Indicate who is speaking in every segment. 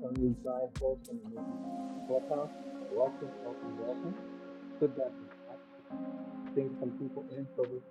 Speaker 1: from these live folks in the clubhouse. Welcome, welcome, welcome. Good that I some people in for this.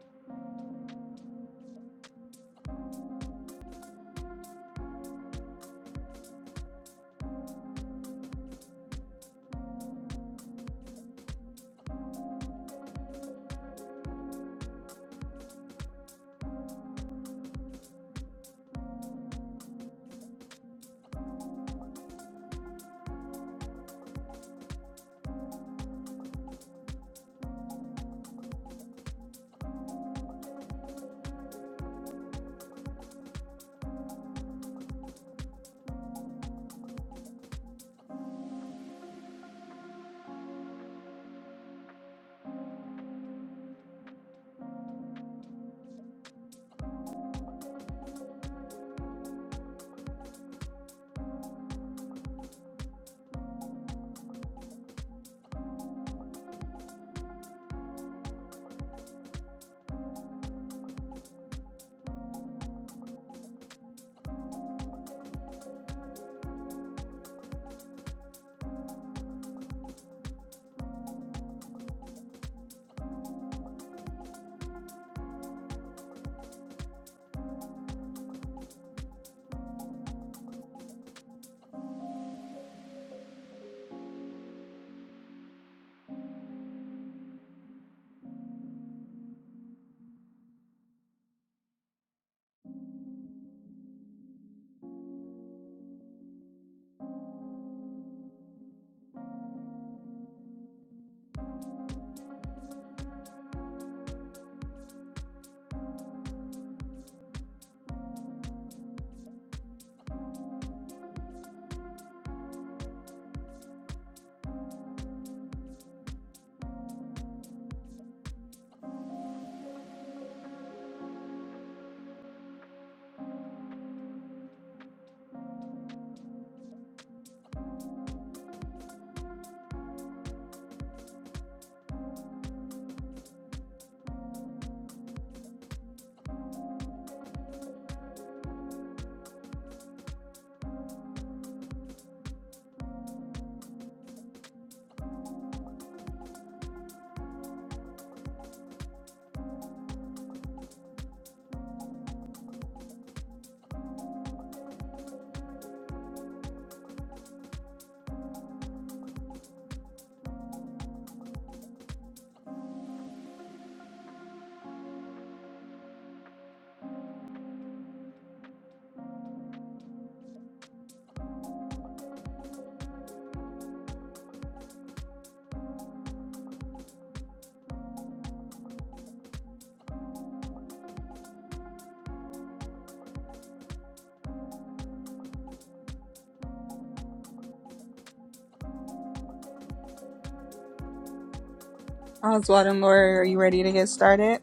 Speaker 2: Oswald and Laura, are you ready to get started?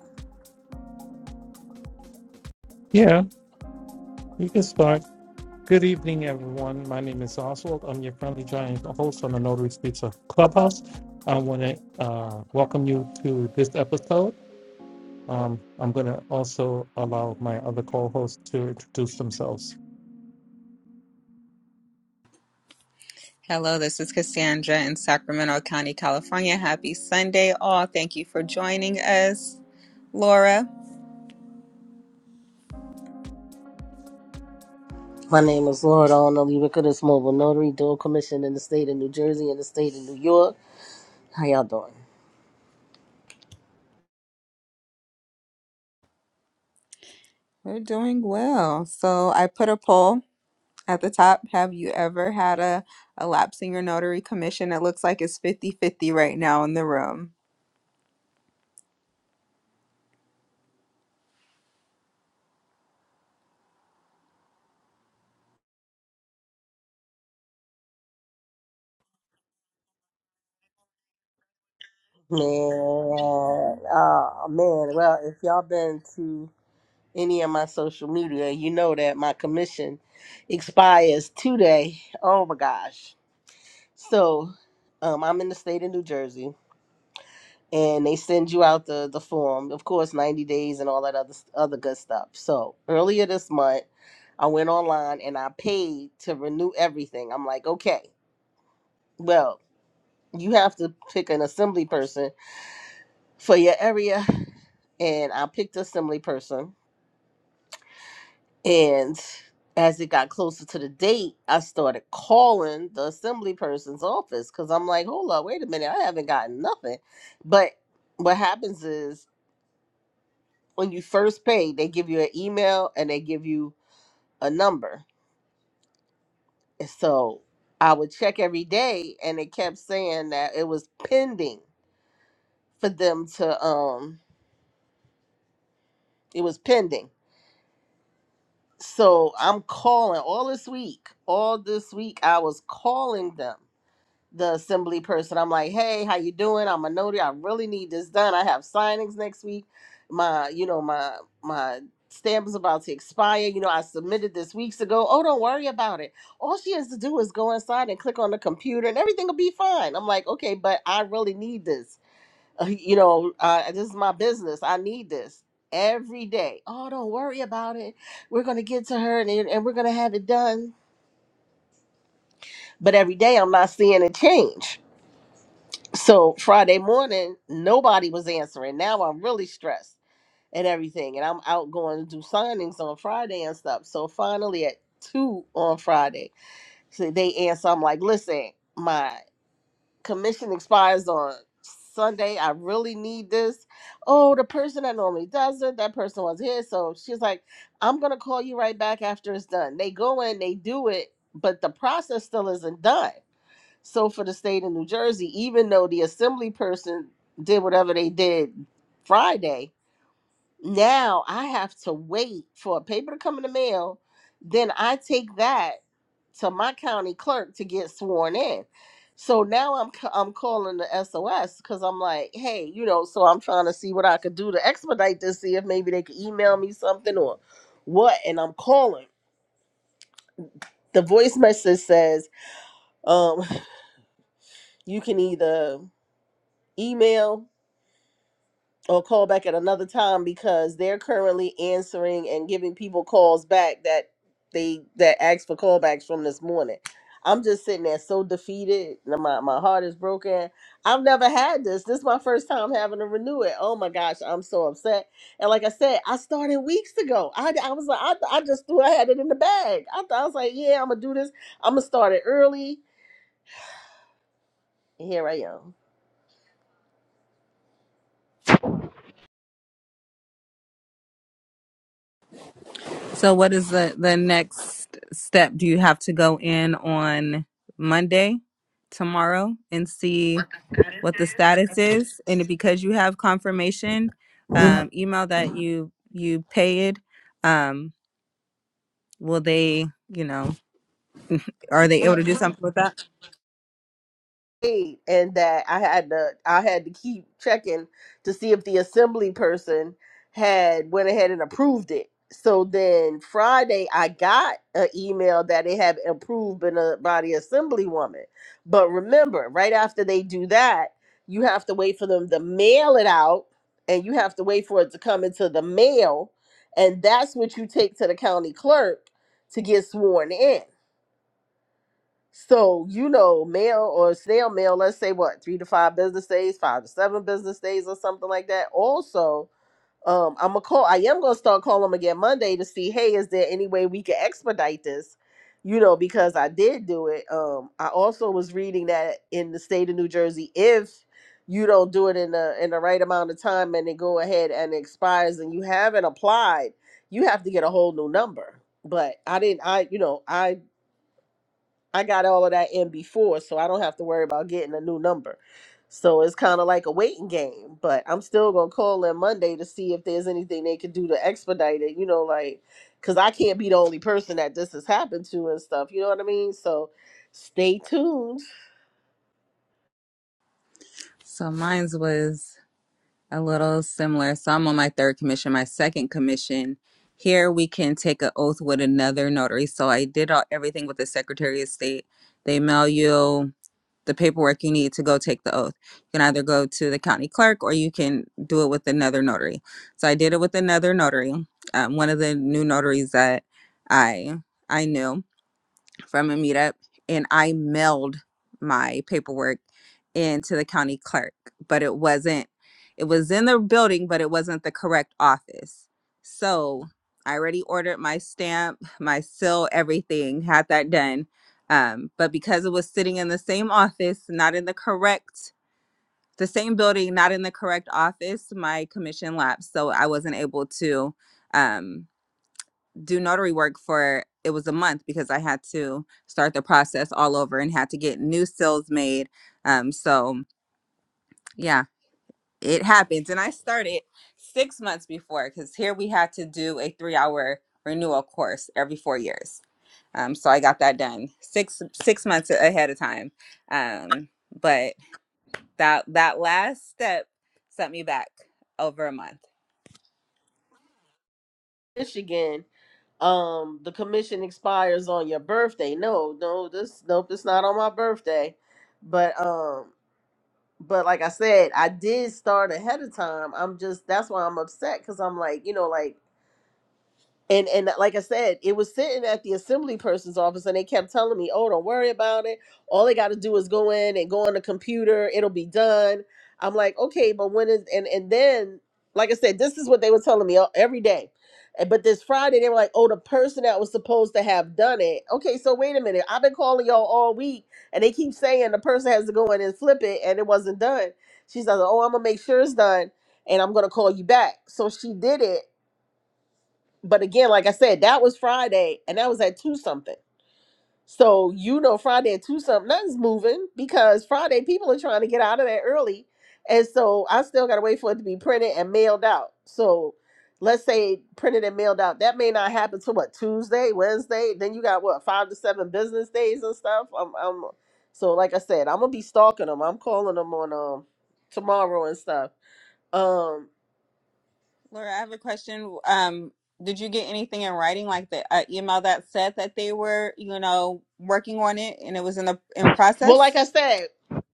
Speaker 1: Yeah, you can start. Good evening, everyone. My name is Oswald. I'm your friendly giant host on the Notary Streets of Clubhouse. I want to uh, welcome you to this episode. Um, I'm going to also allow my other co hosts to introduce themselves.
Speaker 2: Hello, this is Cassandra in Sacramento County, California. Happy Sunday, all. Thank you for joining us. Laura,
Speaker 3: My name is Lord Only Ricketts, Mobile Notary, dual commission in the state of New Jersey and the state of New York. How y'all doing?
Speaker 2: We're doing well. So I put a poll at the top. Have you ever had a, a lapse in your notary commission? It looks like it's fifty-fifty right now in the room.
Speaker 3: Man, oh man. Well, if y'all been to any of my social media, you know that my commission expires today. Oh my gosh. So, um, I'm in the state of New Jersey and they send you out the, the form, of course, 90 days and all that other, other good stuff. So, earlier this month, I went online and I paid to renew everything. I'm like, okay, well, you have to pick an assembly person for your area. And I picked assembly person. And as it got closer to the date, I started calling the assembly person's office because I'm like, hold up, wait a minute, I haven't gotten nothing. But what happens is when you first pay, they give you an email and they give you a number. so I would check every day, and it kept saying that it was pending for them to um, it was pending. So I'm calling all this week. All this week, I was calling them the assembly person. I'm like, hey, how you doing? I'm a notary. I really need this done. I have signings next week. My, you know, my my stamp is about to expire. You know, I submitted this weeks ago. Oh, don't worry about it. All she has to do is go inside and click on the computer, and everything will be fine. I'm like, okay, but I really need this. you know, uh, this is my business. I need this every day. Oh, don't worry about it. We're gonna get to her, and and we're gonna have it done. But every day, I'm not seeing it change So Friday morning, nobody was answering. Now I'm really stressed and everything. And I'm out going to do signings on Friday and stuff. So finally at two on Friday, so they answer. I'm like, listen, my commission expires on Sunday. I really need this. Oh, the person that normally does it, that person was here. So she's like, I'm gonna call you right back after it's done. They go in, they do it, but the process still isn't done. So for the state of New Jersey, even though the assembly person did whatever they did Friday, now I have to wait for a paper to come in the mail. Then I take that to my county clerk to get sworn in. So now I'm ca- I'm calling the SOS because I'm like, hey, you know, so I'm trying to see what I could do to expedite this, see if maybe they could email me something or what. And I'm calling. The voice message says, um, you can either email or call back at another time because they're currently answering and giving people calls back that they that asked for callbacks from this morning. I'm just sitting there so defeated. and My my heart is broken. I've never had this. This is my first time having to renew it. Oh my gosh, I'm so upset. And like I said, I started weeks ago. I, I was like, I, I just threw I had it in the bag. I, thought I was like, yeah, I'm gonna do this. I'm gonna start it early. And here I am.
Speaker 2: So what is the the next step? Do you have to go in on Monday, tomorrow, and see? what the status is, and because you have confirmation um, email that you you paid, um, will they, you know, are they able to do something with that?
Speaker 3: paid and that I had to I had to keep checking to see if the assembly person had went ahead and approved it. So then Friday I got an email that it had approved in a, by the assembly woman. But remember, right after they do that, you have to wait for them to mail it out and you have to wait for it to come into the mail and that's what you take to the county clerk to get sworn in. So, you know, mail or snail mail, let's say what, three to five business days, five to seven business days or something like that. Also, um, I'm a call I am gonna start calling them again Monday to see, hey, is there any way we can expedite this? You know, because I did do it. Um, I also was reading that in the state of New Jersey, if you don't do it in the in the right amount of time and it go ahead and expires and you haven't applied, you have to get a whole new number. But I didn't I you know, I I got all of that in before, so I don't have to worry about getting a new number. So it's kind of like a waiting game, but I'm still gonna call them Monday to see if there's anything they could do to expedite it. You know, like because I can't be the only person that this has happened to and stuff. You know what I mean? So stay tuned,
Speaker 2: So mine's was a little similar. So I'm on my third commission, my second commission. Here we can take an oath with another notary. So I did all, everything with the Secretary of State. They mail you. the paperwork you need to go take the oath. You can either go to the county clerk or you can do it with another notary. So I did it with another notary, um, one of the new notaries that I I knew from a meetup and I mailed my paperwork into the county clerk, but it wasn't, it was in the building, but it wasn't the correct office. So I already ordered my stamp, my seal, everything, had that done. Um, but because it was sitting in the same office, not in the correct, the same building, not in the correct office, my commission lapsed. So I wasn't able to. um, do notary work for it was a month because I had to start the process all over and had to get new sales made. Um, so yeah, it happens, and I started six months before because here we had to do a three-hour renewal course every four years. Um, so I got that done six six months ahead of time. Um, but that that last step set me back over a month.
Speaker 3: Michigan. Um, the commission expires on your birthday. No, no, this nope, it's not on my birthday. But um, but like I said, I did start ahead of time. I'm just that's why I'm upset because I'm like, you know, like and and uh, like I said, it was sitting at the assembly person's office, and they kept telling me, "Oh, don't worry about it. All they got to do is go in and go on the computer. It'll be done." I'm like, "Okay, but when is?" And and then, like I said, this is what they were telling me uh, every day. And- But this Friday, they were like, "Oh, the person that was supposed to have done it." Okay, so wait a minute. I've been calling y'all all week, and they keep saying the person has to go in and flip it, and it wasn't done. She's like, "Oh, I'm gonna make sure it's done." and I'm gonna call you back. So she did it, but again, like I said, that was Friday and that was at two something. So you know Friday at two something, nothing's moving because Friday people are trying to get out of there early. And so I still gotta wait for it to be printed and mailed out. So let's say printed and mailed out. That may not happen till what Tuesday, Wednesday. Then you got what five to seven business days and stuff. I'm, I'm so like I said, I'm gonna be stalking them. I'm calling them on um tomorrow and stuff. Um
Speaker 2: Laura, I have a question. Um, did you get anything in writing, like the uh, email that said that they were, you know, working on it and it was in the in
Speaker 3: well like
Speaker 2: process?
Speaker 3: I said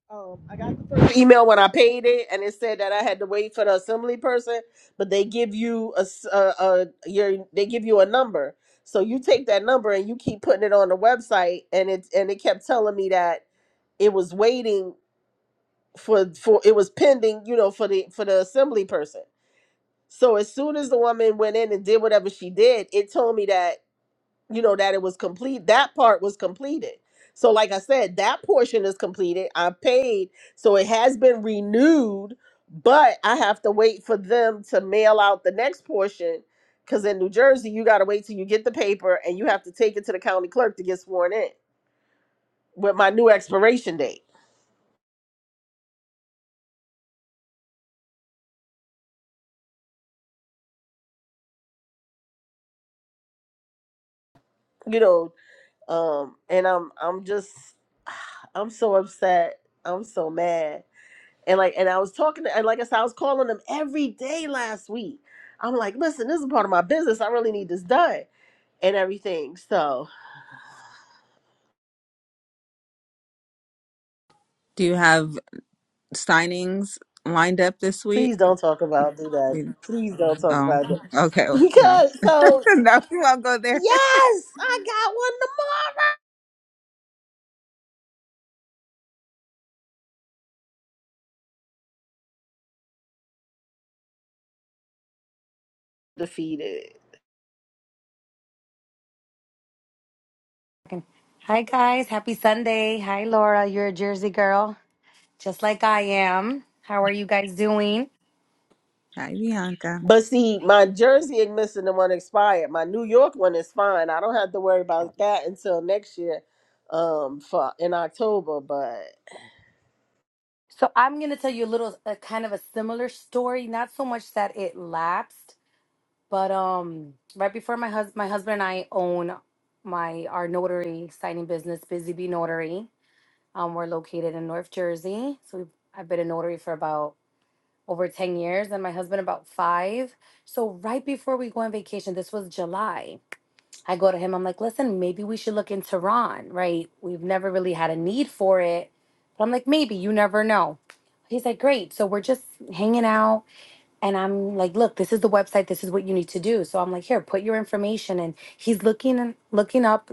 Speaker 3: Um, I got the first email when I paid it, and it said that I had to wait for the assembly person, but they give you a, s- a- a- your they give you a number, so you take that number and you keep putting it on the website, and it and it kept telling me that it was waiting for for it was pending, you know, for the for the assembly person. So as soon as the woman went in and did whatever she did, it told me that you know that it was complete that part was completed so like i said that portion is completed i paid so it has been renewed but i have to wait for them to mail out the next portion because in new jersey you got to wait till you get the paper and you have to take it to the county clerk to get sworn in with my new expiration date you know um and i'm i'm just i'm so upset i'm so mad And like, and I was talking to, and like I said, I was calling them every day last week. I'm like, listen, this is part of my business. I really need this done and everything. So
Speaker 2: Do you have signings lined up this
Speaker 3: please
Speaker 2: week?
Speaker 3: don't talk about do that.
Speaker 2: Mm,
Speaker 3: Please don't talk
Speaker 2: Oh,
Speaker 3: about that
Speaker 2: okay. well, No,
Speaker 3: because so
Speaker 2: no, we won't go there.
Speaker 3: yes, I got one tomorrow. Defeated.
Speaker 4: Hi, guys. Happy Sunday. Hi, Laura. You're a Jersey girl, just like I am. How are you guys doing?
Speaker 2: Hi, Bianca.
Speaker 3: But see, my Jersey is missing the one expired. My New York one is fine. I don't have to worry about that until next year, um, for in October. But
Speaker 4: So, I'm going to tell you a little, a kind of a similar story. Not so much that it lapsed, but um, right before my husband, my husband and I own my our notary signing business, Busy Bee Notary. Um, we're located in North Jersey, so we've, I've been a notary for about over ten years, and my husband about five. So, right before we go on vacation, this was July I go to him, I'm like, listen, maybe we should look into Ron, right? We've never really had a need for it. But I'm like, maybe, you never know. He's like, great. So we're just hanging out. And I'm like, look, this is the website. This is what you need to do. So I'm like, here, put your information. And he's looking and looking up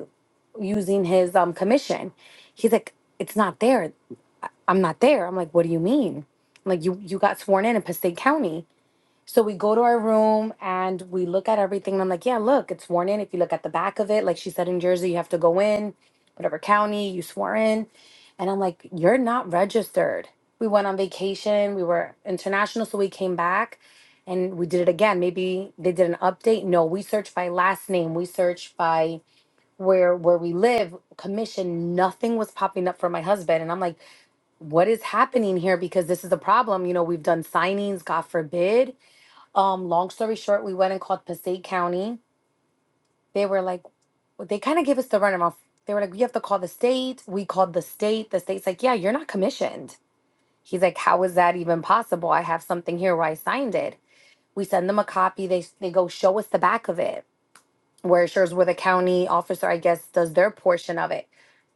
Speaker 4: using his um commission. He's like, it's not there. I'm not there. I'm like, what do you mean? I'm like, you you got sworn in in Passaic County. So we go to our room and we look at everything. And I'm like, yeah, look, it's sworn in. If you look at the back of it, like she said in Jersey, you have to go in, whatever county you swore in. And I'm like, you're not registered. We went on vacation. We were international. So we came back and we did it again. Maybe they did an update. No, we searched by last name. We searched by where where we live commission nothing was popping up for my husband and i'm like what is happening here because this is a problem you know we've done signings god forbid um long story short we went and called passaic county they were like they kind of gave us the runaround they were like you have to call the state we called the state the state's like yeah you're not commissioned he's like how is that even possible i have something here where i signed it we send them a copy they they go show us the back of it where it shows where the county officer i guess does their portion of it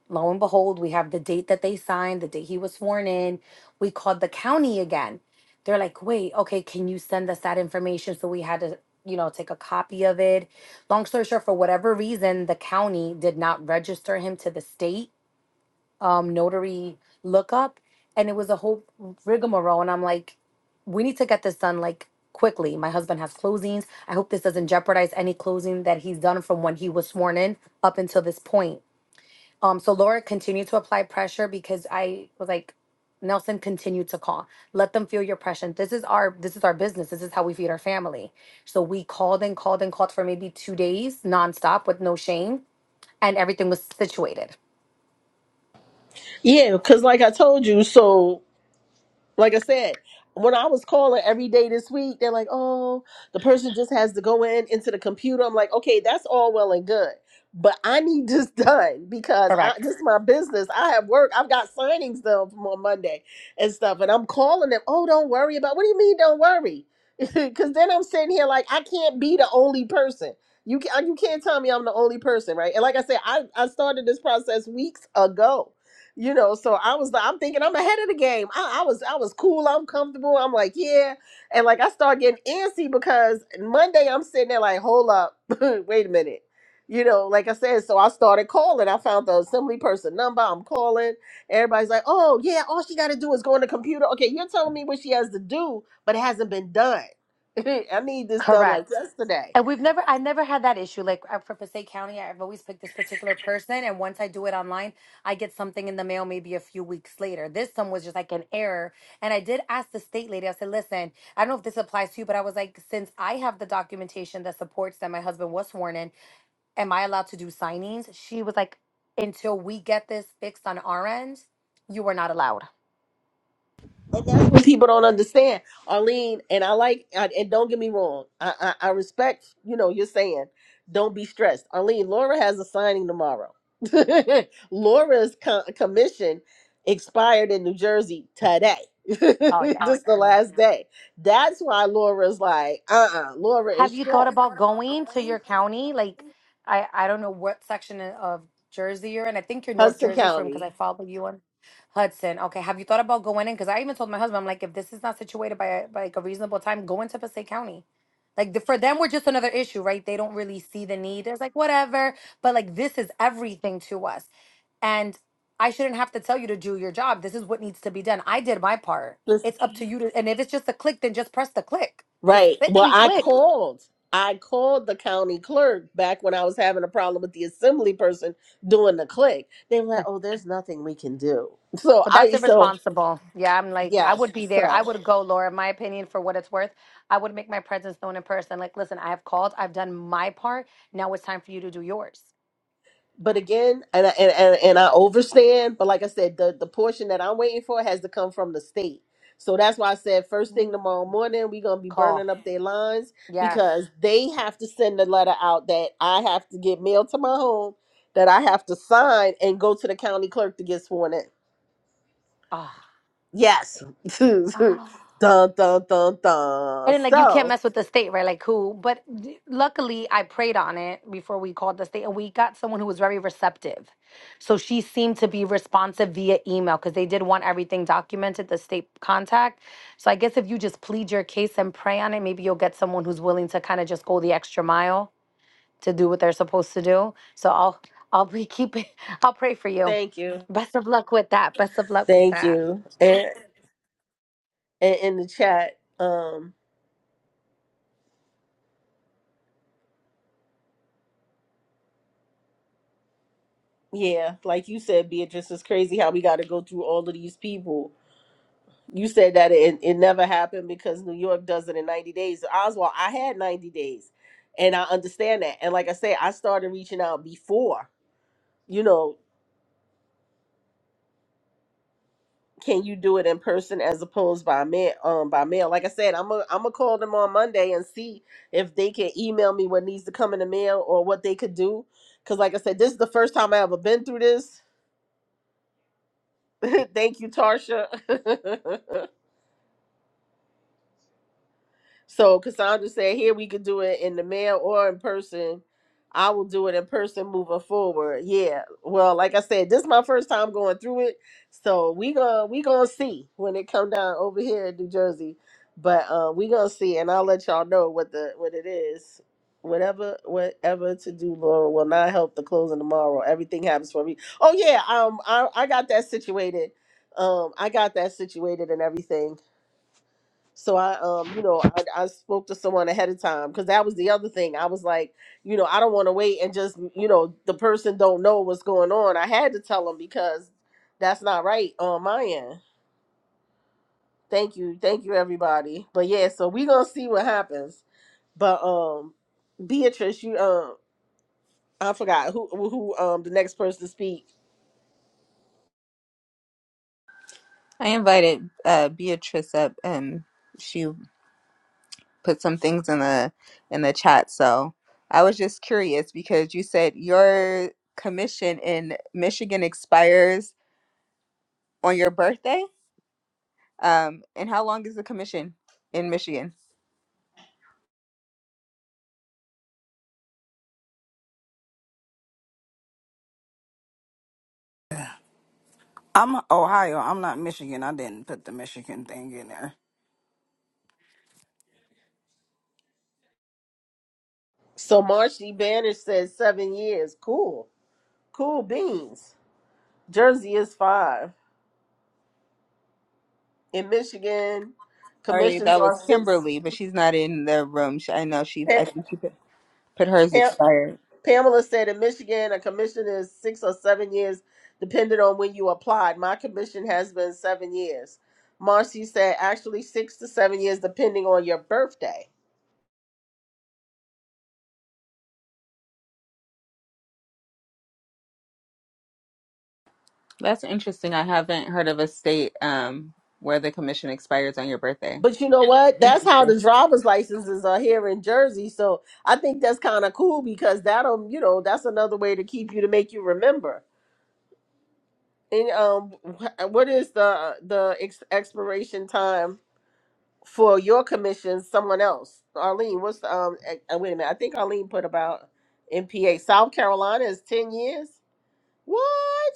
Speaker 4: Lo and behold, we have the date that they signed, the date he was sworn in. We called the county again. They're like, wait, okay, can you send us that information? So we had to, you know, take a copy of it. Long story short, for whatever reason, the county did not register him to the state um, notary lookup. And it was a whole rigmarole. And I'm like, we need to get this done like quickly. My husband has closings. I hope this doesn't jeopardize any closing that he's done from when he was sworn in up until this point um, so Laura continued to apply pressure because I was like, Nelson continued to call. Let them feel your pressure. This is our this is our business. This is how we feed our family. So we called and called and called for maybe two days nonstop with no shame, and everything was situated.
Speaker 3: yeah, because like I told you, so like I said, when I was calling every day this week, they're like, "Oh, the person just has to go in into the computer." I'm like, "Okay, that's all well and good, but I need this done because I,
Speaker 4: Correct.
Speaker 3: this is my business. I have work. I've got signings done from on Monday and stuff, and I'm calling them. Oh, don't worry about. What do you mean, don't worry? Because then I'm sitting here like I can't be the only person. You can, you can't tell me I'm the only person, right? And like I said, I I started this process weeks ago you know so i was like i'm thinking i'm ahead of the game I, I was i was cool i'm comfortable i'm like yeah and like i start getting antsy because monday i'm sitting there like hold up wait a minute you know like i said so i started calling i found the assembly person number i'm calling everybody's like oh yeah all she got to do is go on the computer okay you're telling me what she has to do but it hasn't been done i need this done like
Speaker 4: Correct.
Speaker 3: yesterday
Speaker 4: And we've never, I never had that issue. Like uh, for Passaic County, I've always picked this particular person. And once I do it online, I get something in the mail maybe a few weeks later. This one was just like an error. And I did ask the state lady, I said, listen, I don't know if this applies to you, but I was like, since I have the documentation that supports that my husband was sworn in, am I allowed to do signings? She was like, until we get this fixed on our end, you are not allowed.
Speaker 3: And that's what people don't understand, Arlene. And I like, I, and don't get me wrong, I, I I respect, you know, you're saying, don't be stressed, Arlene. Laura has a signing tomorrow. Laura's co- commission expired in New Jersey today. this
Speaker 4: Oh,
Speaker 3: is the
Speaker 4: yeah.
Speaker 3: last day. That's why Laura's like, uh, uh Laura
Speaker 4: Have
Speaker 3: is
Speaker 4: you thought
Speaker 3: stressed.
Speaker 4: about going to your county? Like, I I don't know what section of Jersey you're in. I think you're North
Speaker 3: Hudson
Speaker 4: Jersey from because I
Speaker 3: County.
Speaker 4: follow you on Hudson. Okay, have you thought about going in? Because I even told my husband, I'm like, if this is not situated by a, by, like a reasonable time, go into Passaic County. Like the, for them, we're just another issue, right? They don't really see the need. It's like whatever, but like this is everything to us, and I shouldn't have to tell you to do your job. This is what needs to be done. I did my part. It's up to you to, and if it's just a click, then just press the click. Just
Speaker 3: Right. Well,
Speaker 4: clickety
Speaker 3: I
Speaker 4: click.
Speaker 3: called. I called the county clerk back when I was having a problem with the assembly person doing the click. They were like, "Oh, there's nothing we can do." So
Speaker 4: But that's
Speaker 3: I so
Speaker 4: irresponsible. Yeah, I'm like, I
Speaker 3: yes.
Speaker 4: would be there. I
Speaker 3: so
Speaker 4: would go, Laura, in my opinion, for what it's worth. I would make my presence known in person. Like, listen, I have called, I've done my part. Now it's time for you to do yours.
Speaker 3: but again, and I, and, and and I overstand, but like I said, the the portion that I'm waiting for has to come from the state. So that's why I said first thing
Speaker 4: Mm.
Speaker 3: tomorrow morning we're gonna be
Speaker 4: Call.
Speaker 3: burning up their lines
Speaker 4: Yes.
Speaker 3: because they have to send a letter out that I have to get mailed to my home that I have to sign and go to the county clerk to get sworn in.
Speaker 4: Ah.
Speaker 3: Yes. dun
Speaker 4: Ah.
Speaker 3: dun dun dun.
Speaker 4: And then, like, you can't
Speaker 3: So
Speaker 4: mess with the state, right? Like, who? But d- luckily, I prayed on it before we called the state, and we got someone who was very receptive. So she seemed to be responsive via email because they did want everything documented, the state contact. So I guess if you just plead your case and pray on it, maybe you'll get someone who's willing to kind of just go the extra mile to do what they're supposed to do. So I'll, I'll be keeping, I'll pray for you.
Speaker 3: thank you.
Speaker 4: Best of luck with that. Best of luck with
Speaker 3: Thank
Speaker 4: that.
Speaker 3: you. And, and in the chat. um. Yeah, like you said, Beatrice, it's crazy how we got to go through all of these people. You said that it, it never happened because New York does it in 90 days. Oswald, I had 90 days and I understand that. And like I say, I started reaching out before, you know, can you do it in person as opposed by mail? Um, by mail. Like I said, I'm going to call them on Monday and see if they can email me what needs to come in the mail or what they could do. Because like I said, this is the first time I ever been through this. Thank you, Tarsha. So Cassandra said, here we could do it in the mail or in person. I will do it in person moving forward. Yeah. Well, like I said, this is my first time going through it. So we gonna we gonna see when it come down over here in New Jersey. But um we gonna see and I'll let y'all know what the what it is. Whatever whatever to do, Laura will not help the closing tomorrow. Everything happens for me. Oh yeah, um I, I got that situated. Um I got that situated and everything so I, um, you know, I, I spoke to someone ahead of time because that was the other thing. I was like, you know, I don't want to wait and just, you know, the person don't know what's going on. I had to tell them because that's not right on my end. Thank you, thank you, everybody. But yeah, so we gonna see what happens. But um, Beatrice, you, um, I forgot who who um the next person to speak.
Speaker 2: I invited uh, Beatrice up, and she put some things in the in the chat. So I was just curious because you said your commission in Michigan expires on your birthday. Um, and how long is the commission in Michigan?
Speaker 5: I'm Ohio. I'm not Michigan. I didn't put the Michigan thing in there.
Speaker 3: So Marcy Banish says seven years. Cool, cool beans. Jersey is five. in Michigan.
Speaker 2: Sorry,
Speaker 3: Commissions
Speaker 2: that
Speaker 3: are
Speaker 2: was
Speaker 3: six.
Speaker 2: Kimberly, but she's not in the room. She, I know she.
Speaker 3: Pa-
Speaker 2: I think she put, put hers
Speaker 3: Pa-
Speaker 2: expired.
Speaker 3: Pamela said in Michigan, a commission is six or seven years, depending on when you applied. My commission has been seven years. Marcy said, actually, six to seven years, depending on your birthday.
Speaker 2: That's interesting. I haven't heard of a state um, where the commission expires on your birthday.
Speaker 3: But you know what? That's how
Speaker 2: Interesting.
Speaker 3: the driver's licenses are here in Jersey. So I think that's kind of cool because that'll, you know, that's another way to keep you to make you remember. And um, wh- what is the uh, the ex- expiration time for your commission someone else. Arlene, what's the um eh, eh, wait a minute. I think Arlene put about MPA. South Carolina is ten years. What?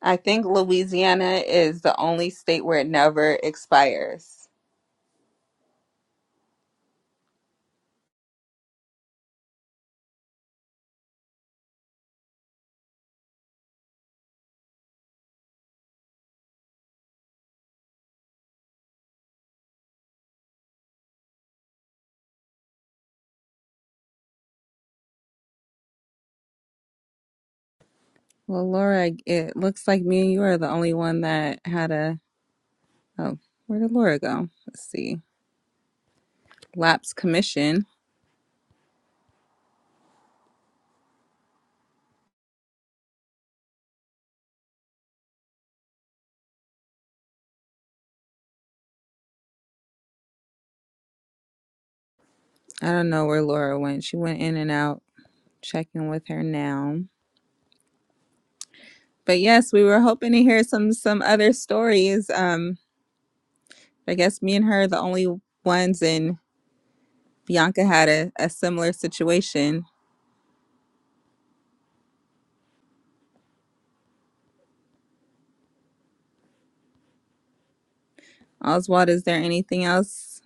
Speaker 2: I think Louisiana is the only state where it never expires. Well, Laura, it looks like me and you are the only one that had a. Oh, where did Laura go? Let's see. Lapse commission. I don't know where Laura went. She went in and out. Checking with her now. But yes, we were hoping to hear some some other stories. Um, I guess me and her are the only ones, and Bianca had a, a similar situation. Oswald, is there anything else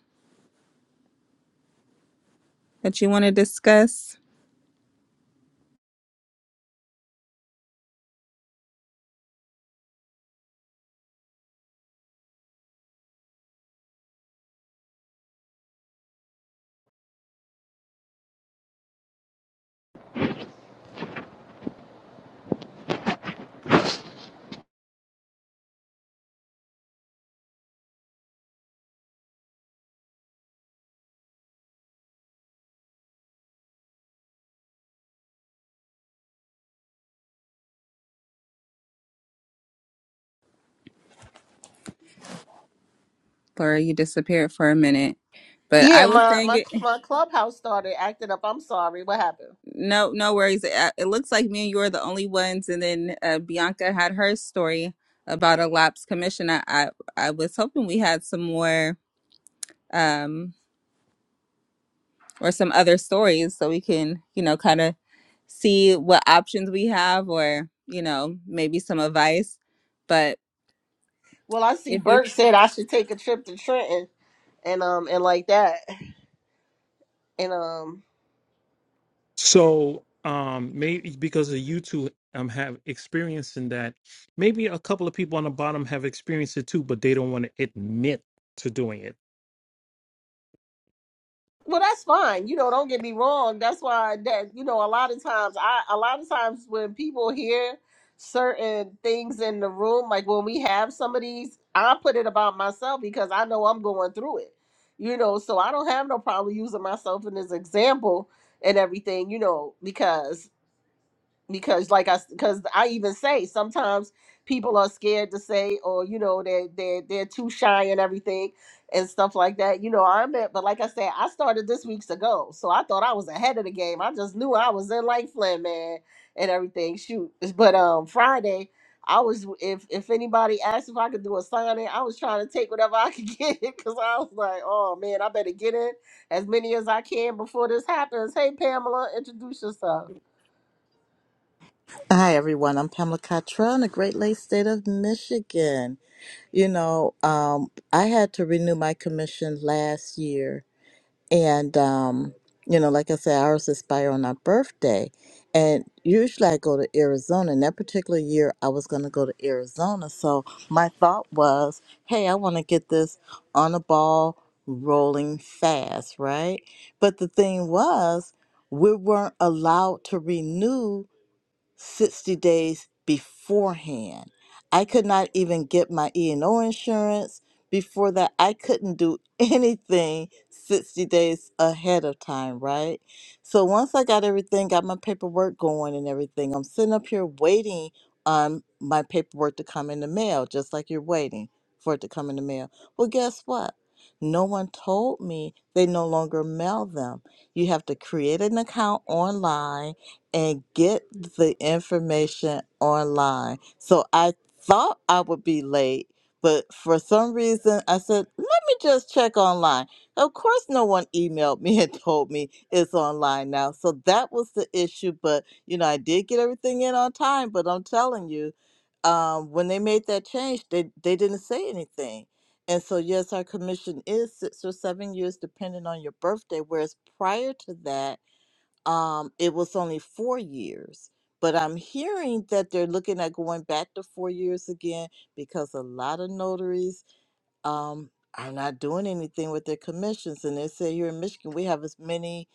Speaker 2: that you want to discuss? Laura, you disappeared for a minute, but I
Speaker 3: Yeah,
Speaker 2: was
Speaker 3: my
Speaker 2: saying
Speaker 3: my
Speaker 2: it.
Speaker 3: my clubhouse started acting up. I'm sorry. What happened?
Speaker 2: No, no worries. Uh, It looks like me and you are the only ones. And then uh, Bianca had her story about a lapsed commission. I, I, I was hoping we had some more um, or some other stories so we can, you know, kind of see what options we have or, you know, maybe some advice. But
Speaker 3: Well, I see
Speaker 2: if you,
Speaker 3: Bert said I should take a trip to Trenton and um and like that. And um
Speaker 1: So um maybe because of you two um have experience in that, maybe a couple of people on the bottom have experienced it too, but they don't want to admit to doing it.
Speaker 3: Well, that's fine. You know, don't get me wrong. That's why that you know a lot of times I a lot of times when people hear certain things in the room, like when we have some of these, I put it about myself because I know I'm going through it. You know, so I don't have no problem using myself in this example and everything. You know, because because like i because i even say sometimes people are scared to say or you know they're they're, they're too shy and everything and stuff like that you know i'm at but like i said i started this weeks ago so i thought i was ahead of the game i just knew i was in like flynn man and everything shoot but um friday i was if if anybody asked if i could do a signing i was trying to take whatever i could get because i was like oh man i better get in as many as i can before this happens hey pamela introduce yourself
Speaker 6: Hi, everyone. I'm Pamela Cottrell in the Great Lakes State of Michigan. You know, um, I had to renew my commission last year. And, um, you know, like I said, ours expire on our birthday. And usually I go to Arizona. And that particular year, I was going to go to Arizona. So my thought was, hey, I want to get this on a ball rolling fast, right? But the thing was, we weren't allowed to renew 60 days beforehand. I could not even get my E&O insurance. Before that, I couldn't do anything 60 days ahead of time, right? So once I got everything, got my paperwork going and everything, I'm sitting up here waiting on my paperwork to come in the mail, just like you're waiting for it to come in the mail. Well, guess what? No one told me they no longer mail them. You have to create an account online and get the information online. So I thought I would be late, but for some reason I said, let me just check online. Of course, no one emailed me and told me it's online now. So that was the issue. But, you know, I did get everything in on time, but I'm telling you, um, when they made that change, they, they didn't say anything. And so, yes, our commission is six or seven years, depending on your birthday. Whereas prior to that, um, it was only four years. But I'm hearing that they're looking at going back to four years again because a lot of notaries um, are not doing anything with their commissions. And they say here in Michigan, we have as many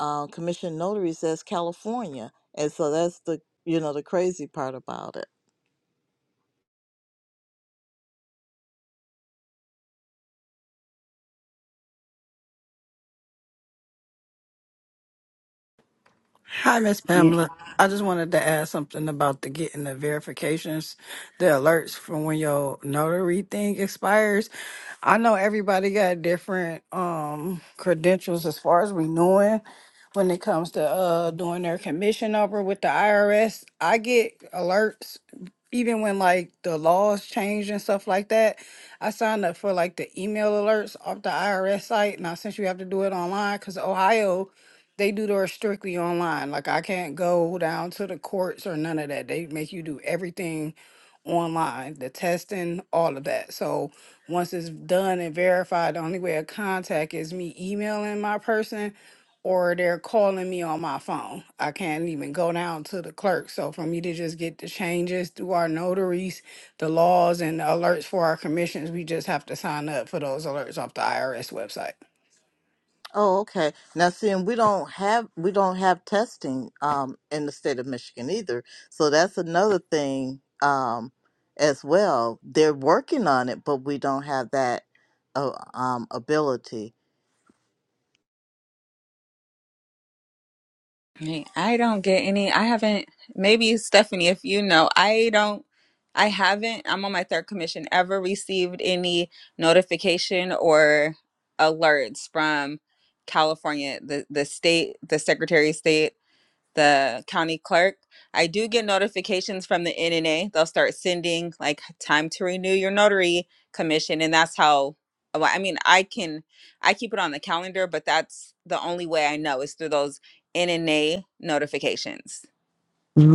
Speaker 6: um, commissioned notaries as California. And so that's the you know the crazy part about it.
Speaker 5: Hi, Miss Pamela. I just wanted to add something about the getting the verifications, the alerts from when your notary thing expires. I know everybody got different um credentials as far as renewing when it comes to uh doing their commission over with the IRS. I get alerts even when like the laws change and stuff like that. I signed up for like the email alerts off the IRS site, and now since you have to do it online, because Ohio they do theirs strictly online. Like I can't go down to the courts or none of that. They make you do everything online, the testing, all of that. So once it's done and verified, the only way of contact is me emailing my person or they're calling me on my phone. I can't even go down to the clerk. So for me to just get the changes through our notaries, the laws and the alerts for our commissions, we just have to sign up for those alerts off the IRS website.
Speaker 6: Oh, okay. Now, seeing we don't have we don't have testing um, in the state of Michigan either, so that's another thing um, as well. They're working on it, but we don't have that uh, um, ability.
Speaker 2: Me, I don't get any. I haven't. Maybe Stephanie, if you know, I don't. I haven't. I'm on my third commission. Ever received any notification or alerts from California, the the state, the Secretary of State? the county clerk. I do get notifications from the NNA. They'll start sending like time to renew your notary commission, and that's how. Well, I mean, I can I keep it on the calendar, but that's the only way I know is through those NNA notifications.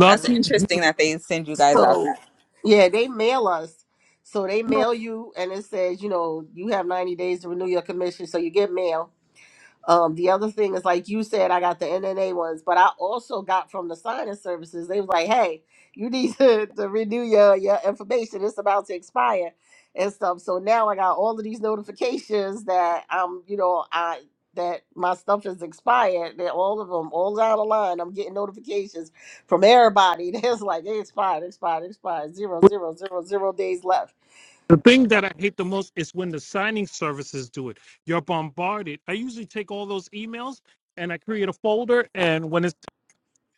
Speaker 2: That's
Speaker 1: you.
Speaker 2: interesting that they send you guys out
Speaker 3: So
Speaker 2: that.
Speaker 3: yeah, they mail us. So they mail you and it says, you know, you have 90 days to renew your commission. So you get mail. Um, the other thing is, like you said, I got the NNA ones, but I also got from the signing services. They was like, "Hey, you need to, to renew your your information. It's about to expire and stuff." So now I got all of these notifications that um, you know, I that my stuff is expired. That all of them, all down the line, I'm getting notifications from everybody. That's like it expired, expired, expired. Zero,
Speaker 1: But
Speaker 3: zero, zero, zero days left.
Speaker 1: The thing that I hate the most is when the signing services do it. You're bombarded. I usually take all those emails and I create a folder. And when it's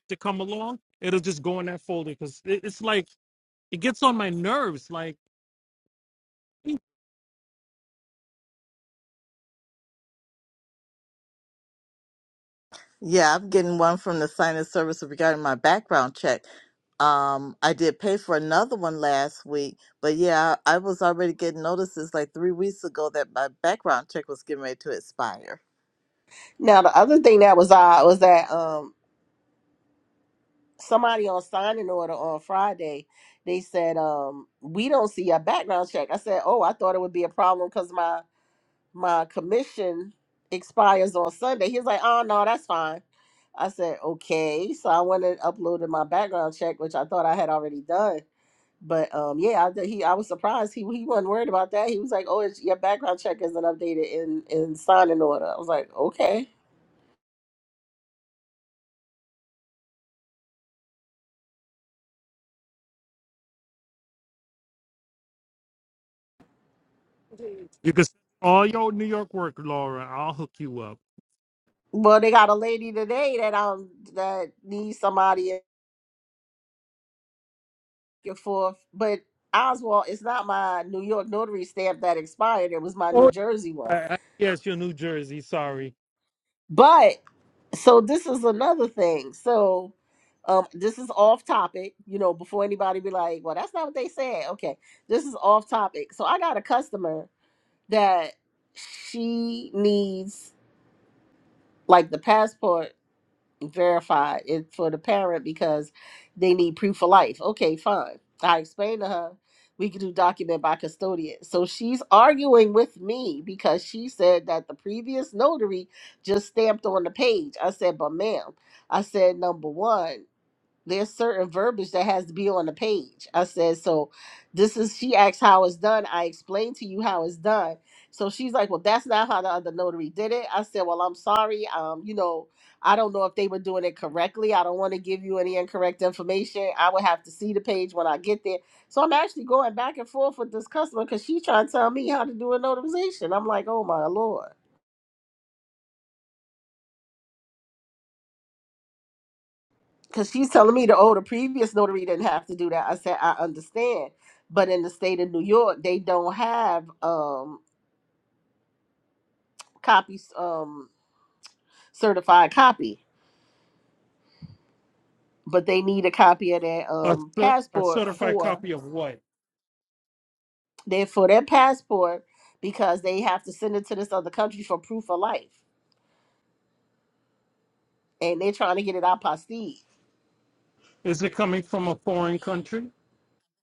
Speaker 1: to come along, it'll just go in that folder because it, it's like it gets on my nerves. Like you
Speaker 6: Yeah, I'm getting one from the sinus service regarding my background check. Um, I did pay for another one last week, but yeah, I was already getting notices like three weeks ago that my background check was getting ready to expire.
Speaker 3: Now the other thing that was odd was that um. somebody on signing order on Friday, they said, um, we don't see a background check. I said, Oh, I thought it would be a problem because my my commission expires on Sunday. He was like, Oh no, that's fine. I said, Okay. So I went and uploaded my background check, which I thought I had already done. But um, yeah, I, th- he I was surprised he he wasn't worried about that. He was like, "Oh, it's, your background check isn't updated in in signing order." I was like, "Okay."
Speaker 1: can send all your New York work, Laura. I'll hook you up.
Speaker 3: Well, they got a lady today that um that needs somebody and forth. But Oswald, it's not my New York notary stamp that expired. It was my New Jersey
Speaker 1: I,
Speaker 3: one.
Speaker 1: I, yes, your New Jersey. Sorry,
Speaker 3: But so this is another thing. So um, this is off topic, you know, before anybody be like, well, that's not what they said. Okay. This is off topic. So I got a customer that she needs like the passport verify it for the parent because they need proof of life. Okay, fine. I explained to her we could do document by custodian. So she's arguing with me because she said that the previous notary just stamped on the page. I said, but ma'am, I said, number one there's certain verbiage that has to be on the page. I said, so this is she asked how it's done. I explained to you how it's done. So she's like, well, that's not how the other notary did it. I said, well, I'm sorry. Um, you know, I don't know if they were doing it correctly. I don't want to give you any incorrect information. I would have to see the page when I get there. So I'm actually going back and forth with this customer because she's trying to tell me how to do a notarization. I'm like, oh my lord. because she's telling me the oh the previous notary didn't have to do that. I said I understand, but in the state of New York, they don't have um copies um certified copy, but they need a copy of their
Speaker 1: a,
Speaker 3: um
Speaker 1: cer- a
Speaker 3: passport
Speaker 1: certified
Speaker 3: for
Speaker 1: copy of what?
Speaker 3: their for their passport because they have to send it to this other country for proof of life, and they're trying to get it apostille.
Speaker 1: Is it coming from a foreign country?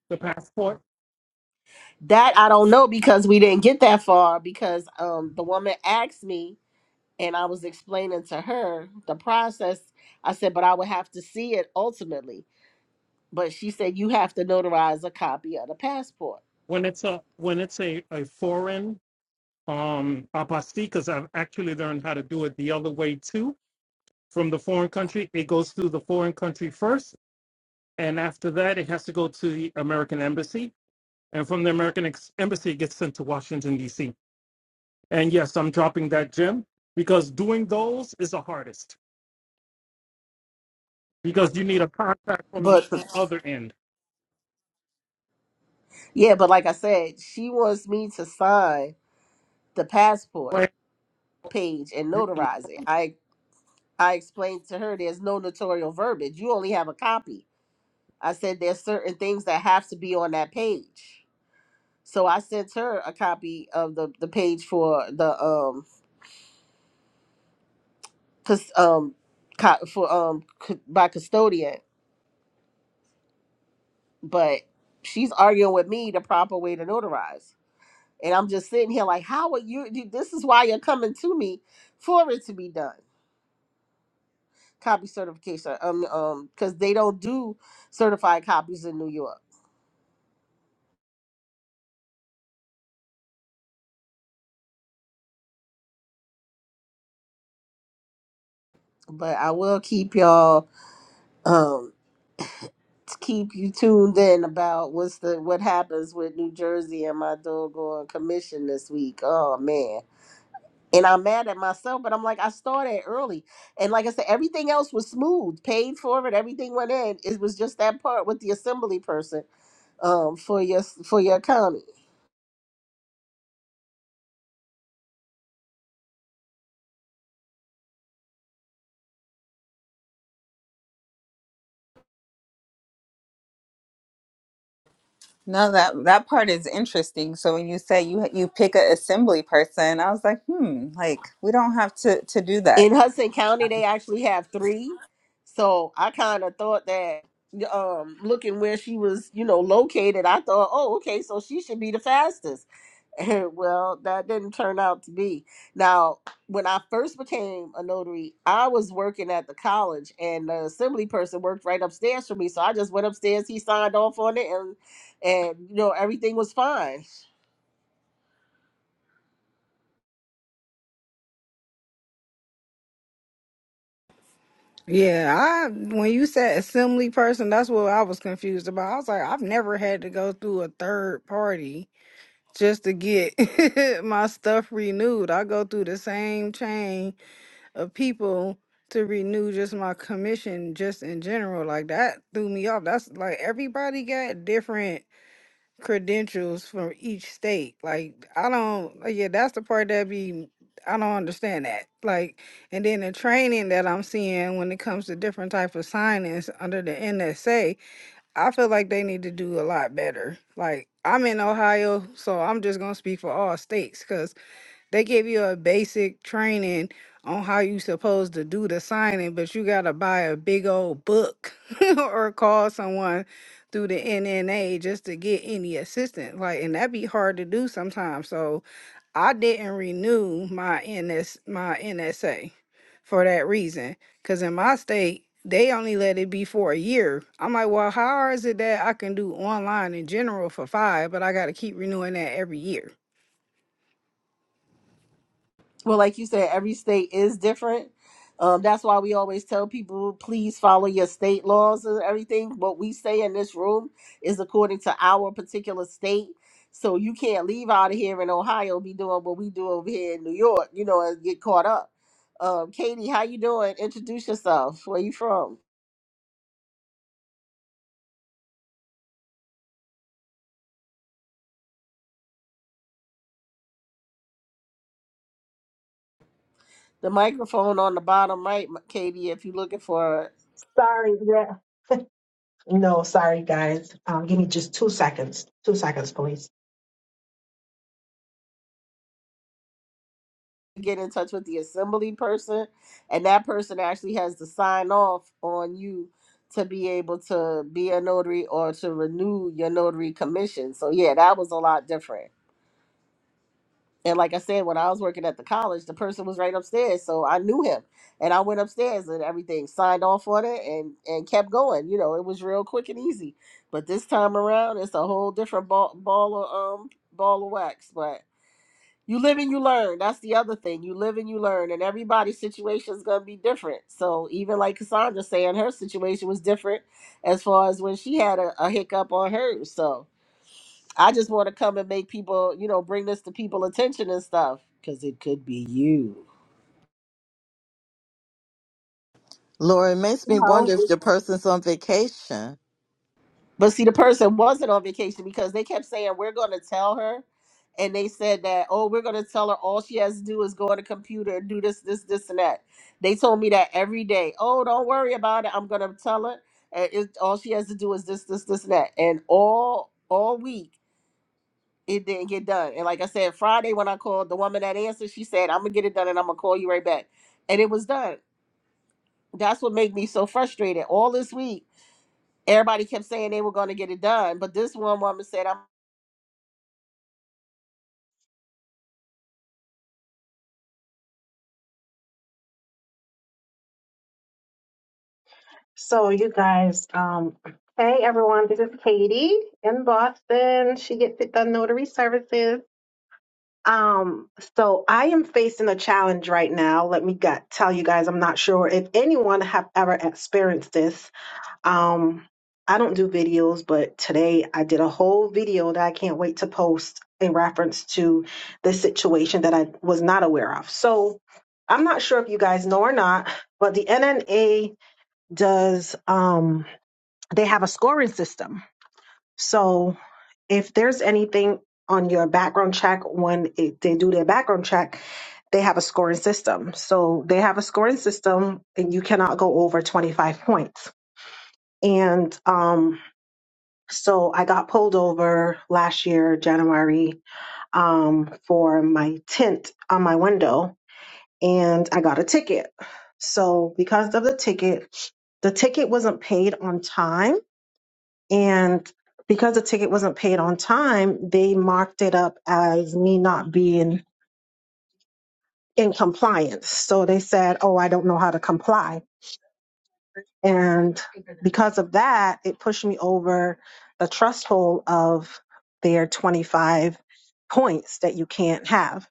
Speaker 1: The passport?
Speaker 3: That I don't know because we didn't get that far because um the woman asked me and I was explaining to her the process. I said, but I would have to see it ultimately. But she said, you have to notarize a copy of the passport.
Speaker 1: When it's a when it's a, a foreign um aposticas i've actually learned how to do it the other way too from the foreign country it goes through the foreign country first and after that it has to go to the american embassy and from the american ex- embassy it gets sent to washington d.c and yes i'm dropping that gem because doing those is the hardest because you need a contact from the
Speaker 3: But
Speaker 1: o- other end
Speaker 3: yeah, but like I said, she wants me to sign the passport
Speaker 1: like,
Speaker 3: page and
Speaker 1: you-
Speaker 3: notarize it. I I explained to her there's no notarial verbiage. You only have a copy. I said there's certain things that have to be on that page. So I sent her a copy of the the page for the um cus- um co- for um cu- by custodian, but she's arguing with me the proper way to notarize. And I'm just sitting here like, how are you? you- This is why you're coming to me for it to be done. Copy certification, um, um, because they don't do certified copies in New York. But I will keep y'all. um. to keep you tuned in about what's the what happens with New Jersey and my doggone commission this week. Oh man. And I'm mad at myself, but I'm like, I started early. And like I said, everything else was smooth, paid for it, everything went in. It was just that part with the assembly person um for your for your county.
Speaker 2: No, that that part is interesting. So when you say you you pick an assembly person, I was like, hmm, like we don't have to to do that
Speaker 3: In Hudson County, they actually have three. So I kind of thought that um looking where she was, you know, located, I thought, oh, okay, so she should be the fastest well, that didn't turn out to be. Now, when I first became a notary, I was working at the college, and the assembly person worked right upstairs from me. So I just went upstairs. He signed off on it, and and you know everything was fine.
Speaker 5: Yeah, I when you said assembly person, that's what I was confused about. I was like, I've never had to go through a third party just to get my stuff renewed. I go through the same chain of people to renew just my commission just in general. Like that threw me off. That's like everybody got different credentials from each state. Like I don't like, yeah, that's the part that be I don't understand that. Like and then the training that I'm seeing when it comes to different type of signings under the NSA, I feel like they need to do a lot better. Like I'm in Ohio, so I'm just gonna speak for all states because they give you a basic training on how you supposed to do the signing, but you gotta buy a big old book or call someone through the NNA just to get any assistance. Like, and that be hard to do sometimes. So I didn't renew my NS my NSA for that reason. Cause in my state, they only let it be for a year. I'm like, well, how hard is it that I can do online in general for five, but I gotta keep renewing that every year?
Speaker 3: Well, like you said, every state is different. Um, that's why we always tell people, please follow your state laws and everything. What we say in this room is according to our particular state. So you can't leave out of here in Ohio, be doing what we do over here in New York, you know, and get caught up. Um, Katie, how you doing? Introduce yourself. Where you from? The microphone on the bottom right, Katie, if you're looking for it.
Speaker 7: Sorry, yeah. No, sorry, guys. Um, give me just two seconds. Two seconds, please.
Speaker 3: get in touch with the assembly person and that person actually has to sign off on you to be able to be a notary or to renew your notary commission so yeah that was a lot different and like i said when i was working at the college the person was right upstairs so i knew him and i went upstairs and everything signed off on it and and kept going you know it was real quick and easy but this time around it's a whole different ball ball of um ball of wax but you live and you learn. That's the other thing. You live and you learn, and everybody's situation is going to be different. So, even like Cassandra saying, her situation was different as far as when she had a, a hiccup on hers. So, I just want to come and make people, you know, bring this to people attention and stuff because it could be you.
Speaker 6: Lord, it makes me
Speaker 7: No.
Speaker 6: wonder if the person's on vacation.
Speaker 3: But see, the person wasn't on vacation because they kept saying, We're going to tell her. And they said that, Oh, we're going to tell her all she has to do is go on the computer and do this, this, this, and that. They told me that every day. Oh, don't worry about it. I'm going to tell her. And it, all she has to do is this, this, this, and that. And all all week, it didn't get done. And like I said, Friday when I called the woman that answered, she said, I'm going to get it done and I'm going to call you right back. And it was done. That's what made me so frustrated all this week everybody kept saying they were going to get it done but this one woman said I'm.
Speaker 7: So, you guys, um, hey, everyone. This is Katie in Boston. She gets it done notary services. Um, so I am facing a challenge right now. Let me got, tell you guys, I'm not sure if anyone have ever experienced this, Um, I don't do videos, but today I did a whole video that I can't wait to post in reference to the situation that I was not aware of. So I'm not sure if you guys know or not, but the NNA does, um, they have a scoring system. So if there's anything on your background check when it, they do their background check, they have a scoring system. So they have a scoring system and you cannot go over 25 points. And um, so I got pulled over last year, January, um, for my tint on my window and I got a ticket. So because of the ticket, the ticket wasn't paid on time. And because the ticket wasn't paid on time, they marked it up as me not being in compliance. So they said, Oh, I don't know how to comply And because of that, it pushed me over the threshold of their 25 points that you can't have.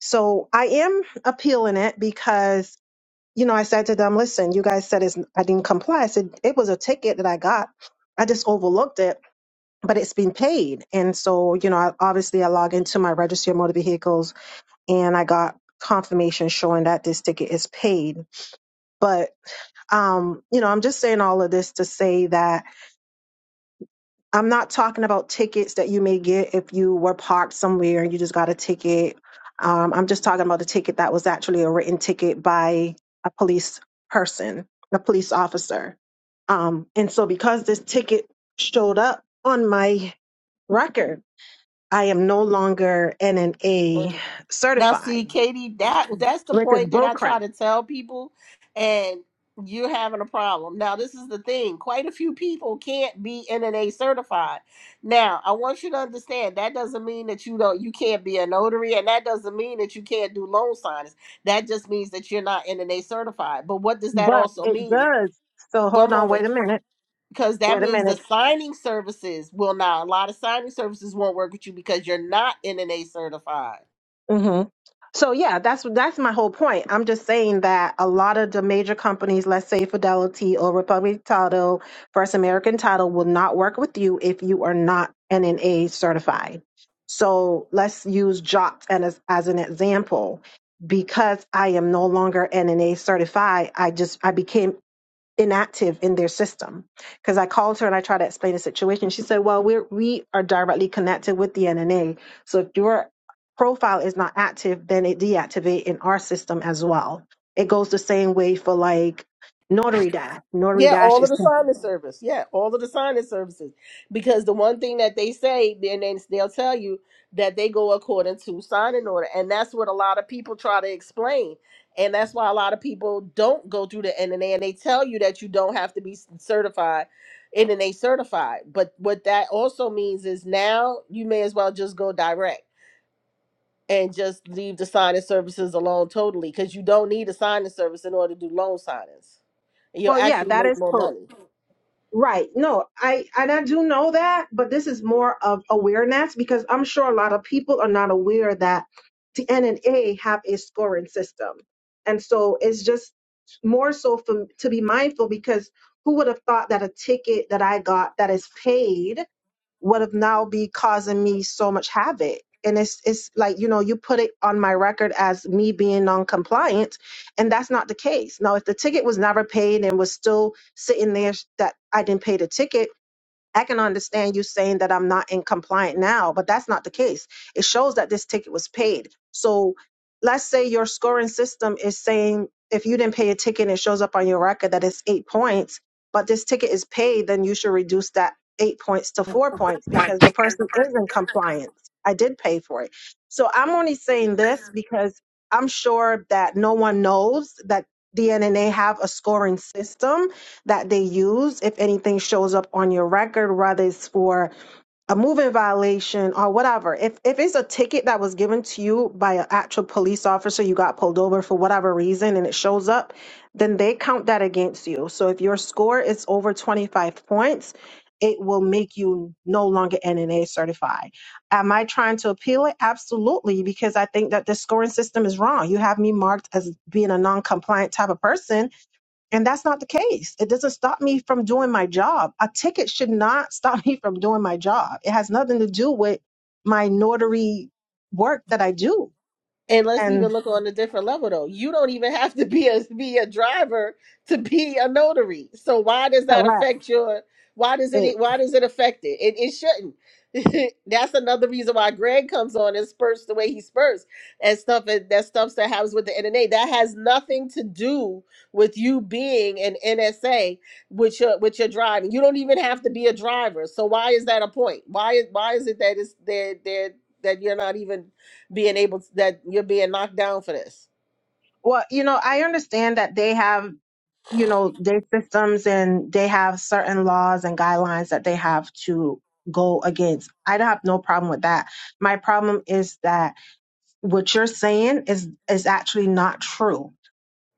Speaker 7: So I am appealing it because, you know, I said to them, listen, you guys said it's, I didn't comply. I said, it was a ticket that I got. I just overlooked it, but it's been paid. And so, you know, I, obviously I log into my registry of motor vehicles and I got confirmation showing that this ticket is paid. But, um, you know, I'm just saying all of this to say that I'm not talking about tickets that you may get if you were parked somewhere and you just got a ticket. Um, I'm just talking about a ticket that was actually a written ticket by a police person, a police officer. Um, and so, because this ticket showed up on my record, I am no longer NNA
Speaker 3: Now, see,
Speaker 7: certified,
Speaker 3: Katie, that that's the
Speaker 7: which is
Speaker 3: point that I try
Speaker 7: bullcrap.
Speaker 3: to tell people, and you're having a problem. Now, this is the thing: quite a few people can't be NNA certified. Now, I want you to understand that doesn't mean that you don't you can't be a notary, and that doesn't mean that you can't do loan signings. That just means that you're not NNA certified. But what does that
Speaker 7: But
Speaker 3: also
Speaker 7: it
Speaker 3: mean?
Speaker 7: does. So
Speaker 3: One
Speaker 7: hold on, wait
Speaker 3: moment,
Speaker 7: a minute.
Speaker 3: because that
Speaker 7: Wait a
Speaker 3: means the
Speaker 7: minute.
Speaker 3: signing services will not. A lot of signing services won't work with you because you're not NNA certified.
Speaker 7: hmm So yeah, that's that's my whole point. I'm just saying that a lot of the major companies, let's say Fidelity or Republic Title, First American Title, will not work with you if you are not NNA certified. So let's use Jot as, as an example. Because I am no longer NNA certified, I just I became inactive in their system because i called her and i tried to explain the situation she said well we're we are directly connected with the nna so if your profile is not active then it deactivate in our system as well it goes the same way for like notary dash notary
Speaker 3: Yeah,
Speaker 7: dash
Speaker 3: all of
Speaker 7: is
Speaker 3: the signing service. Yeah, all of the signing services. Because the one thing that they say, then they, they'll tell you that they go according to signing order. And that's what a lot of people try to explain. And that's why a lot of people don't go through the NNA and they tell you that you don't have to be certified, NNA certified. But what that also means is now you may as well just go direct and just leave the signing services alone totally because you don't need a signing service in order to do loan signings. You'll
Speaker 7: well yeah
Speaker 3: actually
Speaker 7: that
Speaker 3: make
Speaker 7: is
Speaker 3: more money.
Speaker 7: Right. No, I and I do know that, but this is more of awareness because I'm sure a lot of people are not aware that the N and A have a scoring system. And so it's just more so for, to be mindful because who would have thought that a ticket that I got that is paid would have now be causing me so much havoc. And it's it's like, you know, you put it on my record as me being non-compliant, and that's not the case. Now, if the ticket was never paid and was still sitting there that I didn't pay the ticket, I can understand you saying that I'm not in compliant now, but that's not the case. It shows that this ticket was paid. So let's say your scoring system is saying if you didn't pay a ticket and it shows up on your record that it's eight points, but this ticket is paid, then you should reduce that eight points to four points because the person is in compliance. I did pay for it. So I'm only saying this because I'm sure that no one knows that DNNA have a scoring system that they use if anything shows up on your record whether it's for a moving violation or whatever if if it's a ticket that was given to you by an actual police officer you got pulled over for whatever reason and it shows up then they count that against you so if your score is over 25 points it will make you no longer NNA certified. Am I trying to appeal it? Absolutely, because I think that the scoring system is wrong. You have me marked as being a non compliant type of person and that's not the case. It doesn't stop me from doing my job. A ticket should not stop me from doing my job. It has nothing to do with my notary work that I do.
Speaker 3: And let's even
Speaker 7: And
Speaker 3: look on a different level though. You don't even have to be a be a driver to be a notary. So why does that
Speaker 7: correct
Speaker 3: affect your why does
Speaker 7: it.
Speaker 3: it why does it affect it? It it shouldn't. That's another reason why Greg comes on and spurts the way he spurts and stuff and that stuff that happens with the NNA. That has nothing to do with you being an NSA with your with your driving. You don't even have to be a driver. So why is that a point? Why is why is it that it's that that that you're not even being able to, that you're being knocked down for this.
Speaker 7: Well, you know, I understand that they have, you know, their systems and they have certain laws and guidelines that they have to go against. I don't have no problem with that. My problem is that what you're saying is is actually not true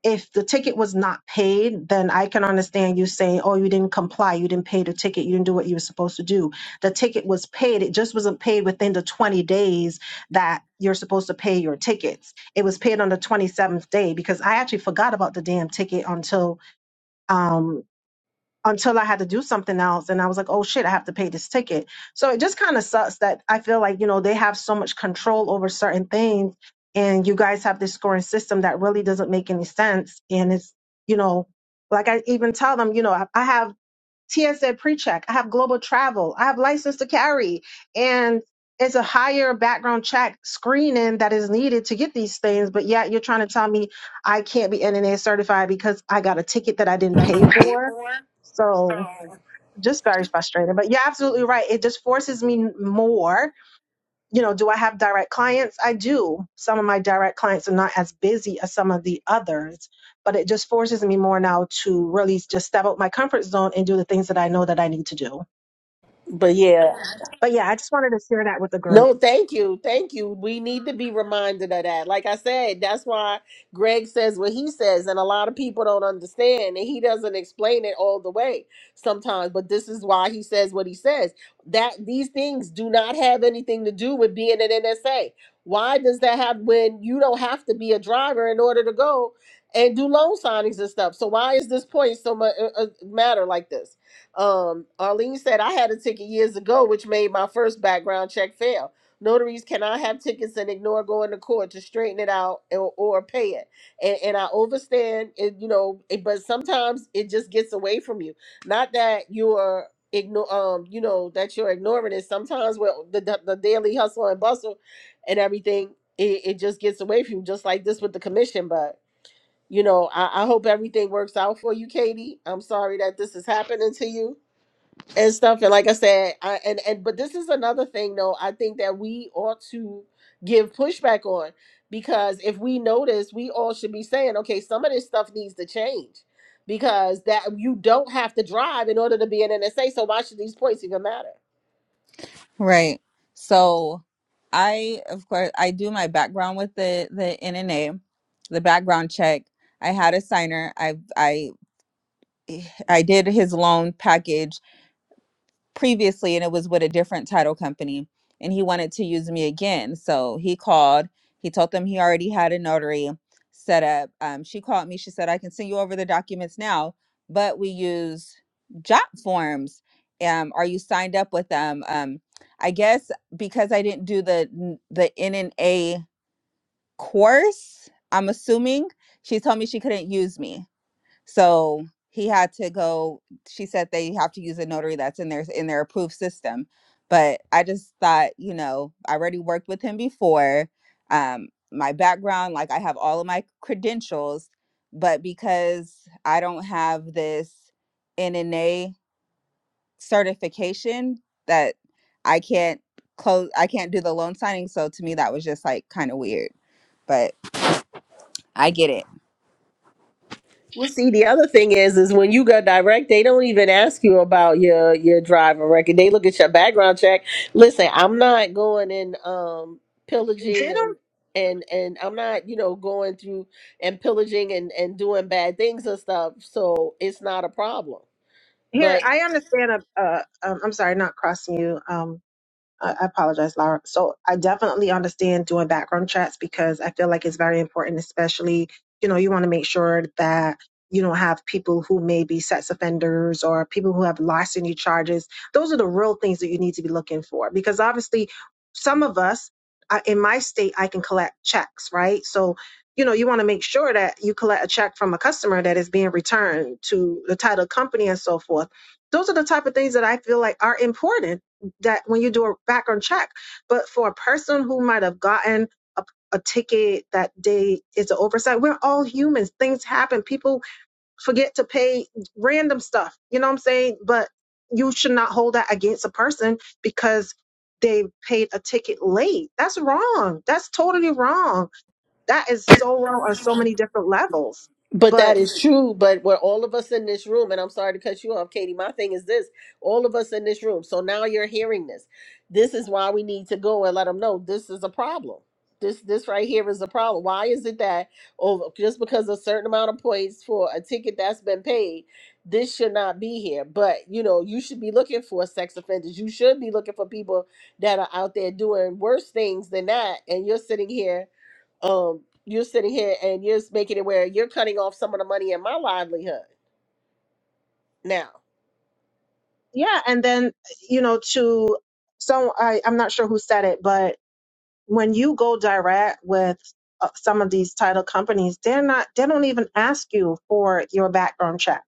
Speaker 7: if the ticket was not paid, then I can understand you saying, oh, you didn't comply, you didn't pay the ticket, you didn't do what you were supposed to do. The ticket was paid, it just wasn't paid within the 20 days that you're supposed to pay your tickets. It was paid on the 27th day because I actually forgot about the damn ticket until um, until I had to do something else. And I was like, oh shit, I have to pay this ticket. So it just kind of sucks that I feel like, you know, they have so much control over certain things and you guys have this scoring system that really doesn't make any sense. And it's, you know, like I even tell them, you know, I I have TSA precheck. I have global travel. I have license to carry. And it's a higher background check screening that is needed to get these things. But yet you're trying to tell me I can't be NNA certified because I got a ticket that I didn't pay for. So just very frustrating. But you're absolutely right. It just forces me more you know, do I have direct clients? I do. Some of my direct clients are not as busy as some of the others, but it just forces me more now to really just step out my comfort zone and do the things that I know that I need to do.
Speaker 3: But yeah.
Speaker 7: But yeah, I just wanted to share that with the group.
Speaker 3: No, thank you. Thank you. We need to be reminded of that. Like I said, that's why Greg says what he says, and a lot of people don't understand, and he doesn't explain it all the way sometimes. But this is why he says what he says. That these things do not have anything to do with being an NSA. Why does that have when you don't have to be a driver in order to go and do loan signings and stuff? So why is this point so much uh, uh, matter like this? Um, Arlene said, I had a ticket years ago, which made my first background check fail. Notaries cannot have tickets and ignore going to court to straighten it out or, or pay it. And, and I understand, it, you know, it, but sometimes it just gets away from you. Not that you're ignore, um, you know, that you're ignoring it. Sometimes with the, the, the daily hustle and bustle and everything, it, it just gets away from you, just like this with the commission. But, you know, I, I hope everything works out for you, Katie. I'm sorry that this is happening to you and stuff. And like I said, I, and and but this is another thing, though. I think that we ought to give pushback on because if we notice, we all should be saying, okay, some of this stuff needs to change because that you don't have to drive in order to be an NSA. So why should these points even matter?
Speaker 2: Right. So I of course I do my background with the the NNA, the background check. I had a signer. I I I did his loan package previously and it was with a different title company and he wanted to use me again so he called he told them he already had a notary set up um, she called me she said i can send you over the documents now but we use job forms um, are you signed up with them um, i guess because i didn't do the the n- the nna course i'm assuming she told me she couldn't use me so he had to go. She said they have to use a notary that's in their in their approved system. But I just thought, you know, I already worked with him before. Um, my background, like I have all of my credentials, but because I don't have this NNA certification, that I can't close, I can't do the loan signing. So to me, that was just like kind of weird. But I get it.
Speaker 3: Well, see, the other thing is, is when you go direct, they don't even ask you about your your driving record. They look at your background check. Listen, I'm not going and um pillaging
Speaker 7: Did I,
Speaker 3: and and and I'm not, you know, going through and pillaging and and doing bad things and stuff. So it's not a problem. But
Speaker 7: here, I understand, a, uh, um, I'm sorry, not crossing you. Um. I I apologize, Laura. So I definitely understand doing background checks because I feel like it's very important, especially, you know, you want to make sure that you don't have people who may be sex offenders or people who have larceny charges. Those are the real things that you need to be looking for because obviously some of us I, in my state, I can collect checks, right? So, you know, you want to make sure that you collect a check from a customer that is being returned to the title company and so forth. Those are the type of things that I feel like are important that when you do a background check. But for a person who might have gotten a, a ticket that day is an oversight. We're all humans. Things happen. People forget to pay random stuff. You know what I'm saying? But you should not hold that against a person because they paid a ticket late. That's wrong. That's totally wrong. That is so wrong on so many different levels.
Speaker 3: But that
Speaker 7: But
Speaker 3: is true. But we're all of us in this room, and I'm sorry to cut you off, Katie. My thing is this all of us in this room. So now you're hearing this. This is why we need to go and let them know this is a problem. This this right here is a problem. Why is it that oh just because a certain amount of points for a ticket that's been paid, this should not be here. But you know, you should be looking for sex offenders. You should be looking for people that are out there doing worse things than that. And you're sitting here um, you're sitting here and you're making it where you're cutting off some of the money in my livelihood now.
Speaker 7: yeah, and then you know, to so I, I'm not sure who said it, but when you go direct with uh, some of these title companies, they're not they don't even ask you for your background check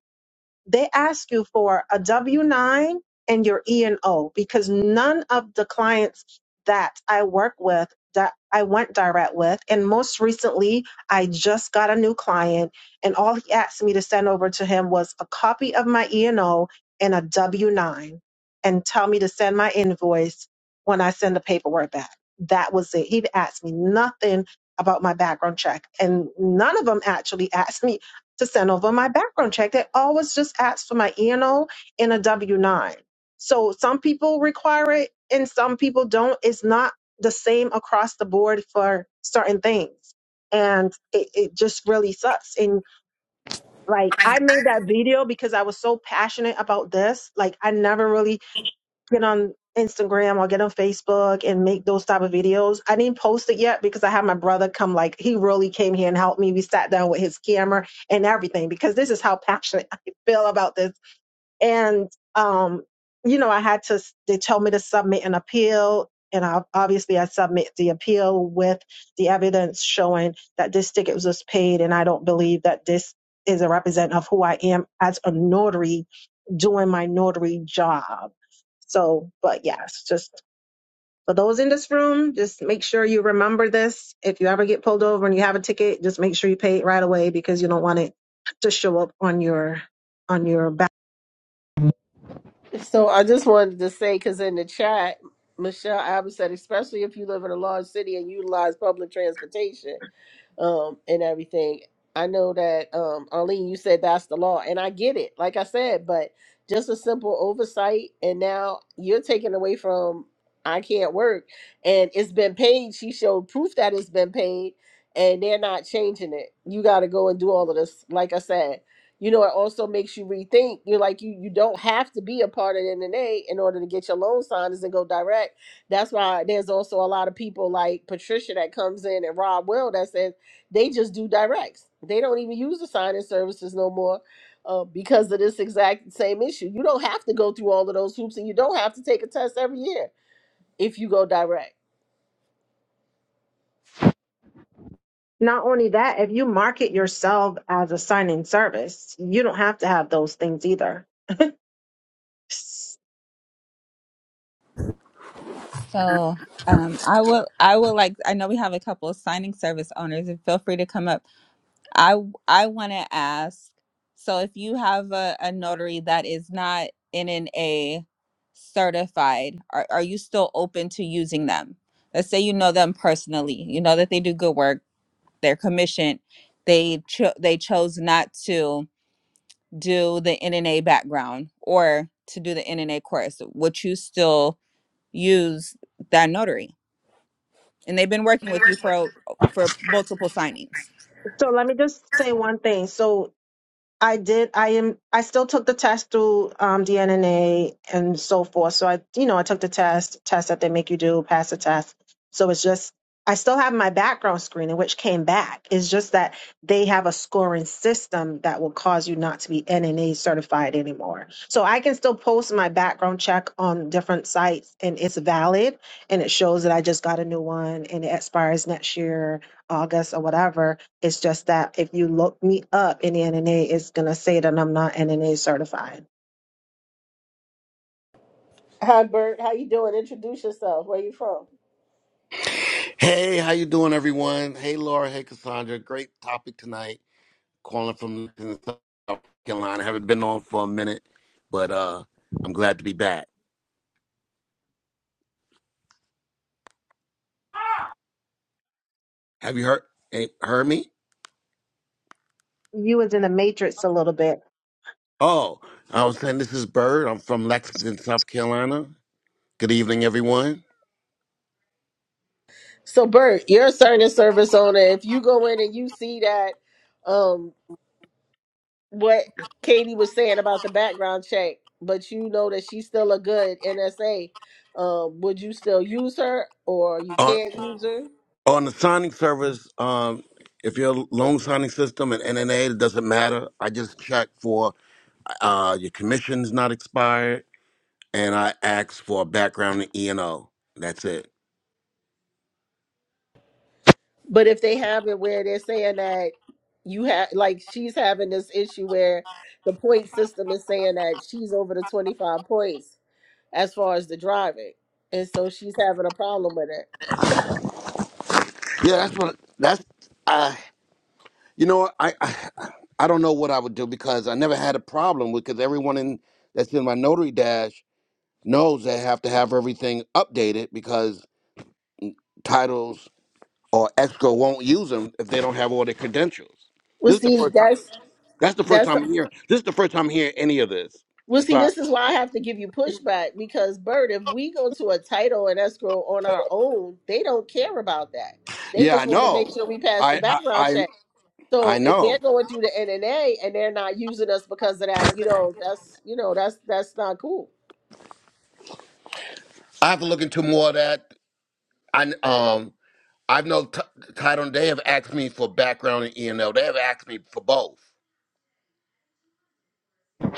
Speaker 7: they ask you for a W 9 and your E and O because none of the clients that I work with that I went direct with, and most recently, I just got a new client, and all he asked me to send over to him was a copy of my E and O and a W 9 and tell me to send my invoice when I send the paperwork back. That was it. He'd asked me nothing about my background check, and none of them actually asked me to send over my background check. They always just ask for my ENO and O and a W 9. So some people require it and some people don't. It's not the same across the board for certain things. And it, it just really sucks. And like, I made that video because I was so passionate about this. Like, I never really get on Instagram or get on Facebook and make those type of videos. I didn't post it yet because I had my brother come like he really came here and helped me. We sat down with his camera and everything because this is how passionate I feel about this and um, you know, I had to. They told me to submit an appeal, and I obviously I submit the appeal with the evidence showing that this ticket was paid, and I don't believe that this is a representative of who I am as a notary doing my notary job. So, but yes, just for those in this room, just make sure you remember this. If you ever get pulled over and you have a ticket, just make sure you pay it right away because you don't want it to show up on your on your back.
Speaker 3: So I just wanted to say, because in the chat, Michelle Abbott said, especially if you live in a large city and utilize public transportation um, and everything. I know that um, Arlene, you said that's the law, and I get it. Like I said, but just a simple oversight, and now you're taken away from. I can't work, and it's been paid. She showed proof that it's been paid, and they're not changing it. You got to go and do all of this. Like I said, you know, it also makes you rethink. You're like, you you don't have to be a part of the NNA in order to get your loan signed and go direct. That's why there's also a lot of people like Patricia that comes in and Rob Will that says they just do directs. They don't even use the signing services no more uh, because of this exact same issue. You don't have to go through all of those hoops and you don't have to take a test every year if you go direct.
Speaker 7: Not only that, if you market yourself as a signing service, you don't have to have those things either. So
Speaker 2: So um, I will. I will like. I know we have a couple of signing service owners, and feel free to come up. I I want to ask. So if you have a, a notary that is not NNA certified, are are you still open to using them? Let's say you know them personally. You know that they do good work. They're commissioned. They cho- they chose not to do the NNA background or to do the NNA course. Would you still use that notary? and they've been working with you for for multiple signings.
Speaker 7: let me just say one thing. So I did. I am. I still took the test through um, DNNA and so forth. So I, you know, I took the test, test that they make you do, pass the test. So it's just, I still have my background screening, which came back. It's just that they have a scoring system that will cause you not to be NNA certified anymore. So I can still post my background check on different sites, and it's valid, and it shows that I just got a new one, and it expires next year, August or whatever it's just that if you look me up in the NNA, it's going to say that I'm not NNA certified.
Speaker 3: Hi, Bert. How you doing? Introduce yourself. Where you from?
Speaker 8: Hey, how you doing, everyone? Hey, Laura. Hey, Cassandra. Great topic tonight. Calling from South Carolina. Haven't been on for a minute, but uh, I'm glad to be back. Have you heard eh, heard me?
Speaker 7: You was in the matrix a little bit.
Speaker 8: Oh, I was saying this is Bird. I'm from Lexington, South Carolina. Good evening, everyone.
Speaker 3: So Bert, you're a certain service owner. If you go in and you see that um what Katie was saying about the background check, but you know that she's still a good NSA, um, would you still use her or you
Speaker 8: On
Speaker 3: can't use her?
Speaker 8: on the signing service, um, if you're a loan signing system and NNA, it doesn't matter. I just check for uh, your commission's not expired and I asked for a background in E and O. That's it.
Speaker 3: But if they have it where they're saying that you have like she's having this issue where the point system is saying that she's over the 25 points as far as the driving. And so she's having a problem with it.
Speaker 8: Yeah, that's what that's I you know I, I I don't know what I would do because I never had a problem with because everyone in that's in my notary dash knows they have to have everything updated because titles or escrow won't use them if they don't have all their credentials.
Speaker 3: Well,
Speaker 8: This is the
Speaker 3: see,
Speaker 8: first time.
Speaker 3: that's
Speaker 8: That's the first
Speaker 3: that's
Speaker 8: time I'm hearing. This is the first time I'm hearing any of this.
Speaker 3: Well,
Speaker 8: It's
Speaker 3: see,
Speaker 8: like,
Speaker 3: this is why I have to give you pushback because, Bert, if we go to a title and escrow on our own, they don't care about that. They
Speaker 8: yeah, I
Speaker 3: just want to make
Speaker 8: know.
Speaker 3: sure we pass the
Speaker 8: I I
Speaker 3: background
Speaker 8: I,
Speaker 3: check.
Speaker 8: I
Speaker 3: So if they're
Speaker 8: know.
Speaker 3: going through the NNA and they're not using us because of that, you know, that's you know, that's that's not cool.
Speaker 8: I have to look into more of that. I um I've no t- title. They have asked me for background in E and L. They have asked me for both.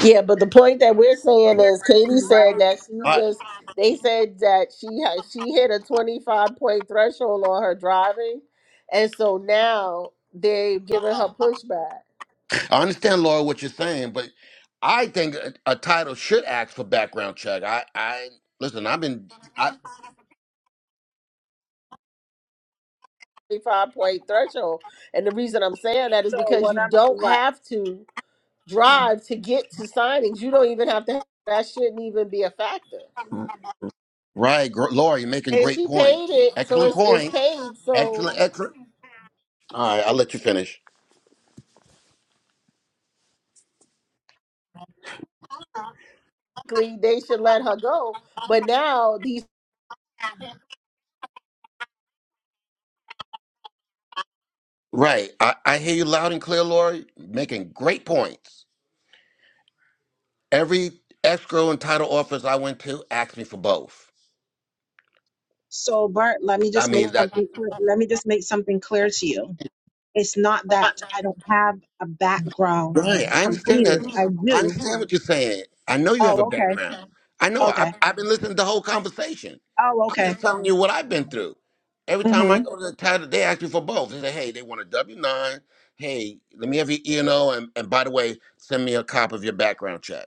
Speaker 3: Yeah, but the point that we're
Speaker 7: So
Speaker 3: saying
Speaker 7: here's
Speaker 3: is,
Speaker 7: the
Speaker 3: Katie
Speaker 7: thing,
Speaker 3: said
Speaker 7: right?
Speaker 3: that she's
Speaker 8: I,
Speaker 7: So,
Speaker 3: just. They said that she had she hit a twenty five point threshold on her driving, and so now they've given her pushback.
Speaker 8: I understand, Laura, what you're saying, but I think a, a title should ask for background check. I, I listen. I've been I,
Speaker 3: 25 threshold. And the reason I'm saying that is
Speaker 7: so
Speaker 3: because
Speaker 7: what
Speaker 3: you
Speaker 7: I'm
Speaker 3: don't
Speaker 7: right.
Speaker 3: have to drive to get to signings. You don't even have to, that shouldn't even be a factor.
Speaker 8: right, gr- Laura. You're making
Speaker 3: And
Speaker 8: great
Speaker 3: she paid
Speaker 8: points.
Speaker 3: it, so
Speaker 8: Excellent
Speaker 3: it's, it's
Speaker 8: points.
Speaker 3: paid. So
Speaker 8: Excellent, excellent. All right, I'll let you finish.
Speaker 3: basically, they should let her go. But now these,
Speaker 8: Right, I, I hear you loud and clear, Laura. Making great points. Every escrow and title office I went to asked me for both.
Speaker 7: So Bart, let me
Speaker 8: I
Speaker 7: just make
Speaker 8: mean that.
Speaker 7: something clear. Let me just make something clear to you. It's not that I don't have a background
Speaker 8: Right. I understand that.
Speaker 7: completed. I
Speaker 8: I
Speaker 7: do.
Speaker 8: understand what you're saying. I know you have a
Speaker 7: Oh, okay.
Speaker 8: background. I know. I,
Speaker 7: Okay.
Speaker 8: I've been listening to the whole conversation.
Speaker 7: Oh,
Speaker 8: I'm
Speaker 7: okay.
Speaker 8: just telling you what I've been through. Every time I
Speaker 7: Mm-hmm.
Speaker 8: go to the title, they ask me for both. They say, hey, they want a W 9. Hey, let me have your E and O. And, and by the way, send me a copy of your background check.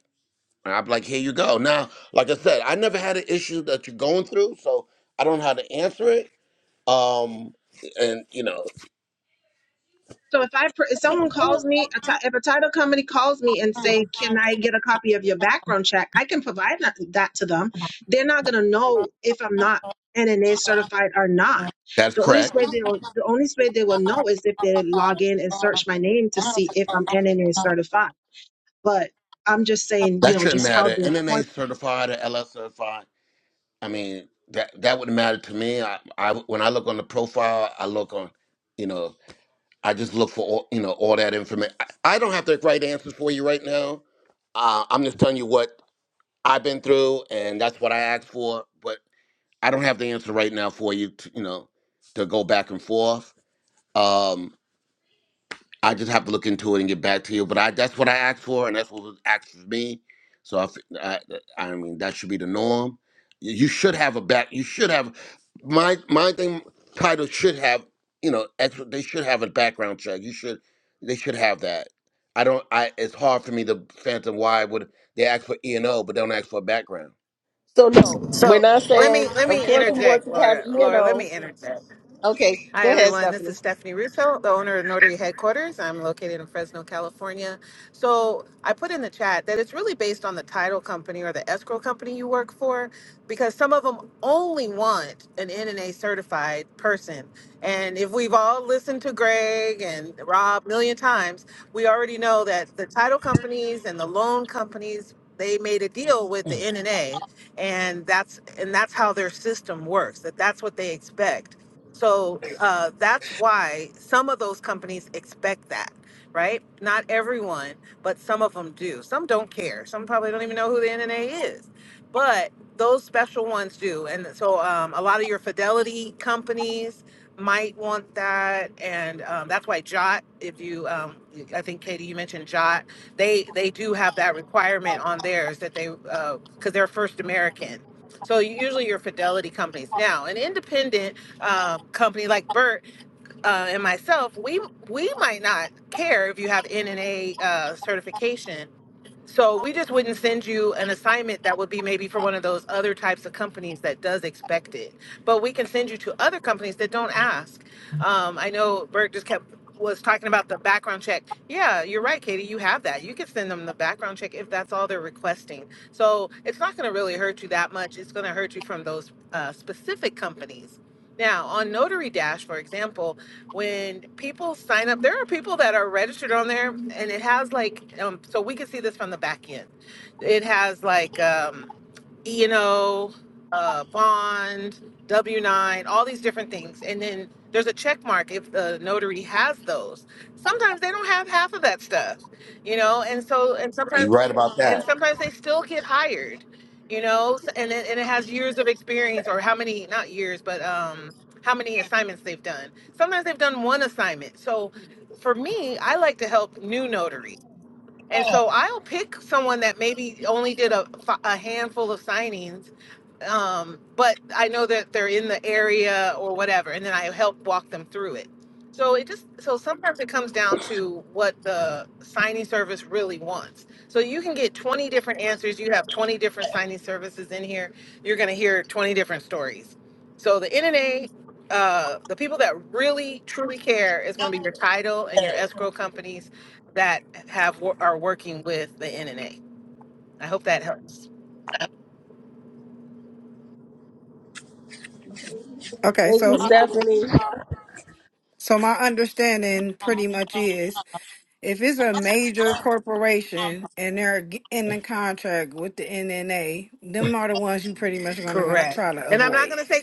Speaker 8: And I'm like, here you go. Now, like I said, I never had an issue that you're going through, so I don't know how to answer it. Um, and, you know,
Speaker 7: So if I pr- if someone calls me, a ti- if a title company calls me and say, "Can I get a copy of your background check?" I can provide that, that to them. They're not gonna know if I'm not NNA certified or not.
Speaker 8: That's
Speaker 7: The only
Speaker 8: correct.
Speaker 7: way they'll the only way they will know is if they log in and search my name to see if I'm NNA certified. But I'm just saying, you
Speaker 8: That
Speaker 7: know,
Speaker 8: shouldn't
Speaker 7: just how
Speaker 8: matter.
Speaker 7: they point.
Speaker 8: NNA certified or LS certified. I mean, that that wouldn't matter to me. I, I when I look on the profile, I look on, you know, I just look for all, you know all that information. I, I don't have the right answers for you right now. Uh, I'm just telling you what I've been through, and that's what I asked for. But I don't have the answer right now for you. To, you know, to go back and forth. Um, I just have to look into it and get back to you. But I that's what I asked for, and that's what was asked of me. So I, f- I, I mean, that should be the norm. You you should have a back. You should have my my thing. Title should have you know extra, they should have a background check. You should they should have that. I don't. I it's hard for me to fathom why would they ask for E and O but don't ask for a background.
Speaker 3: so no, we're
Speaker 9: So
Speaker 3: not
Speaker 9: let me
Speaker 3: saying,
Speaker 9: let
Speaker 3: of
Speaker 9: me
Speaker 3: course, we want
Speaker 9: interject,
Speaker 3: you to have
Speaker 9: Laura. Laura, let
Speaker 3: ENO.
Speaker 9: me interject.
Speaker 3: Okay,
Speaker 9: Hi,
Speaker 3: go ahead,
Speaker 9: everyone. This is
Speaker 3: Stephanie.
Speaker 9: Stephanie Russo, the owner of Notary Headquarters. I'm located in Fresno, California. So I put in the chat that it's really based on the title company or the escrow company you work for, because some of them only want an NNA certified person. And if we've all listened to Greg and Rob a million times, we already know that the title companies and the loan companies they made a deal with the NNA and A, and that's and that's how their system works that that's what they expect so uh, that's why some of those companies expect that, right? Not everyone, but some of them do. Some don't care. Some probably don't even know who the NNA is, but those special ones do. And so um, a lot of your fidelity companies might want that, and um, that's why Jot. If you, um, I think Katie, you mentioned Jot. They they do have that requirement on theirs that they because they're first American. So usually your fidelity companies now an independent um, company like Bert uh, and myself, we we might not care if you have NNA uh, certification so we just wouldn't send you an assignment that would be maybe for one of those other types of companies that does expect it. But we can send you to other companies that don't ask. Um, I know Bert just kept was talking about the background check. Yeah, you're right, Katie. You have that. You can send them the background check if that's all they're requesting. So it's not going to really hurt you that much. It's going to hurt you from those uh, specific companies. Now, on Notary Dash, for example, when people sign up, there are people that are registered on there, and it has like, um, so we can see this from the back end. It has like, um, you know, uh, bond, W nine, all these different things, and then there's a check mark if the notary has those. Sometimes they don't have half of that stuff, you know, and so and
Speaker 8: You're
Speaker 9: sometimes
Speaker 8: right about
Speaker 9: and
Speaker 8: that.
Speaker 9: sometimes they still get hired, you know, s- and it, and it has years of experience or how many not years but um how many assignments they've done. Sometimes they've done one assignment. So for me, I like to help new notaries. And so I'll pick someone that maybe only did a, a handful of signings um, but I know that they're in the area or whatever, and then I help walk them through it. So it just so sometimes it comes down to what the signing service really wants. So you can get 20 different answers. You have 20 different signing services in here. You're going to hear 20 different stories. So the NNA, uh, the people that really truly care is going to be your title and your escrow companies that have are working with the NNA. I hope that helps.
Speaker 5: Okay,
Speaker 3: Thank you,
Speaker 5: so
Speaker 3: Stephanie.
Speaker 5: So my understanding pretty much is if it's a major corporation and they're g- in the contract with the NNA, them are the ones you pretty much gonna gonna
Speaker 9: Correct.
Speaker 5: try to
Speaker 9: And I'm not
Speaker 5: avoid.
Speaker 9: going to say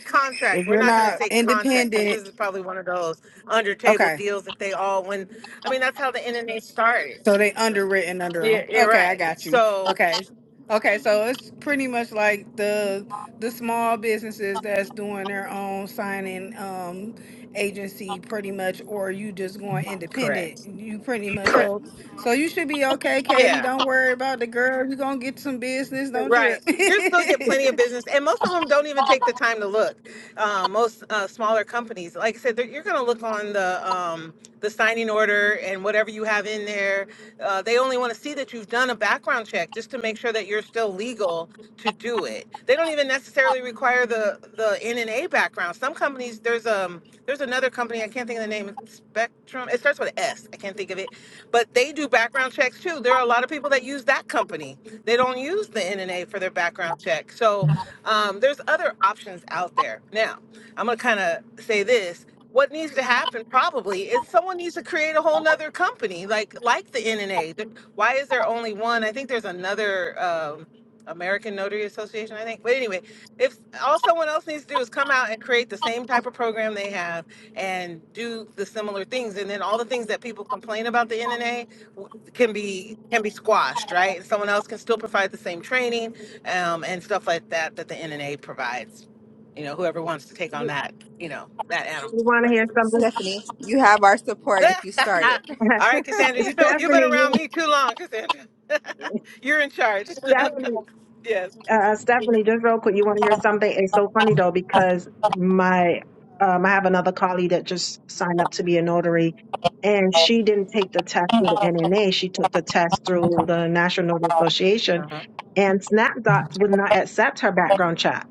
Speaker 5: If
Speaker 9: contract. We're
Speaker 5: you're
Speaker 9: not going to
Speaker 5: not
Speaker 9: say contract because this
Speaker 5: independent,
Speaker 9: is probably one of those under table
Speaker 5: okay.
Speaker 9: deals that they all win. I mean that's how the NNA started.
Speaker 5: So they underwritten under
Speaker 9: Yeah,
Speaker 5: them.
Speaker 9: you're
Speaker 5: Okay, I
Speaker 9: right.
Speaker 5: got you.
Speaker 9: So
Speaker 5: Okay. Okay, so it's pretty much like the the small businesses that's doing their own signing um agency pretty much or you just going independent.
Speaker 9: correct.
Speaker 5: You pretty much so so you should be okay, Katie.
Speaker 9: Yeah.
Speaker 5: Don't worry about the girl. You're gonna get some business, don't
Speaker 9: Right.
Speaker 5: trip.
Speaker 9: You still get plenty of business, and most of them don't even take the time to look. Uh, most uh, smaller companies, like I said, they're- you're going to look on the um, the signing order and whatever you have in there. Uh, they only want to see that you've done a background check just to make sure that you're still legal to do it. They don't even necessarily require the the N and A background. Some companies companies. There's um there's another company I can't think of the name. It's Spectrum. It starts with S. S. I can't think of it, but they do background checks too. There are a lot of people that use that company. They don't use the NNA for their background check. So um, there's other options out there. Now I'm gonna kind of say this. What needs to happen probably is someone needs to create a whole nother company like like the NNA. The- Why is there only one? I think there's another um, American Notary Association, I think. But anyway, if all someone else needs to do is come out and create the same type of program they have and do the similar things and then all the things that people complain about the nna can be can be squashed right and someone else can still provide the same training um, and stuff like that that the nna provides you know whoever wants to take on that you know that animal
Speaker 7: You want to hear something?
Speaker 2: Stephanie, you have our support if you start it.
Speaker 9: all right cassandra you know you've been
Speaker 7: Stephanie,
Speaker 9: around
Speaker 7: you,
Speaker 9: me too long cassandra you're in charge
Speaker 7: Stephanie,
Speaker 9: yes
Speaker 7: uh, Stephanie, just real quick, you want to hear something? It's so funny though, because my, um, I have another colleague that just signed up to be a notary and she didn't take the test through the NNA. She took the test through the National Notary Association and SnapDocs would not accept her background check.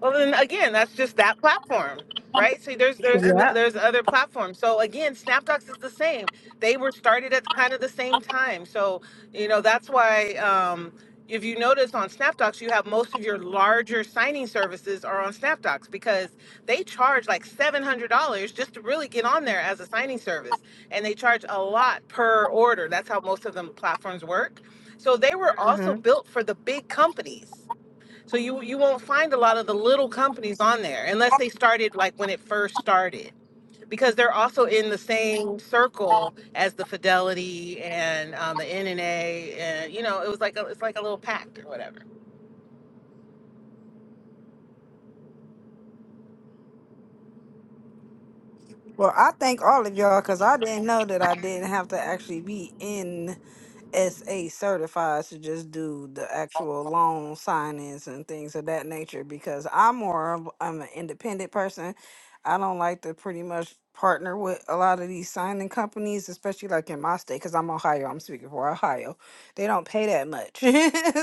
Speaker 9: Well, then again, that's just that platform, right? So there's there's no,
Speaker 7: Yep.
Speaker 9: there's other platforms. So again, SnapDocs is the same. They were started at kind of the same time. So you know that's why um, if you notice on SnapDocs, you have most of your larger signing services are on SnapDocs because they charge like seven hundred dollars just to really get on there as a signing service, and they charge a lot per order. That's how most of them platforms work. So they were also
Speaker 7: hmm
Speaker 9: built for the big companies so you you won't find a lot of the little companies on there unless they started like when it first started because they're also in the same circle as the Fidelity and um, the NNA and you know it was like a, it's like a little pact or whatever.
Speaker 5: Well, I thank all of y'all because I didn't know that I didn't have to actually be in. SA certified to just do the actual loan signings and things of that nature because I'm more of I'm an independent person. I don't like to pretty much partner with a lot of these signing companies, especially like in my state, because I'm Ohio. I'm speaking for Ohio. They don't pay that much.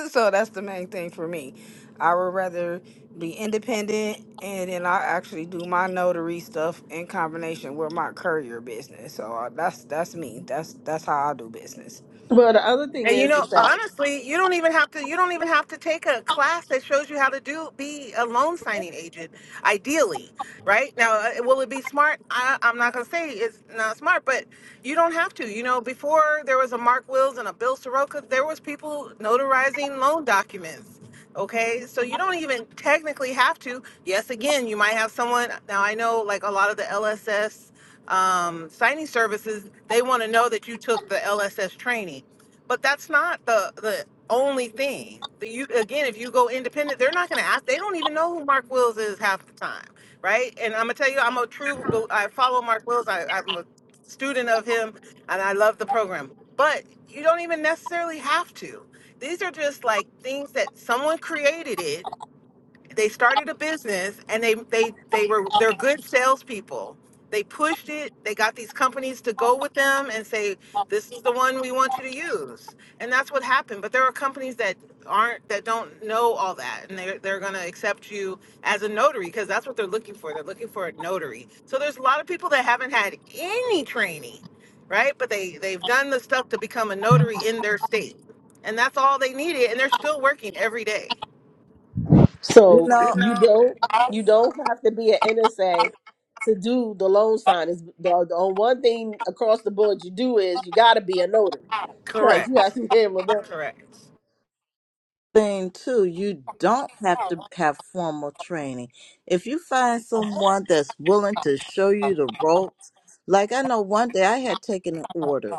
Speaker 5: so that's the main thing for me. I would rather be independent and then I actually do my notary stuff in combination with my courier business. So uh, that's that's me. That's that's how I do business.
Speaker 3: Well, the other thing
Speaker 9: And you
Speaker 3: is,
Speaker 9: know,
Speaker 3: is that
Speaker 9: honestly, you don't even have to. You don't even have to take a class that shows you how to do be a loan signing agent. Ideally, right now, uh, will it be smart? I, I'm not gonna say it's not smart, but you don't have to. You know, before there was a Mark Wills and a Bill Soroka, there was people notarizing loan documents. Okay, so you don't even technically have to. Yes, again, you might have someone. Now I know, like a lot of the LSS um, signing services, they want to know that you took the LSS training but that's not the the only thing. The, you again, if you go independent, they're not going to ask. They don't even know who Mark Wills is half the time, right? And I'm gonna tell you, I'm a true. bel- I follow Mark Wills. I, I'm a student of him, and I love the program. But you don't even necessarily have to. These are just like things that someone created it they started a business and they they they were they're good salespeople. They pushed it. They got these companies to go with them and say, "This is the one we want you to use," and that's what happened. But there are companies that aren't that don't know all that, and they're they're going to accept you as a notary because that's what they're looking for. They're looking for a notary. So there's a lot of people that haven't had any training, right? But they they've done the stuff to become a notary in their state, and that's all they needed, and they're still working every day.
Speaker 6: You
Speaker 3: So you you
Speaker 6: know,
Speaker 3: know, don't you don't have to be an NSA to do the loan sign. Is the, the one thing across the board you do is you got to be a notary because you
Speaker 9: Correct.
Speaker 3: have to be able to.
Speaker 9: Correct.
Speaker 6: thing too, you don't have to have formal training. If you find someone that's willing to show you the ropes, like I know one day I had taken an order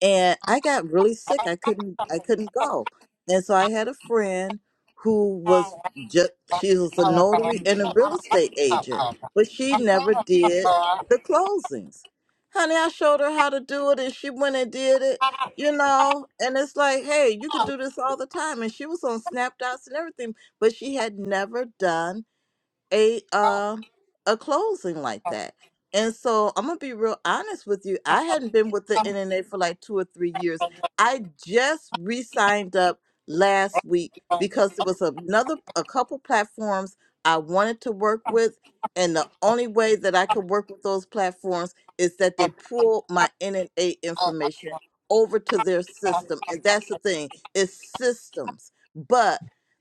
Speaker 6: and I got really sick. I couldn't I couldn't go, and so I had a friend who was just she was a notary and a real estate agent, but she never did the closings. Honey, I showed her how to do it, and she went and did it. You know, and it's like, hey, you could do this all the time. And she was on Snapdots and everything, but she had never done a uh, a closing like that. And so I'm gonna be real honest with you. I hadn't been with the NNA for like two or three years. I just re-signed up last week because there was another a couple platforms I wanted to work with, and the only way that I could work with those platforms is that they pull my NNA information over to their system. And that's the thing, it's systems. but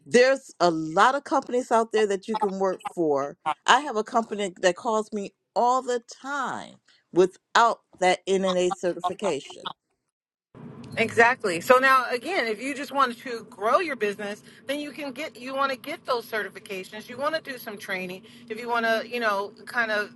Speaker 6: there's a lot of companies out there that you can work for. I have a company that calls me all the time without that NNA certification.
Speaker 9: Exactly. So now again, if you just wanted to grow your business, then you can get you want to get those certifications. You want to do some training. If you want to, you know, kind of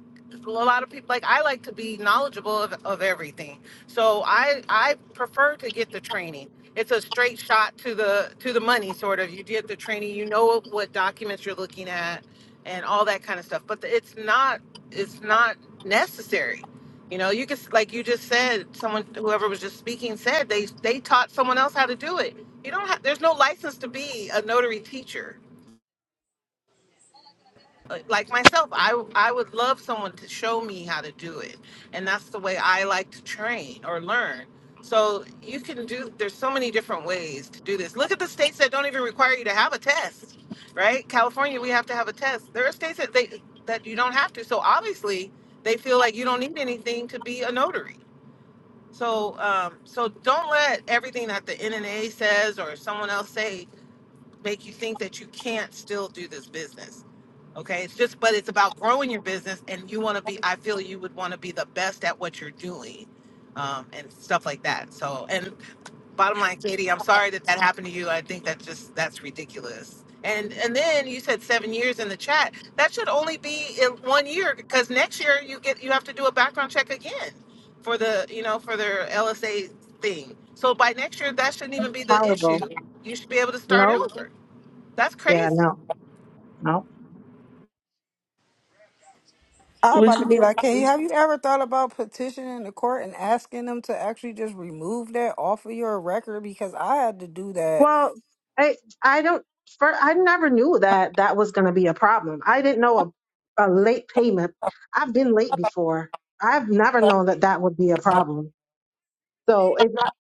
Speaker 9: a lot of people like I like to be knowledgeable of, of everything. So I I prefer to get the training. It's a straight shot to the to the money sort of. You get the training, you know what documents you're looking at and all that kind of stuff. But it's not it's not necessary You know, you just like you just said, someone whoever was just speaking said they they taught someone else how to do it. You don't have there's no license to be a notary teacher. Like like myself, I I would love someone to show me how to do it. And that's the way I like to train or learn. So you can do there's so many different ways to do this. Look at the states that don't even require you to have a test, right? California, we have to have a test. There are states that they that you don't have to. So obviously, they feel like you don't need anything to be a notary So, um, so don't let everything that the NNA says or someone else say make you think that you can't still do this business. Okay, it's just, but it's about growing your business, and you want to be. I feel you would want to be the best at what you're doing, um, and stuff like that. So, and bottom line katie i'm sorry that that happened to you i think that just that's ridiculous and and then you said seven years in the chat that should only be in one year because next year you get you have to do a background check again for the you know for their lsa thing so by next year that shouldn't even be the
Speaker 7: Horrible.
Speaker 9: issue you should be able to start
Speaker 7: Nope.
Speaker 9: over that's
Speaker 7: Yeah,
Speaker 9: crazy
Speaker 7: no, no.
Speaker 5: I'm
Speaker 3: Which
Speaker 5: about to be
Speaker 3: you
Speaker 5: like, hey,
Speaker 3: need.
Speaker 5: have you ever thought about petitioning the court and asking them to actually just remove that off of your record? Because I had to do that
Speaker 7: Well, I I don't. For, I never knew that that was going to be a problem. I didn't know a a late payment. I've been late before. I've never known that that would be a problem. So it's not.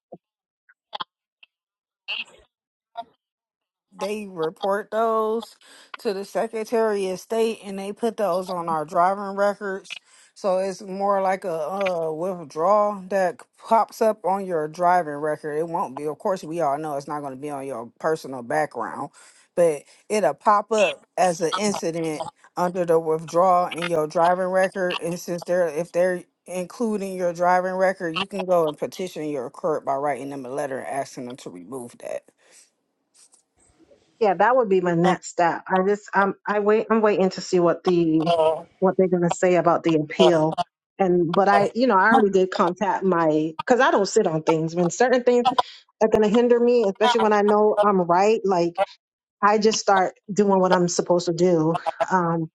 Speaker 5: they report those to the Secretary of State and they put those on our driving records. So it's more like a uh, withdrawal that pops up on your driving record. It won't be, of course, we all know it's not going to be on your personal background, but it'll pop up as an incident under the withdrawal in your driving record. And since they're, if they're including your driving record, you can go and petition your court by writing them a letter and asking them to remove that.
Speaker 7: Yeah, that would be my next step. I just um I wait I'm waiting to see what the what they're gonna say about the appeal. And but I you know, I already did contact my because I don't sit on things. When certain things are gonna hinder me, especially when I know I'm right, like I just start doing what I'm supposed to do. Um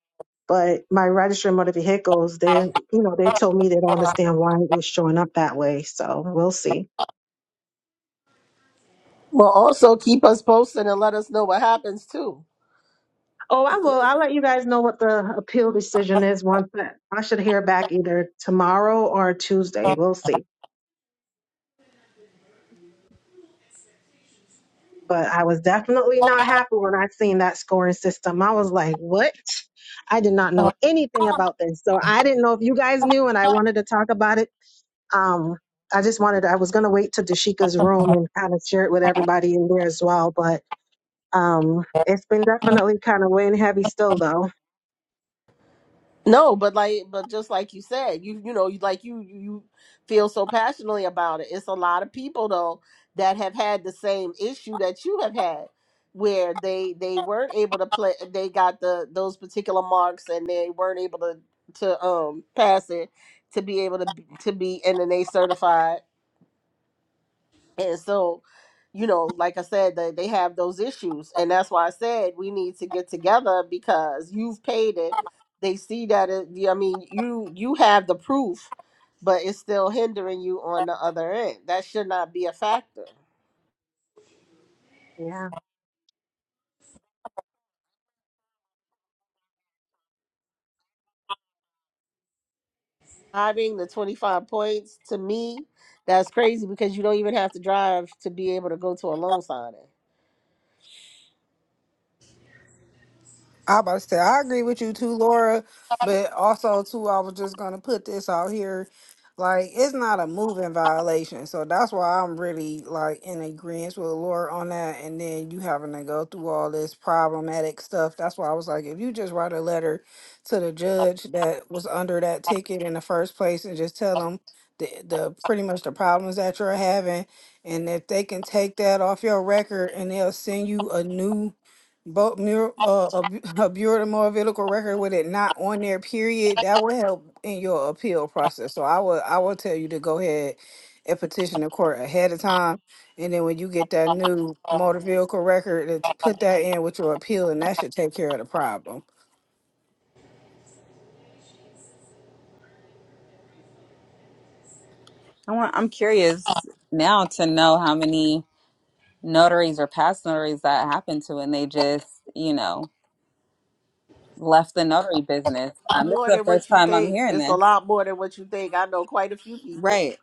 Speaker 7: but my registrar of motor vehicles, they you know, they told me they don't understand why it was showing up that way. So we'll see.
Speaker 3: Well, also keep us posted and let us know what happens too.
Speaker 7: Oh, I will. I'll let you guys know what the appeal decision is once that I should hear back either tomorrow or Tuesday. We'll see. But I was definitely not happy when I seen that scoring system. I was like, what? I did not know anything about this. So I didn't know if you guys knew and I wanted to talk about it. Um, I just wanted I was gonna wait to Dashika's room and kind of share it with everybody in there as well. But um it's been definitely kind of weighing heavy still though.
Speaker 3: No, but like, but just like you said, you you know, you- like you you you feel so passionately about it. It's a lot of people though that have had the same issue that you have had, where they they weren't able to play. They got the those particular marks and they weren't able to to um pass it to be able to be- to be and then they certified and so, you know, like I said, they, they have those issues. And that's why I said we need to get together because you've paid it. They see that it, yeah, I mean, you you have the proof, but it's still hindering you on the other end. That should not be a factor.
Speaker 7: Yeah.
Speaker 3: Driving the 25 points to me, that's crazy because you don't even have to drive to be able to go to a loan signing.
Speaker 5: I about to say I agree with you too, Laura, but also too, I was just gonna put this out here. Like it's not a moving violation. So that's why I'm really like in agreement with Laura on that. And then you having to go through all this problematic stuff. That's why I was like, if you just write a letter to the judge that was under that ticket in the first place and just tell them the, the pretty much the problems that you're having and if they can take that off your record and they'll send you a new both mur uh, a, bu- a bureau of motor vehicle record with it not on there, period, that would help in your appeal process. So I would I would tell you to go ahead and petition the court ahead of time, and then when you get that new motor vehicle record, to put that in with your appeal, and that should take care of the problem.
Speaker 2: I want, I'm curious now to know how many notaries or past notaries that happened to and they just, you know, left the notary business. Um, this is
Speaker 3: More
Speaker 2: the
Speaker 3: than
Speaker 2: first
Speaker 3: what you
Speaker 2: time I'm
Speaker 3: think.
Speaker 2: hearing
Speaker 3: It's a
Speaker 2: this.
Speaker 3: lot more than what you think. I know quite a few people.
Speaker 2: Right.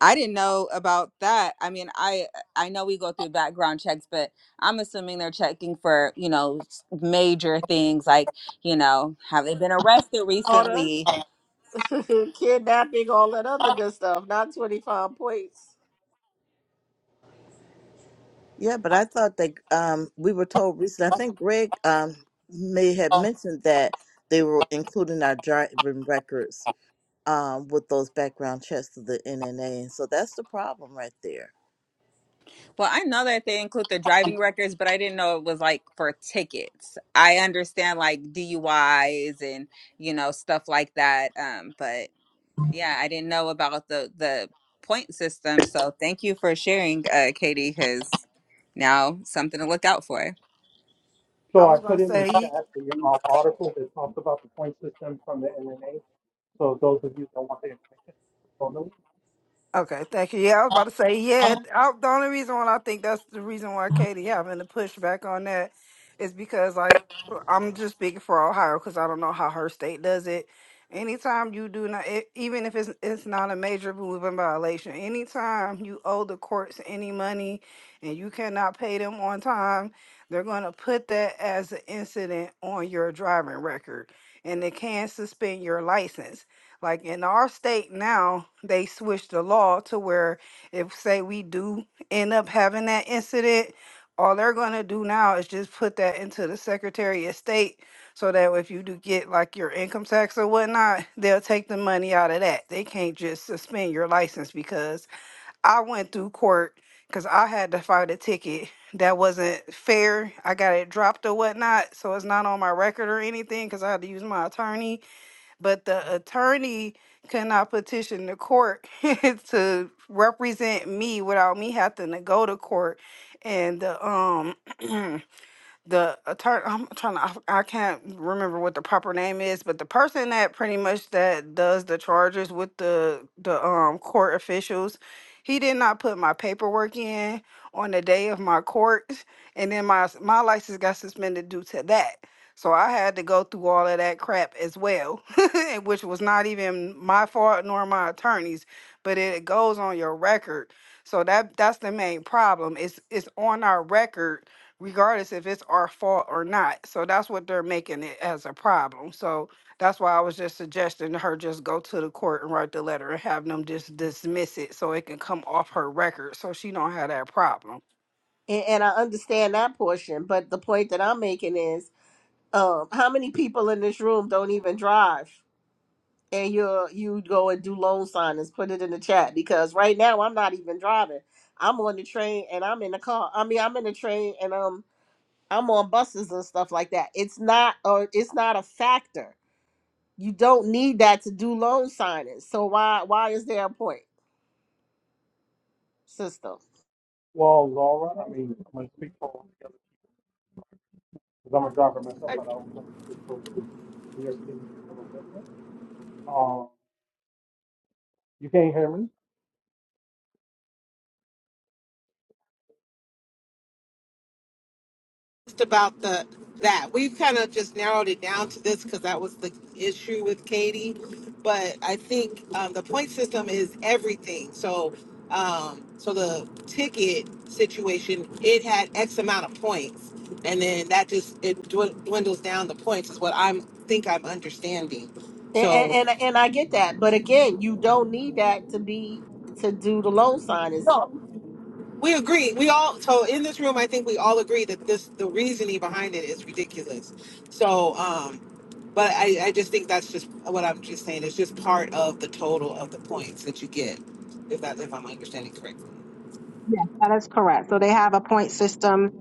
Speaker 2: I didn't know about that. I mean, I I know we go through background checks, but I'm assuming they're checking for, you know, s- major things like, you know, have they been arrested
Speaker 3: Daughter
Speaker 2: recently?
Speaker 3: kidnapping, all that other good stuff, not 25 points.
Speaker 6: Yeah, but I thought that um, we were told recently, I think Greg um, may have mentioned that they were including our driving records um, with those background checks of the NNA. And so that's the problem right there.
Speaker 2: Well, I know that they include the driving records, but I didn't know it was like for tickets. I understand like DUIs and you know stuff like that. Um, but yeah, I didn't know about the the point system. So thank you for sharing, uh, Katie, because now something to look out for.
Speaker 5: I
Speaker 1: So I
Speaker 5: was gonna
Speaker 1: put in the
Speaker 5: say.
Speaker 1: chat the Imhoff article that talks about the point system from the NNA. So those of you that want the information, so no.
Speaker 5: Okay, thank you. Yeah, I was about to say, yeah, I, the only reason why I think that's the reason why Katie having to push back on that is because, like, I'm just speaking for Ohio because I don't know how her state does it. Anytime you do not, e- even if it's it's not a major moving violation, anytime you owe the courts any money and you cannot pay them on time, they're going to put that as an incident on your driving record, and they can suspend your license. Like in our state now, they switched the law to where if say we do end up having that incident, all they're gonna do now is just put that into the Secretary of State so that if you do get like your income tax or whatnot, they'll take the money out of that. They can't just suspend your license because I went through court because I had to fight a ticket that wasn't fair. I got it dropped or whatnot, so it's not on my record or anything because I had to use my attorney but the attorney could not petition the court to represent me without me having to go to court. And the um the attorney i'm trying to I, I can't remember what the proper name is but the person that pretty much that does the charges with the the um court officials he did not put my paperwork in on the day of my court and then my my license got suspended due to that so i had to go through all of that crap as well and which was not even my fault nor my attorney's but it goes on your record so that that's the main problem it's it's on our record regardless if it's our fault or not. So that's what they're making it as a problem. So that's why I was just suggesting her just go to the court and write the letter and have them just dismiss it so it can come off her record so she don't have that problem.
Speaker 3: And, and I understand that portion, but the point that I'm making is um, how many people in this room don't even drive? And you you go and do loan signings, put it in the chat because right now I'm not even driving. I'm on the train and I'm in the car. I mean, I'm in the train and um I'm on buses and stuff like that. It's not or it's not a factor. You don't need that to do loan signings. So why why is there a point system?
Speaker 1: Well, Laura, I mean, I'm gonna speak for all the because I'm a driver myself, but I don't so New York City's a little different. Um, you can't hear me?
Speaker 9: just about the that we've kind of just narrowed it down to this because that was the issue with Katie. But I think um, the point system is everything. So, um, so the ticket situation, it had X amount of points, and then that just it dwin- dwindles down the points is what I'm think I'm understanding.
Speaker 3: And, and
Speaker 9: So.
Speaker 3: and and I get that, but again, you don't need that to be to do the loan signings.
Speaker 9: We agree. We all so in this room, I think we all agree that this the reasoning behind it is ridiculous. So, um, but I I just think that's just what I'm just saying. It's just part of the total of the points that you get, if that if I'm understanding correctly.
Speaker 7: Yes, that is correct. So they have a point system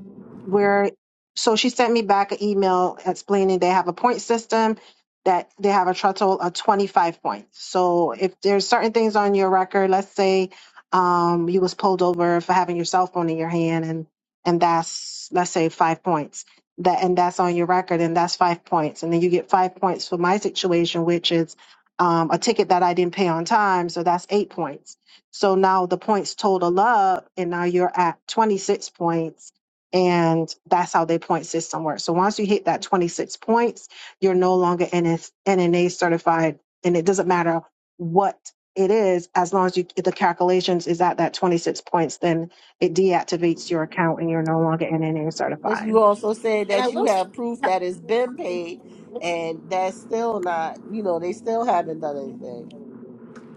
Speaker 7: where, so she sent me back an email explaining they have a point system that they have a total of 25 points. So if there's certain things on your record, let's say um, you was pulled over for having your cell phone in your hand and and that's let's say five points that and that's on your record and that's five points and then you get five points for my situation which is um, a ticket that I didn't pay on time so that's eight points so now the points total up, and now you're at 26 points. And that's how their point system works. So once you hit that 26 points, you're no longer NS NNA certified. And it doesn't matter what it is, as long as you, the calculations is at that 26 points, then it deactivates your account and you're no longer NNA
Speaker 3: But you
Speaker 7: certified.
Speaker 3: also said
Speaker 9: And I
Speaker 3: that you
Speaker 9: will.
Speaker 3: have proof that it's been paid, and that's still not. You know, they still haven't done anything.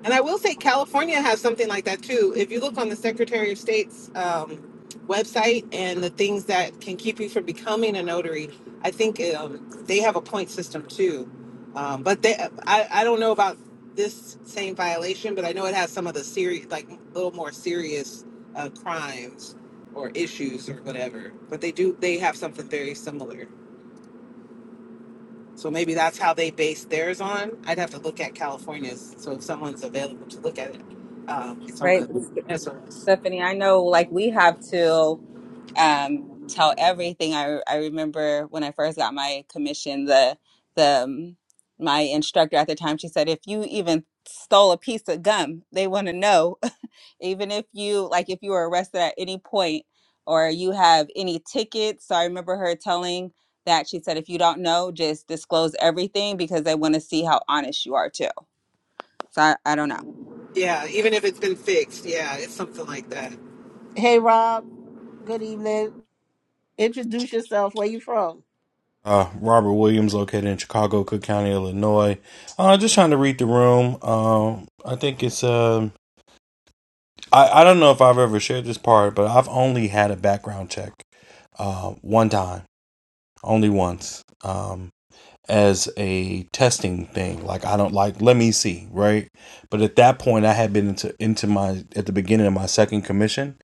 Speaker 9: And I will say California has something like that too. If you look on the Secretary of State's um, website and the things that can keep you from becoming a notary, I think um, they have a point system too. Um, but they, I, I don't know about this same violation, but I know it has some of the serious, like little more serious uh, crimes or issues or whatever. But they do, they have something very similar. So maybe that's how they base theirs on. I'd have to look at California's. So if someone's available to look at it, um, it's on the
Speaker 2: Right,
Speaker 9: SRS.
Speaker 2: Stephanie. I know like we have to. um, tell everything. I I remember when I first got my commission, the the um, my instructor at the time, she said, if you even stole a piece of gum, they want to know. even if you like, if you were arrested at any point or you have any tickets. So I remember her telling that she said, if you don't know, just disclose everything because they want to see how honest you are too. So I, I don't know.
Speaker 9: Yeah, even if it's been fixed, yeah, it's something like that.
Speaker 3: Hey, Rob. Good evening. Introduce yourself. Where you from?
Speaker 10: Uh, Robert Williams, located in Chicago, Cook County, Illinois. Uh, just trying to read the room. Um, I think it's. um I I don't know if I've ever shared this part, but I've only had a background check, uh, one time, only once, um, as a testing thing. Like I don't like. Let me see, right? But at that point, I had been into into my at the beginning of my second commission,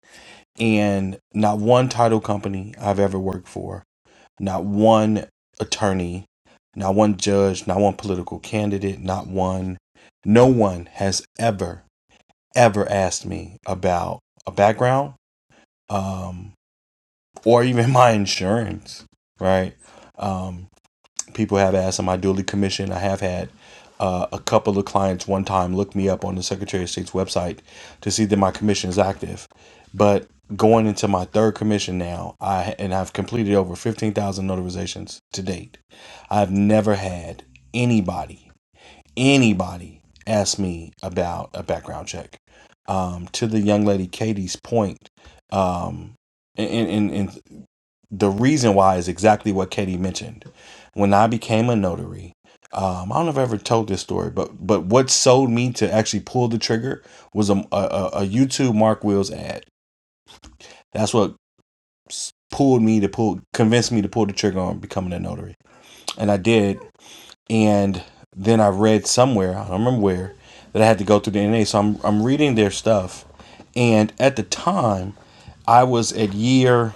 Speaker 10: and not one title company I've ever worked for not one attorney, not one judge, not one political candidate, not one, no one has ever, ever asked me about a background um, or even my insurance, right? Um, people have asked, am I duly commissioned? I have had uh, a couple of clients one time look me up on the Secretary of State's website to see that my commission is active. But going into my third commission now, I and I've completed over fifteen thousand notarizations to date. I've never had anybody, anybody ask me about a background check. Um, to the young lady Katie's point, um, and, and, and the reason why is exactly what Katie mentioned. When I became a notary, um, I don't know if I ever told this story, but but what sold me to actually pull the trigger was a a, a a YouTube Mark Wills ad. That's what pulled me to pull, convinced me to pull the trigger on becoming a notary, and I did. And then I read somewhere, I don't remember where, that I had to go through the NA. So I'm I'm reading their stuff, and at the time, I was at year.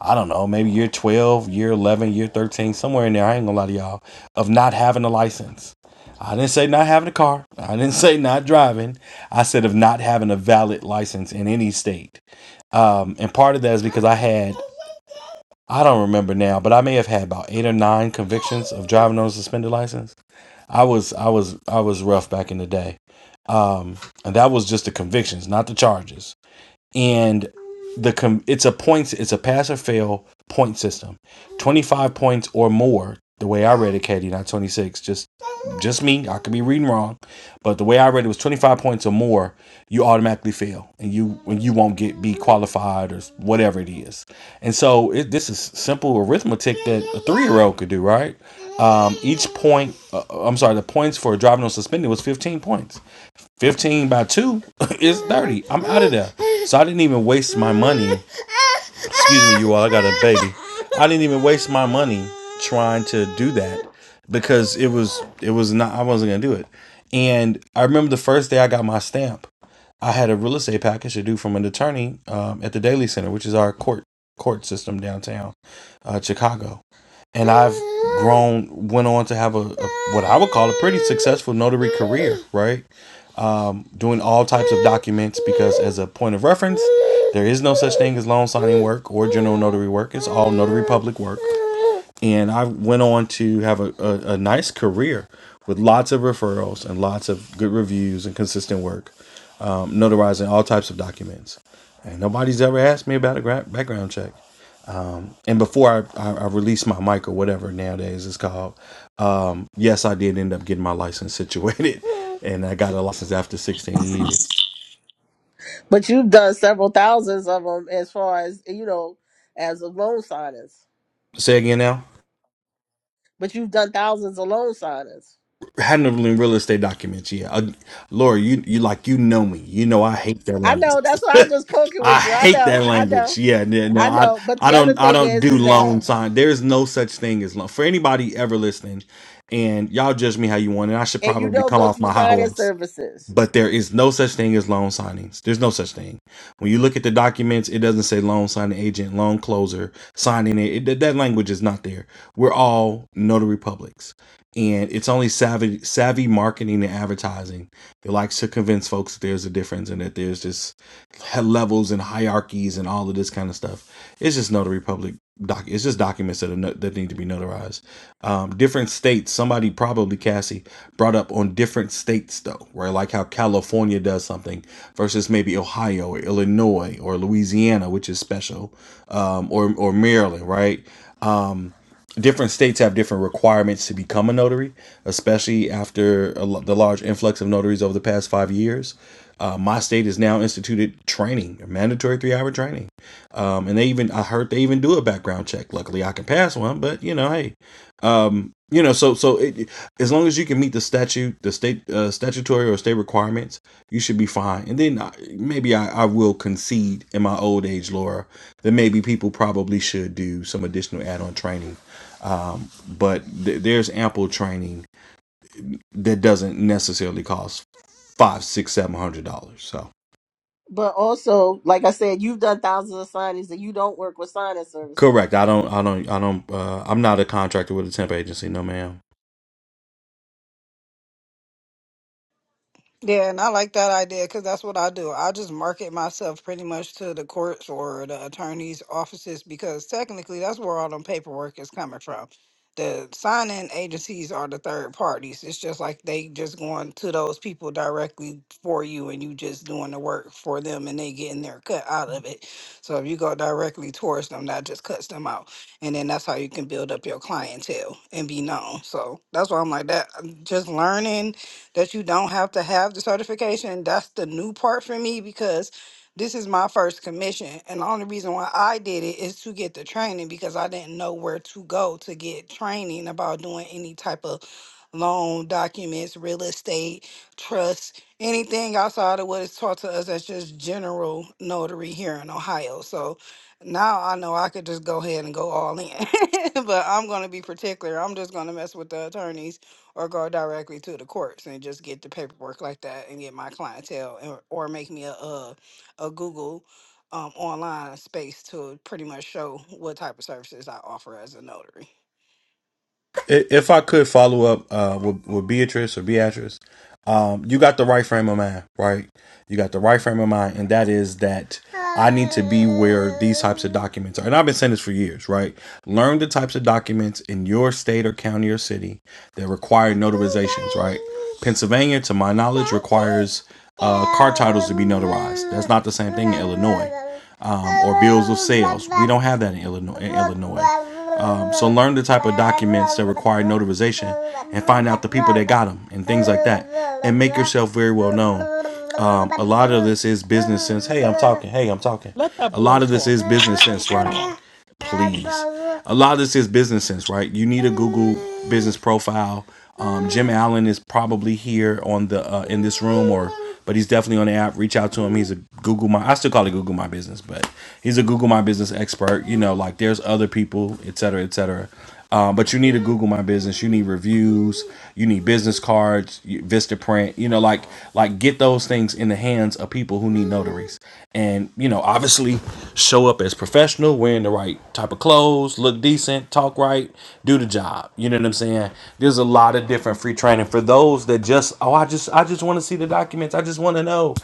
Speaker 10: I don't know, maybe year 12, year 11, year 13, somewhere in there. I ain't gonna lie to y'all, of not having a license. I didn't say not having a car. I didn't say not driving. I said of not having a valid license in any state. Um, and part of that is because I had, I don't remember now, but I may have had about eight or nine convictions of driving on a suspended license. I was, I was, I was rough back in the day. Um, and that was just the convictions, not the charges and the com- it's a points it's a pass or fail point system 25 points or more the way i read it katie not 26 just just me i could be reading wrong but the way i read it was 25 points or more you automatically fail and you and you won't get be qualified or whatever it is and so it, this is simple arithmetic that a three-year-old could do right um, each point uh, i'm sorry the points for driving on suspended was 15 points 15 by 2 is 30. I'm out of there. So I didn't even waste my money. Excuse me, you all. I got a baby. I didn't even waste my money trying to do that because it was it was not I wasn't going to do it. And I remember the first day I got my stamp, I had a real estate package to do from an attorney um, at the Daily Center, which is our court court system downtown uh, Chicago. And I've grown, went on to have a, a what I would call a pretty successful notary career, right? doing all types of documents because, as a point of reference, there is no such thing as loan signing work or general notary work. It's all notary public work. And I went on to have a, a, a nice career with lots of referrals and lots of good reviews and consistent work, um, notarizing all types of documents. And nobody's ever asked me about a gra- background check. And before I, I, I released my mic or whatever nowadays it's called, um, yes, I did end up getting my license situated. And I got a license after 16 years.
Speaker 3: But you've done several thousands of them, as far as you know, as of loan signings.
Speaker 10: Say again now.
Speaker 3: But you've done thousands of loan signings.
Speaker 10: Handling real estate documents. Yeah, uh, Laura, you you like you know me. You know I hate that
Speaker 3: I
Speaker 10: language.
Speaker 3: know. That's why I'm just poking
Speaker 10: I
Speaker 3: with you. I
Speaker 10: hate
Speaker 3: know.
Speaker 10: that
Speaker 3: I know.
Speaker 10: language. Yeah, no, no,
Speaker 3: I
Speaker 10: I
Speaker 3: know. But
Speaker 10: I
Speaker 3: the
Speaker 10: don't
Speaker 3: other
Speaker 10: I
Speaker 3: thing
Speaker 10: don't
Speaker 3: is,
Speaker 10: do
Speaker 3: is that
Speaker 10: loan sign. There's no such thing as loan for anybody ever listening. And y'all judge me how you want, and I should
Speaker 3: and you
Speaker 10: probably
Speaker 3: don't
Speaker 10: come
Speaker 3: go
Speaker 10: off
Speaker 3: through
Speaker 10: my high
Speaker 3: signing
Speaker 10: horse.
Speaker 3: services.
Speaker 10: but there is no such thing as loan signings. There's no such thing. When you look at the documents, it doesn't say loan signing agent, loan closer, signing it. it that language is not there. We're all notary publics. And it's only savvy, savvy marketing and advertising that likes to convince folks that there's a difference and that there's just levels and hierarchies and all of this kind of stuff. It's just notary public doc. It's just documents that are no, that need to be notarized um, different states. Somebody probably Cassie brought up on different states though, right? Like how California does something versus maybe Ohio or Illinois or Louisiana, which is special, um, or or Maryland, right? Different states have different requirements to become a notary, especially after a, the large influx of notaries over the past five years. Uh, my state has now instituted training, mandatory three-hour training, um, and they even I heard they even do a background check. Luckily, I can pass one, but you know, hey, you know so so it, as long as you can meet the statute the state uh, statutory or state requirements you should be fine and then I, maybe I, I will concede in my old age laura that maybe people probably should do some additional add-on training but th- there's ample training that doesn't necessarily cost five six seven hundred dollars so
Speaker 3: But also, like I said, you've done thousands of signings and you don't work with signing services.
Speaker 10: correct i don't i don't i don't uh, i'm not a contractor with a temp agency no ma'am
Speaker 5: Yeah, and I like that idea because that's what I do. I just market myself pretty much to the courts or the attorney's offices because technically that's where all them paperwork is coming from. The sign-in agencies are the third parties. It's just like they just going to those people directly for you, and you just doing the work for them, and they getting their cut out of it. So if you go directly towards them, that just cuts them out, and then that's how you can build up your clientele and be known. So that's why I'm like that. Just learning that you don't have to have the certification. That's the new part for me because this is my first commission. And the only reason why I did it is to get the training because I didn't know where to go to get training about doing any type of loan documents, real estate, trust, anything outside of what is taught to us that's just general notary here in Ohio. So now I know I could just go ahead and go all in. but I'm gonna be particular. I'm just gonna mess with the attorneys or go directly to the courts and just get the paperwork like that and get my clientele and, or make me a a, a Google um, online space to pretty much show what type of services I offer as a notary.
Speaker 10: If I could follow up uh, with, with Beatrice or Beatrice, um, you got the right frame of mind, right? You got the right frame of mind, and that is that I need to be where these types of documents are. And I've been saying this for years, right? Learn the types of documents in your state or county or city that require notarizations, right? Pennsylvania, to my knowledge, requires uh, car titles to be notarized. That's not the same thing in Illinois um, or bills of sales. We don't have that in Illinois. In Illinois. Um, so learn the type of documents that require notarization and find out the people that got them and things like that. And make yourself very well known. Um, a lot of this is business sense. Hey, I'm talking. Hey, I'm talking.
Speaker 1: Let that
Speaker 10: A
Speaker 1: boy
Speaker 10: lot of this
Speaker 1: talk.
Speaker 10: is business sense writing please. A lot of this is business sense, right? You need a Google business profile. Um, Jim Allen is probably here on the uh, in this room, or but he's definitely on the app. Reach out to him. He's a Google my I still call it Google My Business, but he's a Google My Business expert. You know, like there's other people, et cetera, et cetera. Um, but you need to Google my business. You need reviews. You need business cards, you- Vistaprint. You know, like like get those things in the hands of people who need notaries, and you know, obviously show up as professional, wearing the right type of clothes, look decent, talk right, do the job. You know what I'm saying? There's a lot of different free training for those that just oh, I just I just want to see the documents. I just want to know.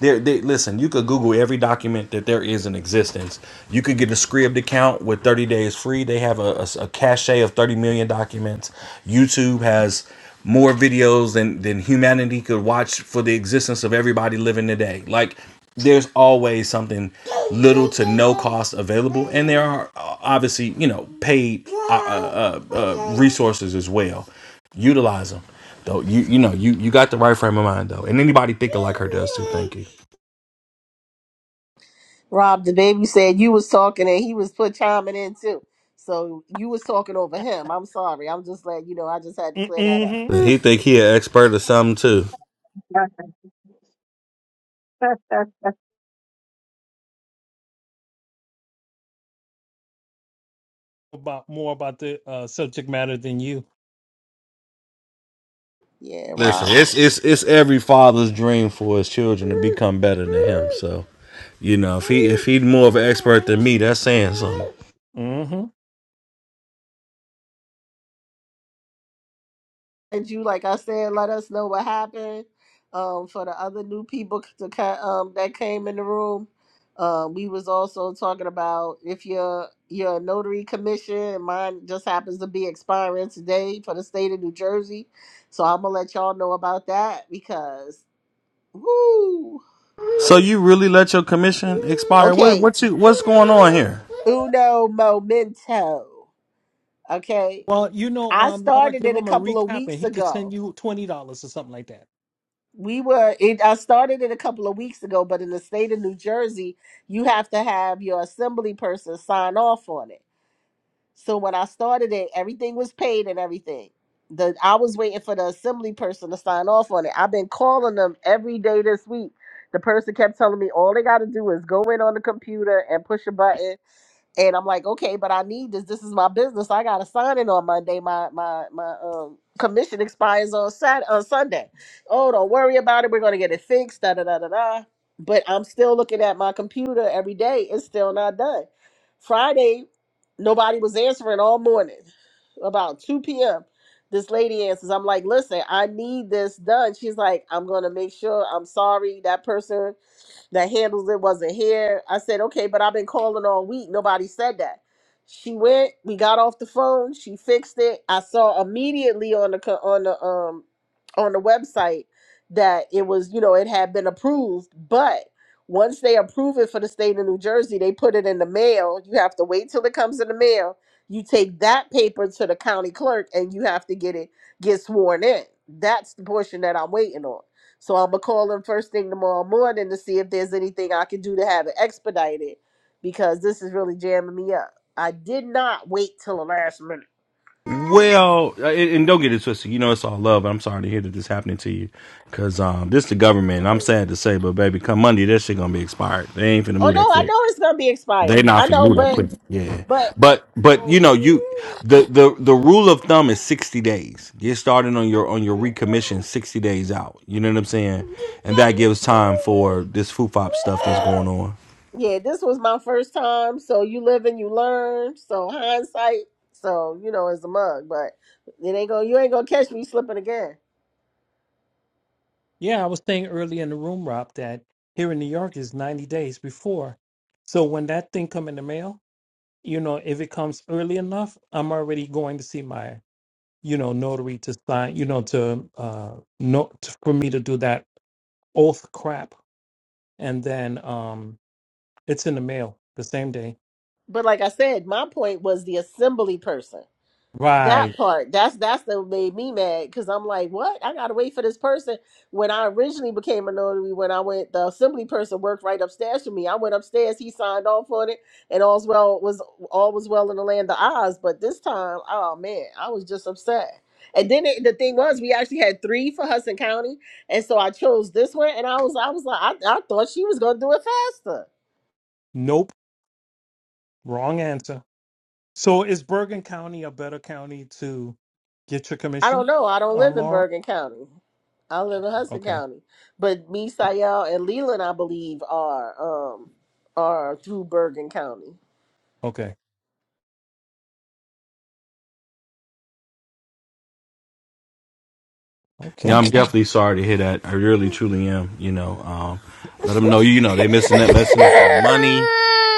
Speaker 10: There, they, listen. You could Google every document that there is in existence. You could get a Scribd account with 30 days free. They have a, a, a cache of 30 million documents. YouTube has more videos than than humanity could watch for the existence of everybody living today. Like there's always something little to no cost available, and there are uh, obviously you know paid uh, uh, uh, uh, resources as well. Utilize them. Though you you know you you got the right frame of mind though, and anybody thinking like her does too. Thank you.
Speaker 3: Rob, the baby said you was talking and he was put chiming in too. So you was talking over him. I'm sorry. I'm just letting you know I just had to clear that up.
Speaker 1: Mm-hmm.
Speaker 10: He think he an expert or something too.
Speaker 1: About more about the uh, subject matter than you.
Speaker 3: Yeah,
Speaker 10: Listen,
Speaker 3: Rob.
Speaker 10: it's it's it's every father's dream for his children to become better than him. So you know, if he if he's more of an expert than me, that's saying something.
Speaker 1: Mm-hmm.
Speaker 3: And you, like I said, let us know what happened. Um, for the other new people to ca- um that came in the room, uh, we was also talking about if your your notary commission, and mine just happens to be expiring today for the state of New Jersey, so I'm gonna let y'all know about that because woo.
Speaker 10: So you really let your commission expire? What
Speaker 3: Okay,
Speaker 10: what you what's going on here?
Speaker 3: uno momento. Okay,
Speaker 1: Well, you know,
Speaker 3: I
Speaker 1: um, Laura,
Speaker 3: started
Speaker 1: give
Speaker 3: it a
Speaker 1: him a
Speaker 3: couple of
Speaker 1: recap and
Speaker 3: weeks
Speaker 1: he could
Speaker 3: ago
Speaker 1: send you $20 or something like that.
Speaker 3: We were it I started it a couple of weeks ago, but in the state of New Jersey, you have to have your assembly person sign off on it. So when I started it, everything was paid and everything. The I was waiting for the assembly person to sign off on it. I've been calling them every day this week. The person kept telling me all they gotta do is go in on the computer and push a button and I'm like, okay, but I need this. This is my business. I got to sign in on Monday. My my my um, commission expires on Sat on Sunday. Oh, don't worry about it. We're gonna get it fixed. Da da da da da. But I'm still looking at my computer every day. It's still not done. Friday, nobody was answering all morning. About 2 p.m., this lady answers. I'm like, listen, I need this done. She's like, I'm gonna make sure. I'm sorry that person that handles it wasn't here. I said, okay, but I've been calling all week. Nobody said that. She went. We got off the phone. She fixed it. I saw immediately on the co- on the um on the website that it was you know it had been approved, but once they approve it for the state of New Jersey, they put it in the mail. You have to wait till it comes in the mail. You take that paper to the county clerk and you have to get it get sworn in. That's the portion that I'm waiting on. So I'm gonna call them first thing tomorrow morning to see if there's anything I can do to have it expedited because this is really jamming me up. I did not wait till the last minute.
Speaker 10: Well, uh, and and don't get it twisted. You know, it's all love. I'm sorry to hear that this happening to you, cause um, this the government. I'm sad to say, but baby, come Monday, that shit gonna be expired. They ain't finna
Speaker 3: Oh
Speaker 10: move
Speaker 3: no,
Speaker 10: that
Speaker 3: I
Speaker 10: quick.
Speaker 3: know it's gonna be expired.
Speaker 10: They
Speaker 3: I
Speaker 10: not finna
Speaker 3: know,
Speaker 10: move that
Speaker 3: but
Speaker 10: quick. Yeah,
Speaker 3: but
Speaker 10: but but you know, you the the the rule of thumb is 60 days. Get started on your on your recommission 60 days out. You know what I'm saying? And that gives time for this foo fop stuff that's going on.
Speaker 3: yeah, this was my first time. So you live and you learn. So hindsight, so you know, is a mug, but it ain't gonna you ain't gonna catch me slipping again.
Speaker 1: Yeah, I was saying earlier in the room, Rob, that here in New York is 90 days before. So when that thing come in the mail, you know, if it comes early enough, I'm already going to see my, you know, notary to sign, you know, to uh no to, for me to do that oath crap. And then um it's in the mail the same day.
Speaker 3: But like I said, my point was the assembly person.
Speaker 1: Right.
Speaker 3: That part, that's that's what made me mad because I'm like, what? I gotta wait for this person. When I originally became a notary, when I went, the assembly person worked right upstairs from me. I went upstairs, he signed off on it, and all's well was all was well in the land of Oz. But this time, oh man, I was just upset. And then it, the thing was, we actually had three for Hudson County, and so I chose this one, and I was I was like, I, I thought she was gonna do it faster.
Speaker 1: Nope. Wrong answer. So is Bergen County a better county to get your
Speaker 3: I don't
Speaker 1: commission,
Speaker 3: know. I don't live
Speaker 1: um,
Speaker 3: in
Speaker 1: Laura?
Speaker 3: Bergen County. I live in Hudson
Speaker 1: Okay.
Speaker 3: County. But me, Sayel, and Leland, I believe, are um are through Bergen County.
Speaker 1: Okay.
Speaker 10: Yeah,
Speaker 1: Okay.
Speaker 10: I'm definitely sorry to hear that. I really, truly am. You know, um, let them know. You know, they're missing that messing up your money.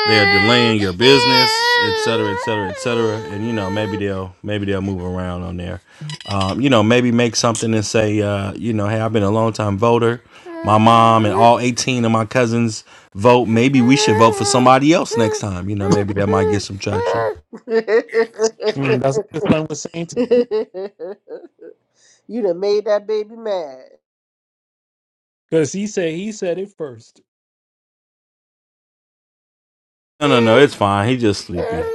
Speaker 10: They're delaying your business, et cetera, et cetera, et cetera. And you know, maybe they'll maybe they'll move around on there. Um, you know, maybe make something and say, uh, you know, hey, I've been a long time voter. My mom and all 18 of my cousins vote. Maybe we should vote for somebody else next time. You know, maybe that might get some traction.
Speaker 3: you
Speaker 1: Mm, that's what your son was saying to you?
Speaker 3: done made that baby mad.
Speaker 1: Because he said he said it first.
Speaker 10: No, no, no, it's fine. He just sleeping.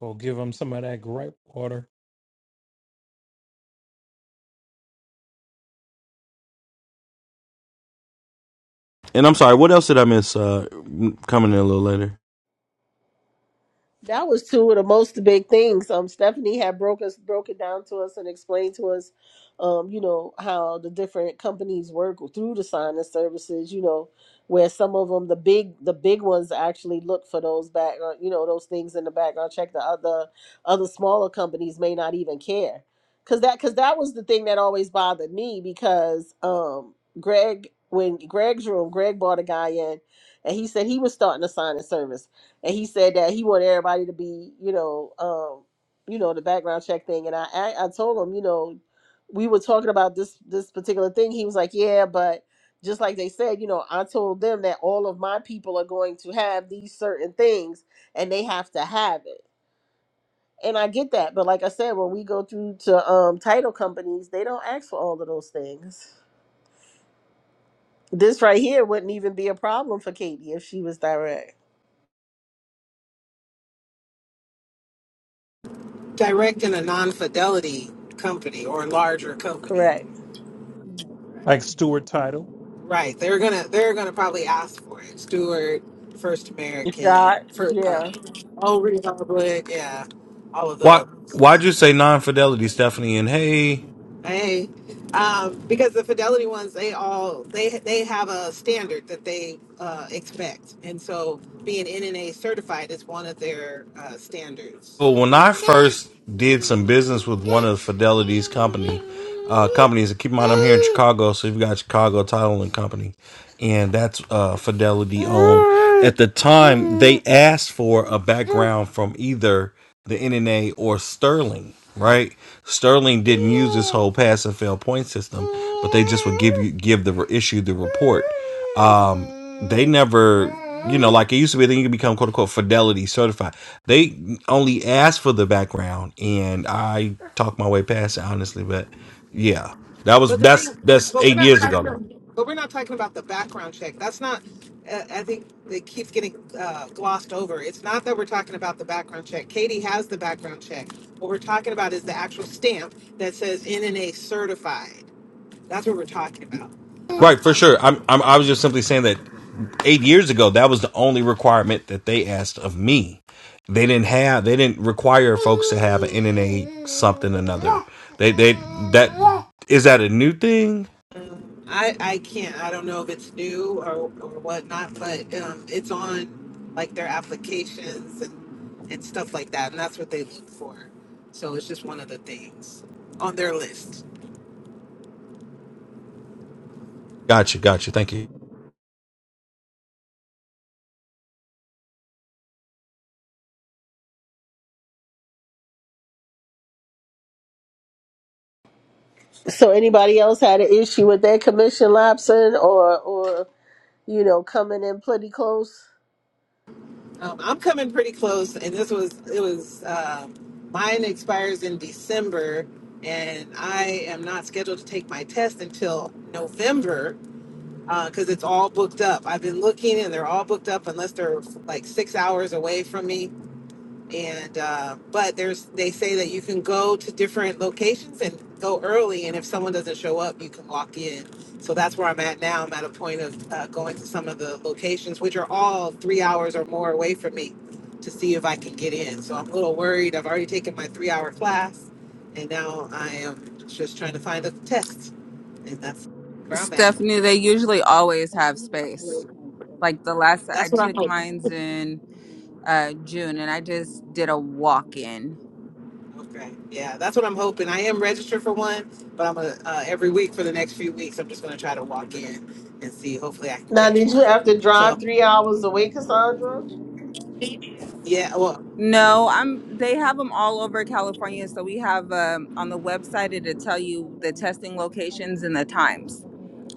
Speaker 1: Well, give him some of that gripe water.
Speaker 10: And I'm sorry. What else did I miss? Uh, coming in a little later.
Speaker 3: That was two of the most big things. Um, Stephanie had broke us, broke it down to us, and explained to us, um, you know, how the different companies work through the sign and services. You know, where some of them, the big, the big ones, actually look for those background, you know, those things in the background check. The other, other smaller companies may not even care, cause that, cause that was the thing that always bothered me because, um, Greg, when Greg's room, Greg brought a guy in, and he said he was starting a sign and service and he said that he wanted everybody to be, you know, um, you know, the background check thing. And I, I, I told him, you know, we were talking about this this particular thing. He was like, yeah, but just like they said, you know, I told them that all of my people are going to have these certain things, and they have to have it. And I get that, but like I said, when we go through to um, title companies, they don't ask for all of those things. This right here wouldn't even be a problem for Katie if she was direct.
Speaker 9: Directing a non-fidelity company or larger company,
Speaker 3: Correct.
Speaker 1: Like Stuart Title.
Speaker 9: right? They're gonna they're gonna probably ask for it. Stewart, First
Speaker 3: Shot.
Speaker 9: American, for uh,
Speaker 3: Yeah.
Speaker 9: Old Republic, yeah, all of
Speaker 10: Why?
Speaker 9: those.
Speaker 10: Why'd you say non-fidelity, Stephanie? And hey,
Speaker 9: Hey, um, because the Fidelity ones, they all they they have a standard that they uh, expect, and so being NNA certified is one of their uh, standards.
Speaker 10: well, when I first did some business with one of Fidelity's company uh, companies, and keep in mind I'm here in Chicago, so you've got Chicago Title and Company, and that's uh, Fidelity owned. At the time, they asked for a background from either. the NNA or Sterling, right? Sterling didn't use this whole pass and fail point system, but they just would give you give the issue the report. Um, they never, you know, like it used to be. Then you could become quote unquote fidelity certified. They only asked for the background, and I talked my way past it honestly. But yeah, that was
Speaker 9: But the thing,
Speaker 10: that's that's
Speaker 9: but we're
Speaker 10: eight
Speaker 9: not
Speaker 10: years ago.
Speaker 9: talking, but we're not talking about the background check. That's not. Uh, I think it keeps getting uh, glossed over. It's not that we're talking about the background check. Katie has the background check. What we're talking about is the actual stamp that says NNA certified. That's what we're talking about. Um,
Speaker 10: Right, for sure. I'm, I'm, I was just simply saying that eight years ago, that was the only requirement that they asked of me. They didn't have, they didn't require folks to have an NNA something or another. They, they, that is that a new thing?
Speaker 9: I I can't. I don't know if it's new or or whatnot, but um, it's on like their applications and and stuff like that, and that's what they look for. So it's just one of the things on their list.
Speaker 10: Gotcha, gotcha. Thank you.
Speaker 3: So anybody else had an issue with their commission lapsing or or you know coming in pretty close?
Speaker 9: Um, I'm coming pretty close, and this was it was uh, mine expires in December, and I am not scheduled to take my test until November because it's all booked up. I've been looking, and they're all booked up unless they're like six hours away from me and uh, but there's they say that you can go to different locations and go early and if someone doesn't show up you can walk in so that's where i'm at now i'm at a point of uh, going to some of the locations which are all three hours or more away from me to see if i can get in so i'm a little worried i've already taken my three hour class and now i am just trying to find a test and that's where i'm at
Speaker 2: Stephanie, they usually always have space. Like the last I
Speaker 9: that's what i'm
Speaker 2: took
Speaker 9: hoping.
Speaker 2: mines in uh June and I just did a walk-in.
Speaker 9: Okay. Yeah, that's what I'm hoping. I am registered for one, but I'm gonna uh, every week for the next few weeks. I'm just gonna try to walk in and see. Hopefully, I can
Speaker 3: Now
Speaker 9: catch
Speaker 3: did you have to
Speaker 9: one.
Speaker 3: drive
Speaker 9: So
Speaker 3: three hours away, Cassandra?
Speaker 9: yeah, well,
Speaker 2: No, I'm they have them all over California so we have um on the website it'll tell you the testing locations and the times.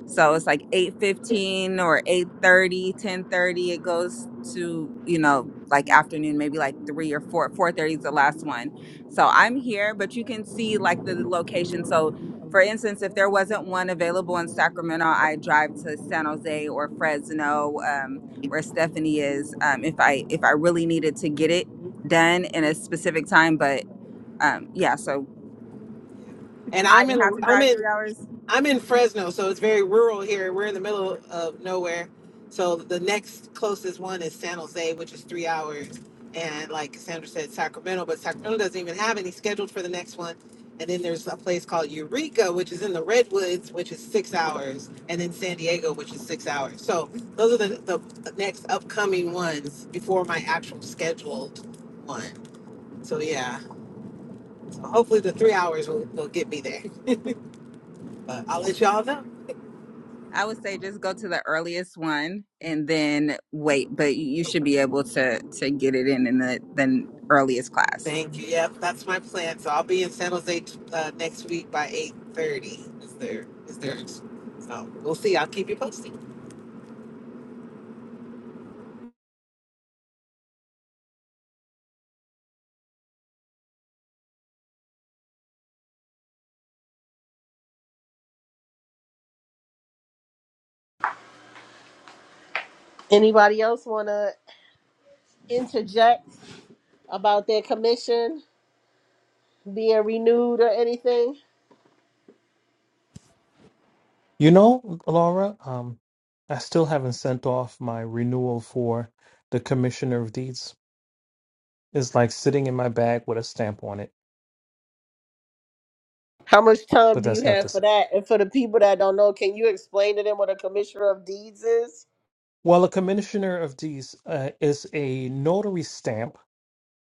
Speaker 2: So it's like 8:15 or eight thirty, ten thirty. it goes to, you know, like afternoon, maybe like 3 or 4 4:30 is the last one. So I'm here, but you can see like the location. So for instance, if there wasn't one available in Sacramento, I drive to San Jose or Fresno um where Stephanie is um if I if I really needed to get it done in a specific time, but um yeah, so
Speaker 9: and
Speaker 2: I
Speaker 9: I'm in
Speaker 2: didn't have to
Speaker 9: a I'm
Speaker 2: drive
Speaker 9: in
Speaker 2: 3 hours.
Speaker 9: I'm in Fresno, so it's very rural here. We're in the middle of nowhere. So the next closest one is San Jose, which is three hours. And like Sandra said, Sacramento, but Sacramento doesn't even have any scheduled for the next one. And then there's a place called Eureka, which is in the Redwoods, which is six hours. And then San Diego, which is six hours. So those are the, the the next upcoming ones before my actual scheduled one. So yeah, so hopefully the three hours will, will get me there. But I'll let y'all know.
Speaker 2: I would say just go to the earliest one and then wait, but you you should be able to to get it in in the the earliest class.
Speaker 9: Thank you. Yep, that's my plan. So I'll be in San Jose uh, next week by eight thirty. Is there? Is there? So we'll see. I'll keep you posted.
Speaker 3: Anybody else wanna interject about their commission being renewed or anything?
Speaker 1: You know, Laura, um, I still haven't sent off my renewal for the Commissioner of Deeds. It's like sitting in my bag with a stamp on it,
Speaker 3: How much time
Speaker 1: but
Speaker 3: do you
Speaker 1: that's not
Speaker 3: have
Speaker 1: the
Speaker 3: for
Speaker 1: same.
Speaker 3: that? And for the people that don't know, can you explain to them what a commissioner of deeds is?
Speaker 1: Well, a Commissioner of Deeds uh, is a notary stamp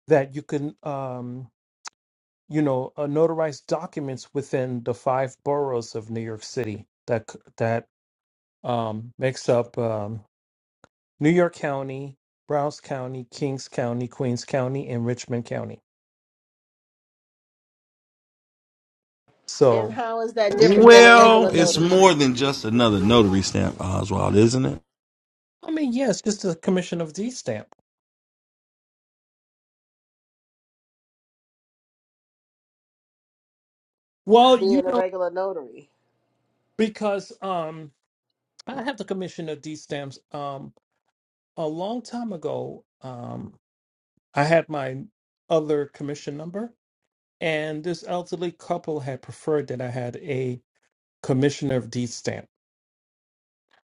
Speaker 1: that you can, um, you know, uh, notarize documents within the five boroughs of New York City that c- that um, makes up um, New York County, Browns County, Kings County, Queens County, and Richmond County.
Speaker 3: And
Speaker 1: So,
Speaker 3: how is that different than a
Speaker 10: Well,
Speaker 3: regular
Speaker 10: it's
Speaker 3: notary?
Speaker 10: more than just another notary stamp, Oswald, isn't it?
Speaker 1: I mean, yeah, it's just a commission of D stamp. Well, you
Speaker 3: Being a
Speaker 1: know,
Speaker 3: regular notary.
Speaker 1: because um, I have the commission of D stamps um, a long time ago. Um, I had my other commission number, and this elderly couple had preferred that I had a commissioner of D stamp.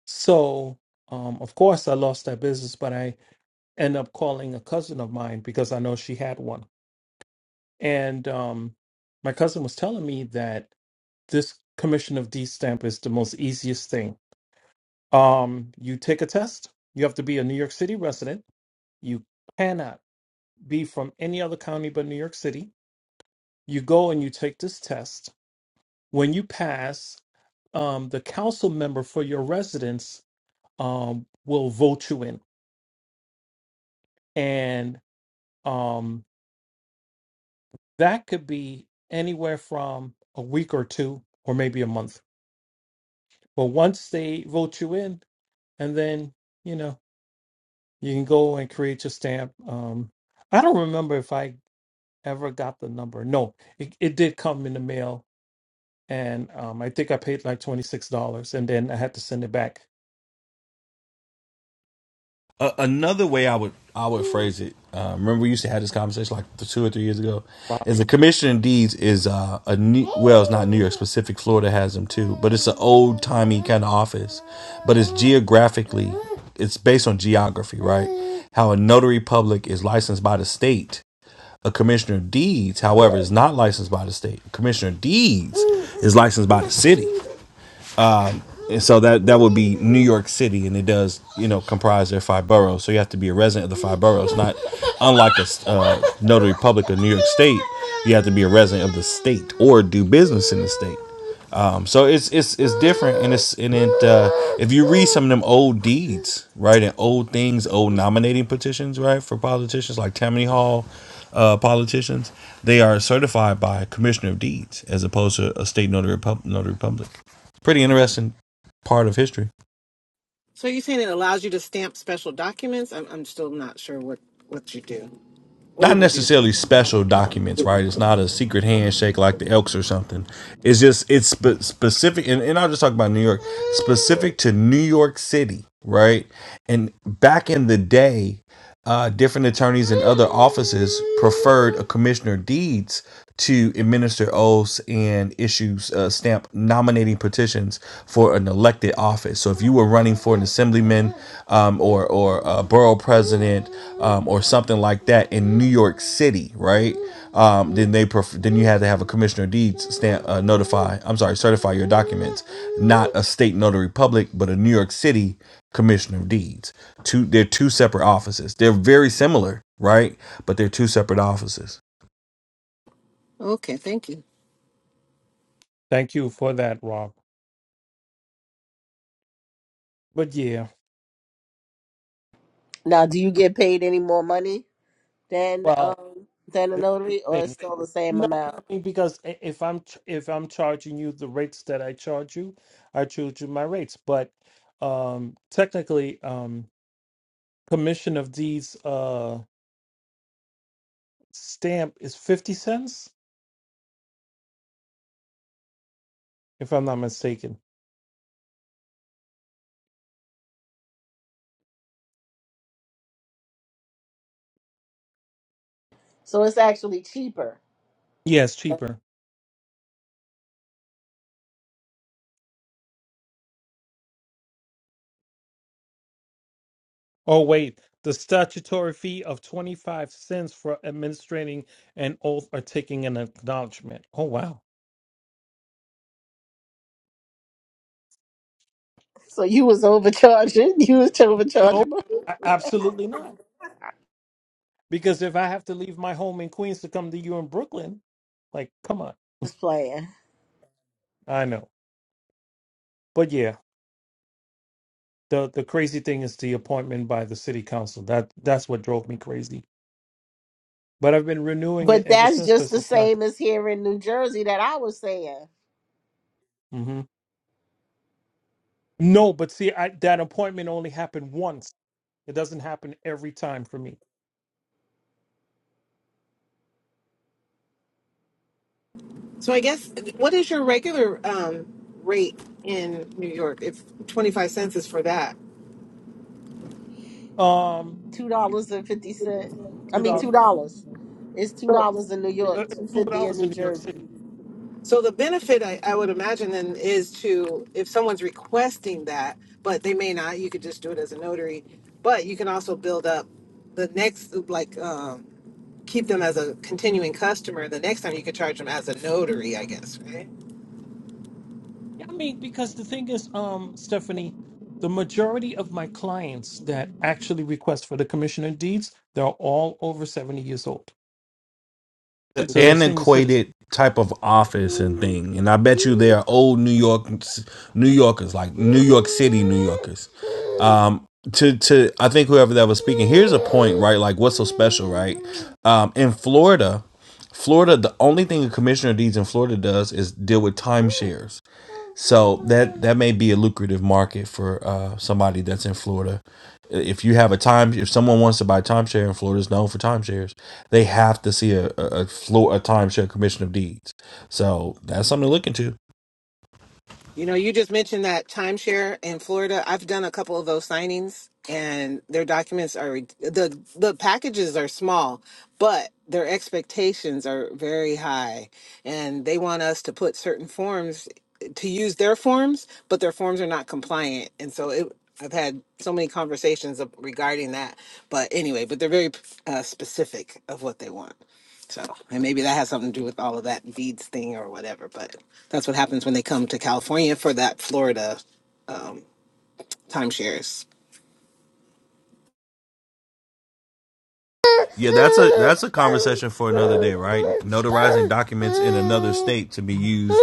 Speaker 1: So, um, of course, I lost that business, but I end up calling a cousin of mine because I know she had one. And um, my cousin was telling me that this commission of D stamp is the most easiest thing. Um, you take a test. You have to be a New York City resident. You cannot be from any other county but New York City. You go and you take this test. When you pass, um, the council member for your residence um, will vote you in, and um, that could be anywhere from a week or two or maybe a month but once they vote you in and then you know you can go and create your stamp um i don't remember if i ever got the number no it, it did come in the mail and um i think i paid like $26 and then i had to send it back
Speaker 10: Uh, another way I would I would phrase it. Uh, remember, we used to have this conversation like two or three years ago.
Speaker 1: rob
Speaker 10: Is the commission in deeds is uh, a new, well, it's not New York specific. Florida has them too, but it's an old timey kind of office. But it's geographically, it's based on geography, right? How a notary public is licensed by the state. A commissioner of deeds, however, is not licensed by the state. A commissioner of deeds is licensed by the city and so that that would be New York City, and it does you know comprise their five boroughs. So you have to be a resident of the five boroughs, not unlike a uh, notary public of New York State. You have to be a resident of the state or do business in the state. Um, so it's it's it's different, and it's and it uh, if you read some of them old deeds, right, and old things, old nominating petitions, right, for politicians like Tammany Hall, uh, politicians, they are certified by Commissioner of Deeds as opposed to a state notary pub- notary public pretty interesting part of history.
Speaker 9: So you're saying it allows you to stamp special documents? I'm, I'm still not sure what what you do. What
Speaker 10: Not
Speaker 9: it would do.
Speaker 10: necessarily special documents, right? It's not a secret handshake like the Elks or something. It's just it's spe- specific, and, and I'll just talk about New York, specific to New York City, right? And back in the day, uh, different attorneys and other offices preferred Commissioner Deeds to administer oaths and issues uh, stamp nominating petitions for an elected office. So if you were running for an assemblyman um, or or a borough president um, or something like that in New York City, right? Um, then they pref- then you had to have a commissioner deeds stamp uh, notify. I'm sorry, certify your documents, not a state notary public, but a New York City commissioner of deeds. Two, they're two separate offices. They're very similar, right? But they're two separate offices.
Speaker 9: Okay, thank you.
Speaker 1: thank you for that rob but yeah
Speaker 3: Now do you get paid any more money? than
Speaker 1: wow
Speaker 3: um than a
Speaker 1: this
Speaker 3: notary, or
Speaker 1: thing.
Speaker 3: it's still the same
Speaker 1: No,
Speaker 3: amount.
Speaker 1: I mean because i- if I'm ch- if I'm charging you the rates that I charge you, I charge you my rates. But um technically, um commission of these uh stamp is fifty cents, if I'm not mistaken.
Speaker 3: So it's actually cheaper.
Speaker 1: Yes, cheaper. Oh wait, the statutory fee of twenty five cents for administering an oath or taking an acknowledgement. Oh wow.
Speaker 3: So you was overcharging. You was
Speaker 1: No,
Speaker 3: overcharging. but I
Speaker 1: a- absolutely not. Because if I have to leave my home in Queens to come to you in Brooklyn, like come on.
Speaker 3: playing,
Speaker 1: I know. but yeah, the the crazy thing is the appointment by the city council. That that's what drove me crazy. But I've been renewing it
Speaker 3: but
Speaker 1: ever
Speaker 3: that's
Speaker 1: since
Speaker 3: just
Speaker 1: because
Speaker 3: the
Speaker 1: it's not.
Speaker 3: same as here in New Jersey that I was saying.
Speaker 1: hmm No, but see, I, that appointment only happened once. It doesn't happen every time for me.
Speaker 9: So I guess what is your regular um, rate in New York? If twenty five cents is for that.
Speaker 1: Um,
Speaker 3: Two dollars and fifty cent. I
Speaker 1: two
Speaker 3: mean
Speaker 1: dollars,
Speaker 3: two dollars. It's two dollars in New York,
Speaker 1: uh,
Speaker 3: two
Speaker 1: two
Speaker 3: fifty in
Speaker 1: dollars
Speaker 3: New
Speaker 1: in New York
Speaker 3: Jersey.
Speaker 1: City.
Speaker 9: So the benefit I, I would imagine then is to if someone's requesting that, but they may not, you could just do it as a notary. But you can also build up the next like um keep them as a continuing customer. The next time you could charge them as a notary, I guess, right?
Speaker 1: Yeah, I mean because the thing is, um, Stephanie, the majority of my clients that actually request for the commission of deeds, they're all over seventy years old. So they're senior citizens.
Speaker 10: Antiquated type of office and thing. And I bet you they are old New York, New Yorkers, like New York City New Yorkers. Um, to to I think whoever that was speaking, here's a point, right? Like what's so special, right? Um, in Florida, Florida, the only thing the commissioner of deeds in Florida does is deal with timeshares So that that may be a lucrative market for uh, somebody that's in Florida. If you have a time, if someone wants to buy timeshare in Florida, is known for timeshares. They have to see a a, a, Flo- a timeshare commission of deeds. So that's something to look into.
Speaker 9: You know, you just mentioned that timeshare in Florida. I've done a couple of those signings, and their documents are re- the the packages are small, but their expectations are very high, and they want us to put certain forms to use their forms, but their forms are not compliant, and so it. I've had so many conversations of- regarding that, but anyway, but they're very uh, specific of what they want. So, and maybe that has something to do with all of that Veeds thing or whatever, but that's what happens when they come to California for that Florida um, timeshares.
Speaker 10: Yeah, that's a that's a conversation for another day, right? Notarizing documents in another state to be used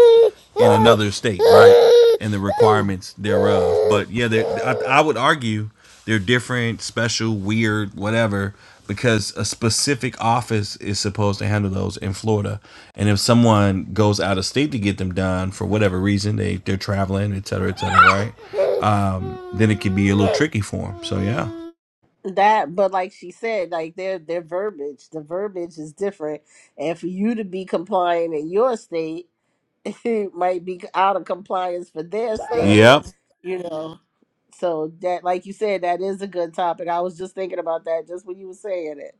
Speaker 10: in another state, right? And the requirements thereof. But yeah, I, I would argue they're different, special, weird, whatever, because a specific office is supposed to handle those in Florida. And if someone goes out of state to get them done for whatever reason, they they're traveling, et cetera, et cetera, right? Um, then it could be a little tricky for them. So yeah.
Speaker 3: that but like she said like their their verbiage the verbiage is different and for you to be compliant in your state it might be out of compliance for their state
Speaker 10: Yep.
Speaker 3: you know so that like you said that is a good topic i was just thinking about that just when you were saying it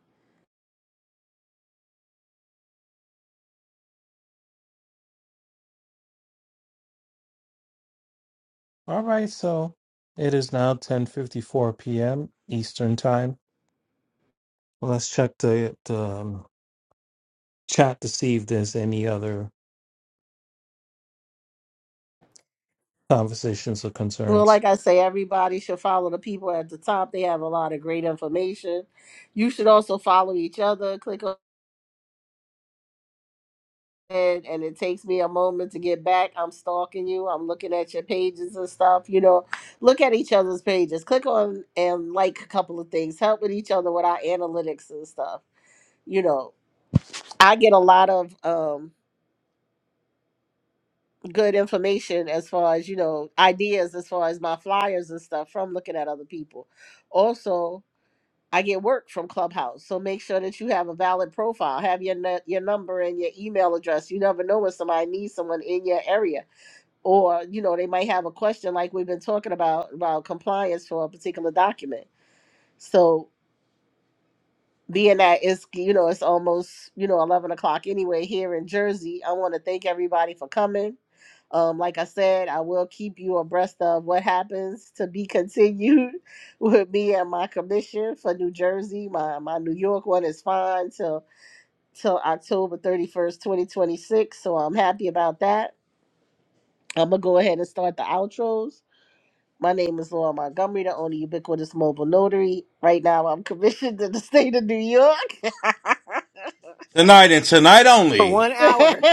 Speaker 1: All right, so it is now 10:54 p.m. Eastern Time. Well, let's check the, the um, chat to see if there's any other conversations or
Speaker 3: well
Speaker 1: concerns.
Speaker 3: like i say everybody should follow the people at the top they have a lot of great information you should also follow each other click and and it takes me a moment to get back. I'm stalking you. I'm looking at your pages and stuff. You know, look at each other's pages. Click on and like a couple of things. Help with each other with our analytics and stuff. You know, I get a lot of um good information as far as you know ideas as far as my flyers and stuff from looking at other people. Also, I get work from Clubhouse, so make sure that you have a valid profile. Have your nu- your number and your email address. You never know when somebody needs someone in your area or you know they might have a question like we've been talking about about compliance for a particular document so being that it's you know it's almost you know 11 o'clock anyway here in jersey i want to thank everybody for coming um, like i said i will keep you abreast of what happens to be continued with me and my commission for new jersey my my new york one is fine till till october 31st 2026 so i'm happy about that i'm gonna go ahead and start the outros My name is Laura Montgomery, the only ubiquitous mobile notary. Right now, I'm commissioned in the state of New York.
Speaker 10: Tonight and tonight
Speaker 9: for
Speaker 10: only.
Speaker 9: one hour.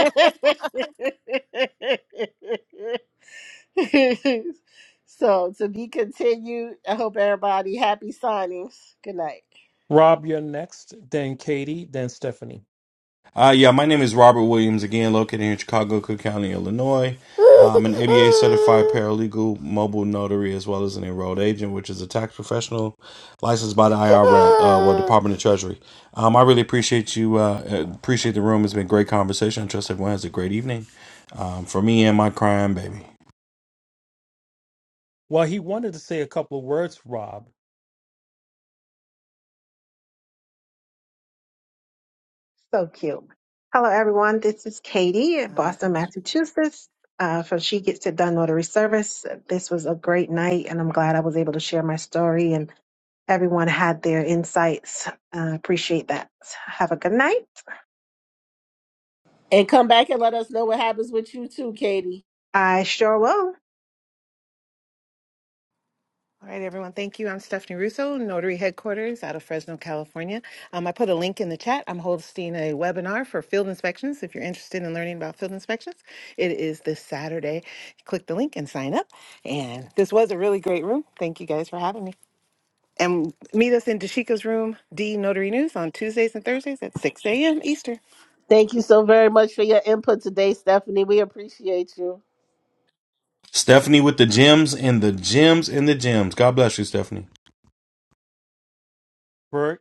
Speaker 3: so, to be continued, I hope everybody happy signings. Good night.
Speaker 1: Rob, you're next, then Katie, then Stephanie.
Speaker 10: Uh, yeah, my name is Robert Williams, again, located here in Chicago, Cook County, Illinois. I'm an ABA certified paralegal, mobile notary, as well as an enrolled agent, which is a tax professional licensed by the IRS, uh, well, Department of Treasury. Um, I really appreciate you, uh, uh, appreciate the room. It's been a great conversation. I trust everyone has a great evening. Um, for me and my crying baby.
Speaker 1: Well, he wanted to say a couple of words, Rob,
Speaker 7: So cute. Hello, everyone. This is Katie in Boston, Massachusetts uh, from She Gets It Done Notary Service. This was a great night, and I'm glad I was able to share my story and everyone had their insights. Uh, appreciate that. Have a good night.
Speaker 3: And come back and let us know what happens with you, too, Katie.
Speaker 7: I sure will.
Speaker 9: All right, everyone. Thank you. I'm Stephanie Russo, Notary Headquarters out of Fresno, California. Um, I put a link in the chat. I'm hosting a webinar for field inspections. If you're interested in learning about field inspections, it is this Saturday. Click the link and sign up. And this was a really great room. Thank you guys for having me. And meet us in Dashika's room, D Notary News, on Tuesdays and Thursdays at 6 a.m. Eastern.
Speaker 3: Thank you so very much for your input today, Stephanie. We appreciate you.
Speaker 10: Stephanie with the gems and the gems and the gems. God bless you, Stephanie.
Speaker 1: Bert,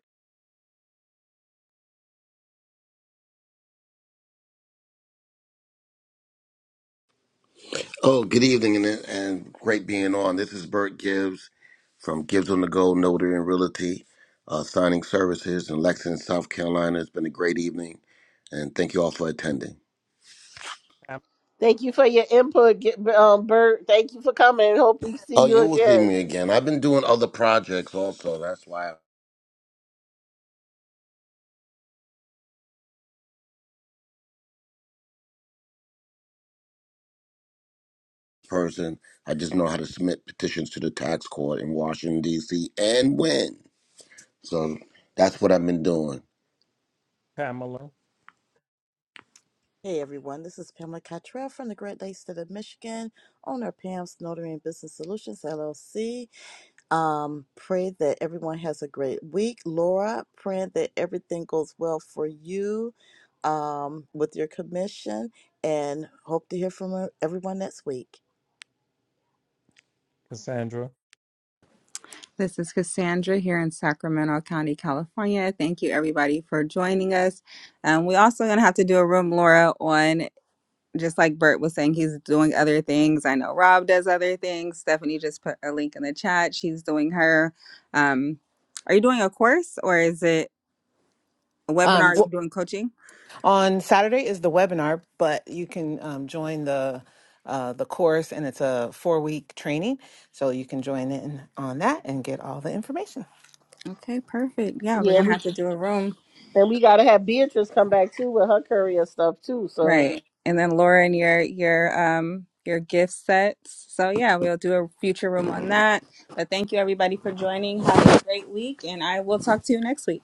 Speaker 8: Oh, good evening and, and great being on. This is Bert Gibbs from Gibbs on the Go Notary and Realty, uh, signing services in Lexington, South Carolina. It's been a great evening and thank you all for attending.
Speaker 1: Pam-
Speaker 3: Thank you for your input, Get- um, Bert. Thank you for coming. Hope we see
Speaker 8: Oh,
Speaker 3: you
Speaker 8: you will see
Speaker 3: again.
Speaker 8: me again. I've been doing other projects also. That's why. person. I just know how to submit petitions to the tax court in Washington D.C. and win. So that's what I've been doing.
Speaker 1: Pamela,
Speaker 6: Hey everyone, this is Pamela Cottrell from the Great Lakes State of Michigan, owner of Pam's Notary and Business Solutions LLC. Um, pray that everyone has a great week. Laura, praying that everything goes well for you um, with your commission and hope to hear from uh, everyone next week.
Speaker 1: Cassandra.
Speaker 2: This is Cassandra here in Sacramento County, California. Thank you everybody for joining us. Um, we're also going to have to do a room, Laura, on just like Bert was saying, he's doing other things. I know Rob does other things. Stephanie just put a link in the chat. She's doing her. Um, are you doing a course or is it a webinar?
Speaker 9: Um,
Speaker 2: Are you
Speaker 9: w-
Speaker 2: doing coaching?
Speaker 9: on Saturday is the webinar, but you can um, join the uh, the course, and it's a four week training, so you can join in on that and get all the information.
Speaker 2: Okay, perfect. Yeah, we're
Speaker 3: Yeah,
Speaker 2: gonna
Speaker 3: we
Speaker 2: have to do a room,
Speaker 3: And we gotta have Beatrice come back too with her courier stuff too. So
Speaker 2: right? And then Lauren, your your um your gift sets. So yeah, we'll do a future room on that. But thank you everybody for joining. Have a great week, and I will talk to you next week.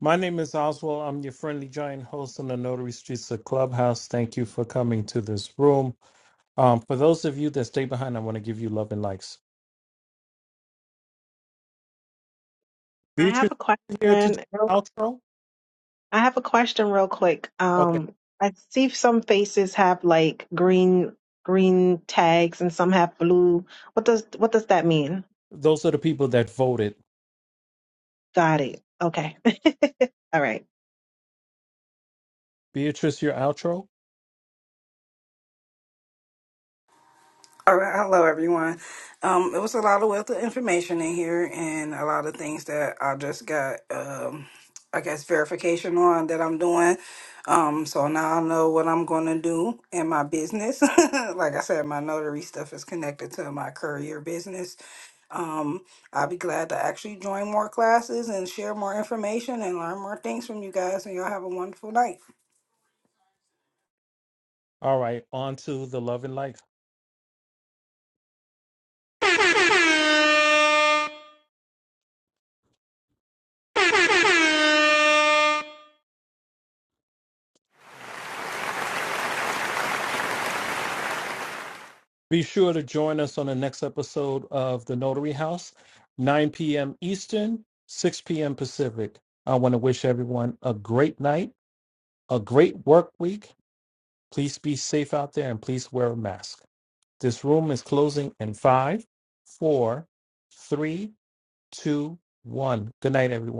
Speaker 1: My name is Oswald. I'm your friendly giant host on the Notary Streets of Clubhouse. Thank you for coming to this room. Um, for those of you that stay behind, I want to give you love and likes.
Speaker 7: I
Speaker 1: Beatrice,
Speaker 7: have a question.
Speaker 1: are you here to do the
Speaker 7: real-
Speaker 1: outro?
Speaker 7: I have a question real quick.
Speaker 1: Okay.
Speaker 7: Um, I see some faces have like green green tags and some have blue. What does what does that mean?
Speaker 1: Those are the people that voted.
Speaker 7: Got it. Okay. All right.
Speaker 1: Beatrice, your outro?
Speaker 5: All right, hello everyone. Um, it was a lot of wealth of information in here, and a lot of things that I just got, um, I guess, verification on that I'm doing. Um, so now I know what I'm going to do in my business. like I said, my notary stuff is connected to my courier business, Um, I'll be glad to actually join more classes and share more information and learn more things from you guys. And y'all have a wonderful night.
Speaker 1: All right. On to the love and life. Be sure to join us on the next episode of The Notary House, 9 p.m. Eastern, 6 p.m. Pacific. I want to wish everyone a great night, a great work week. Please be safe out there and please wear a mask. This room is closing in five, four, three, two, one. Good night, everyone.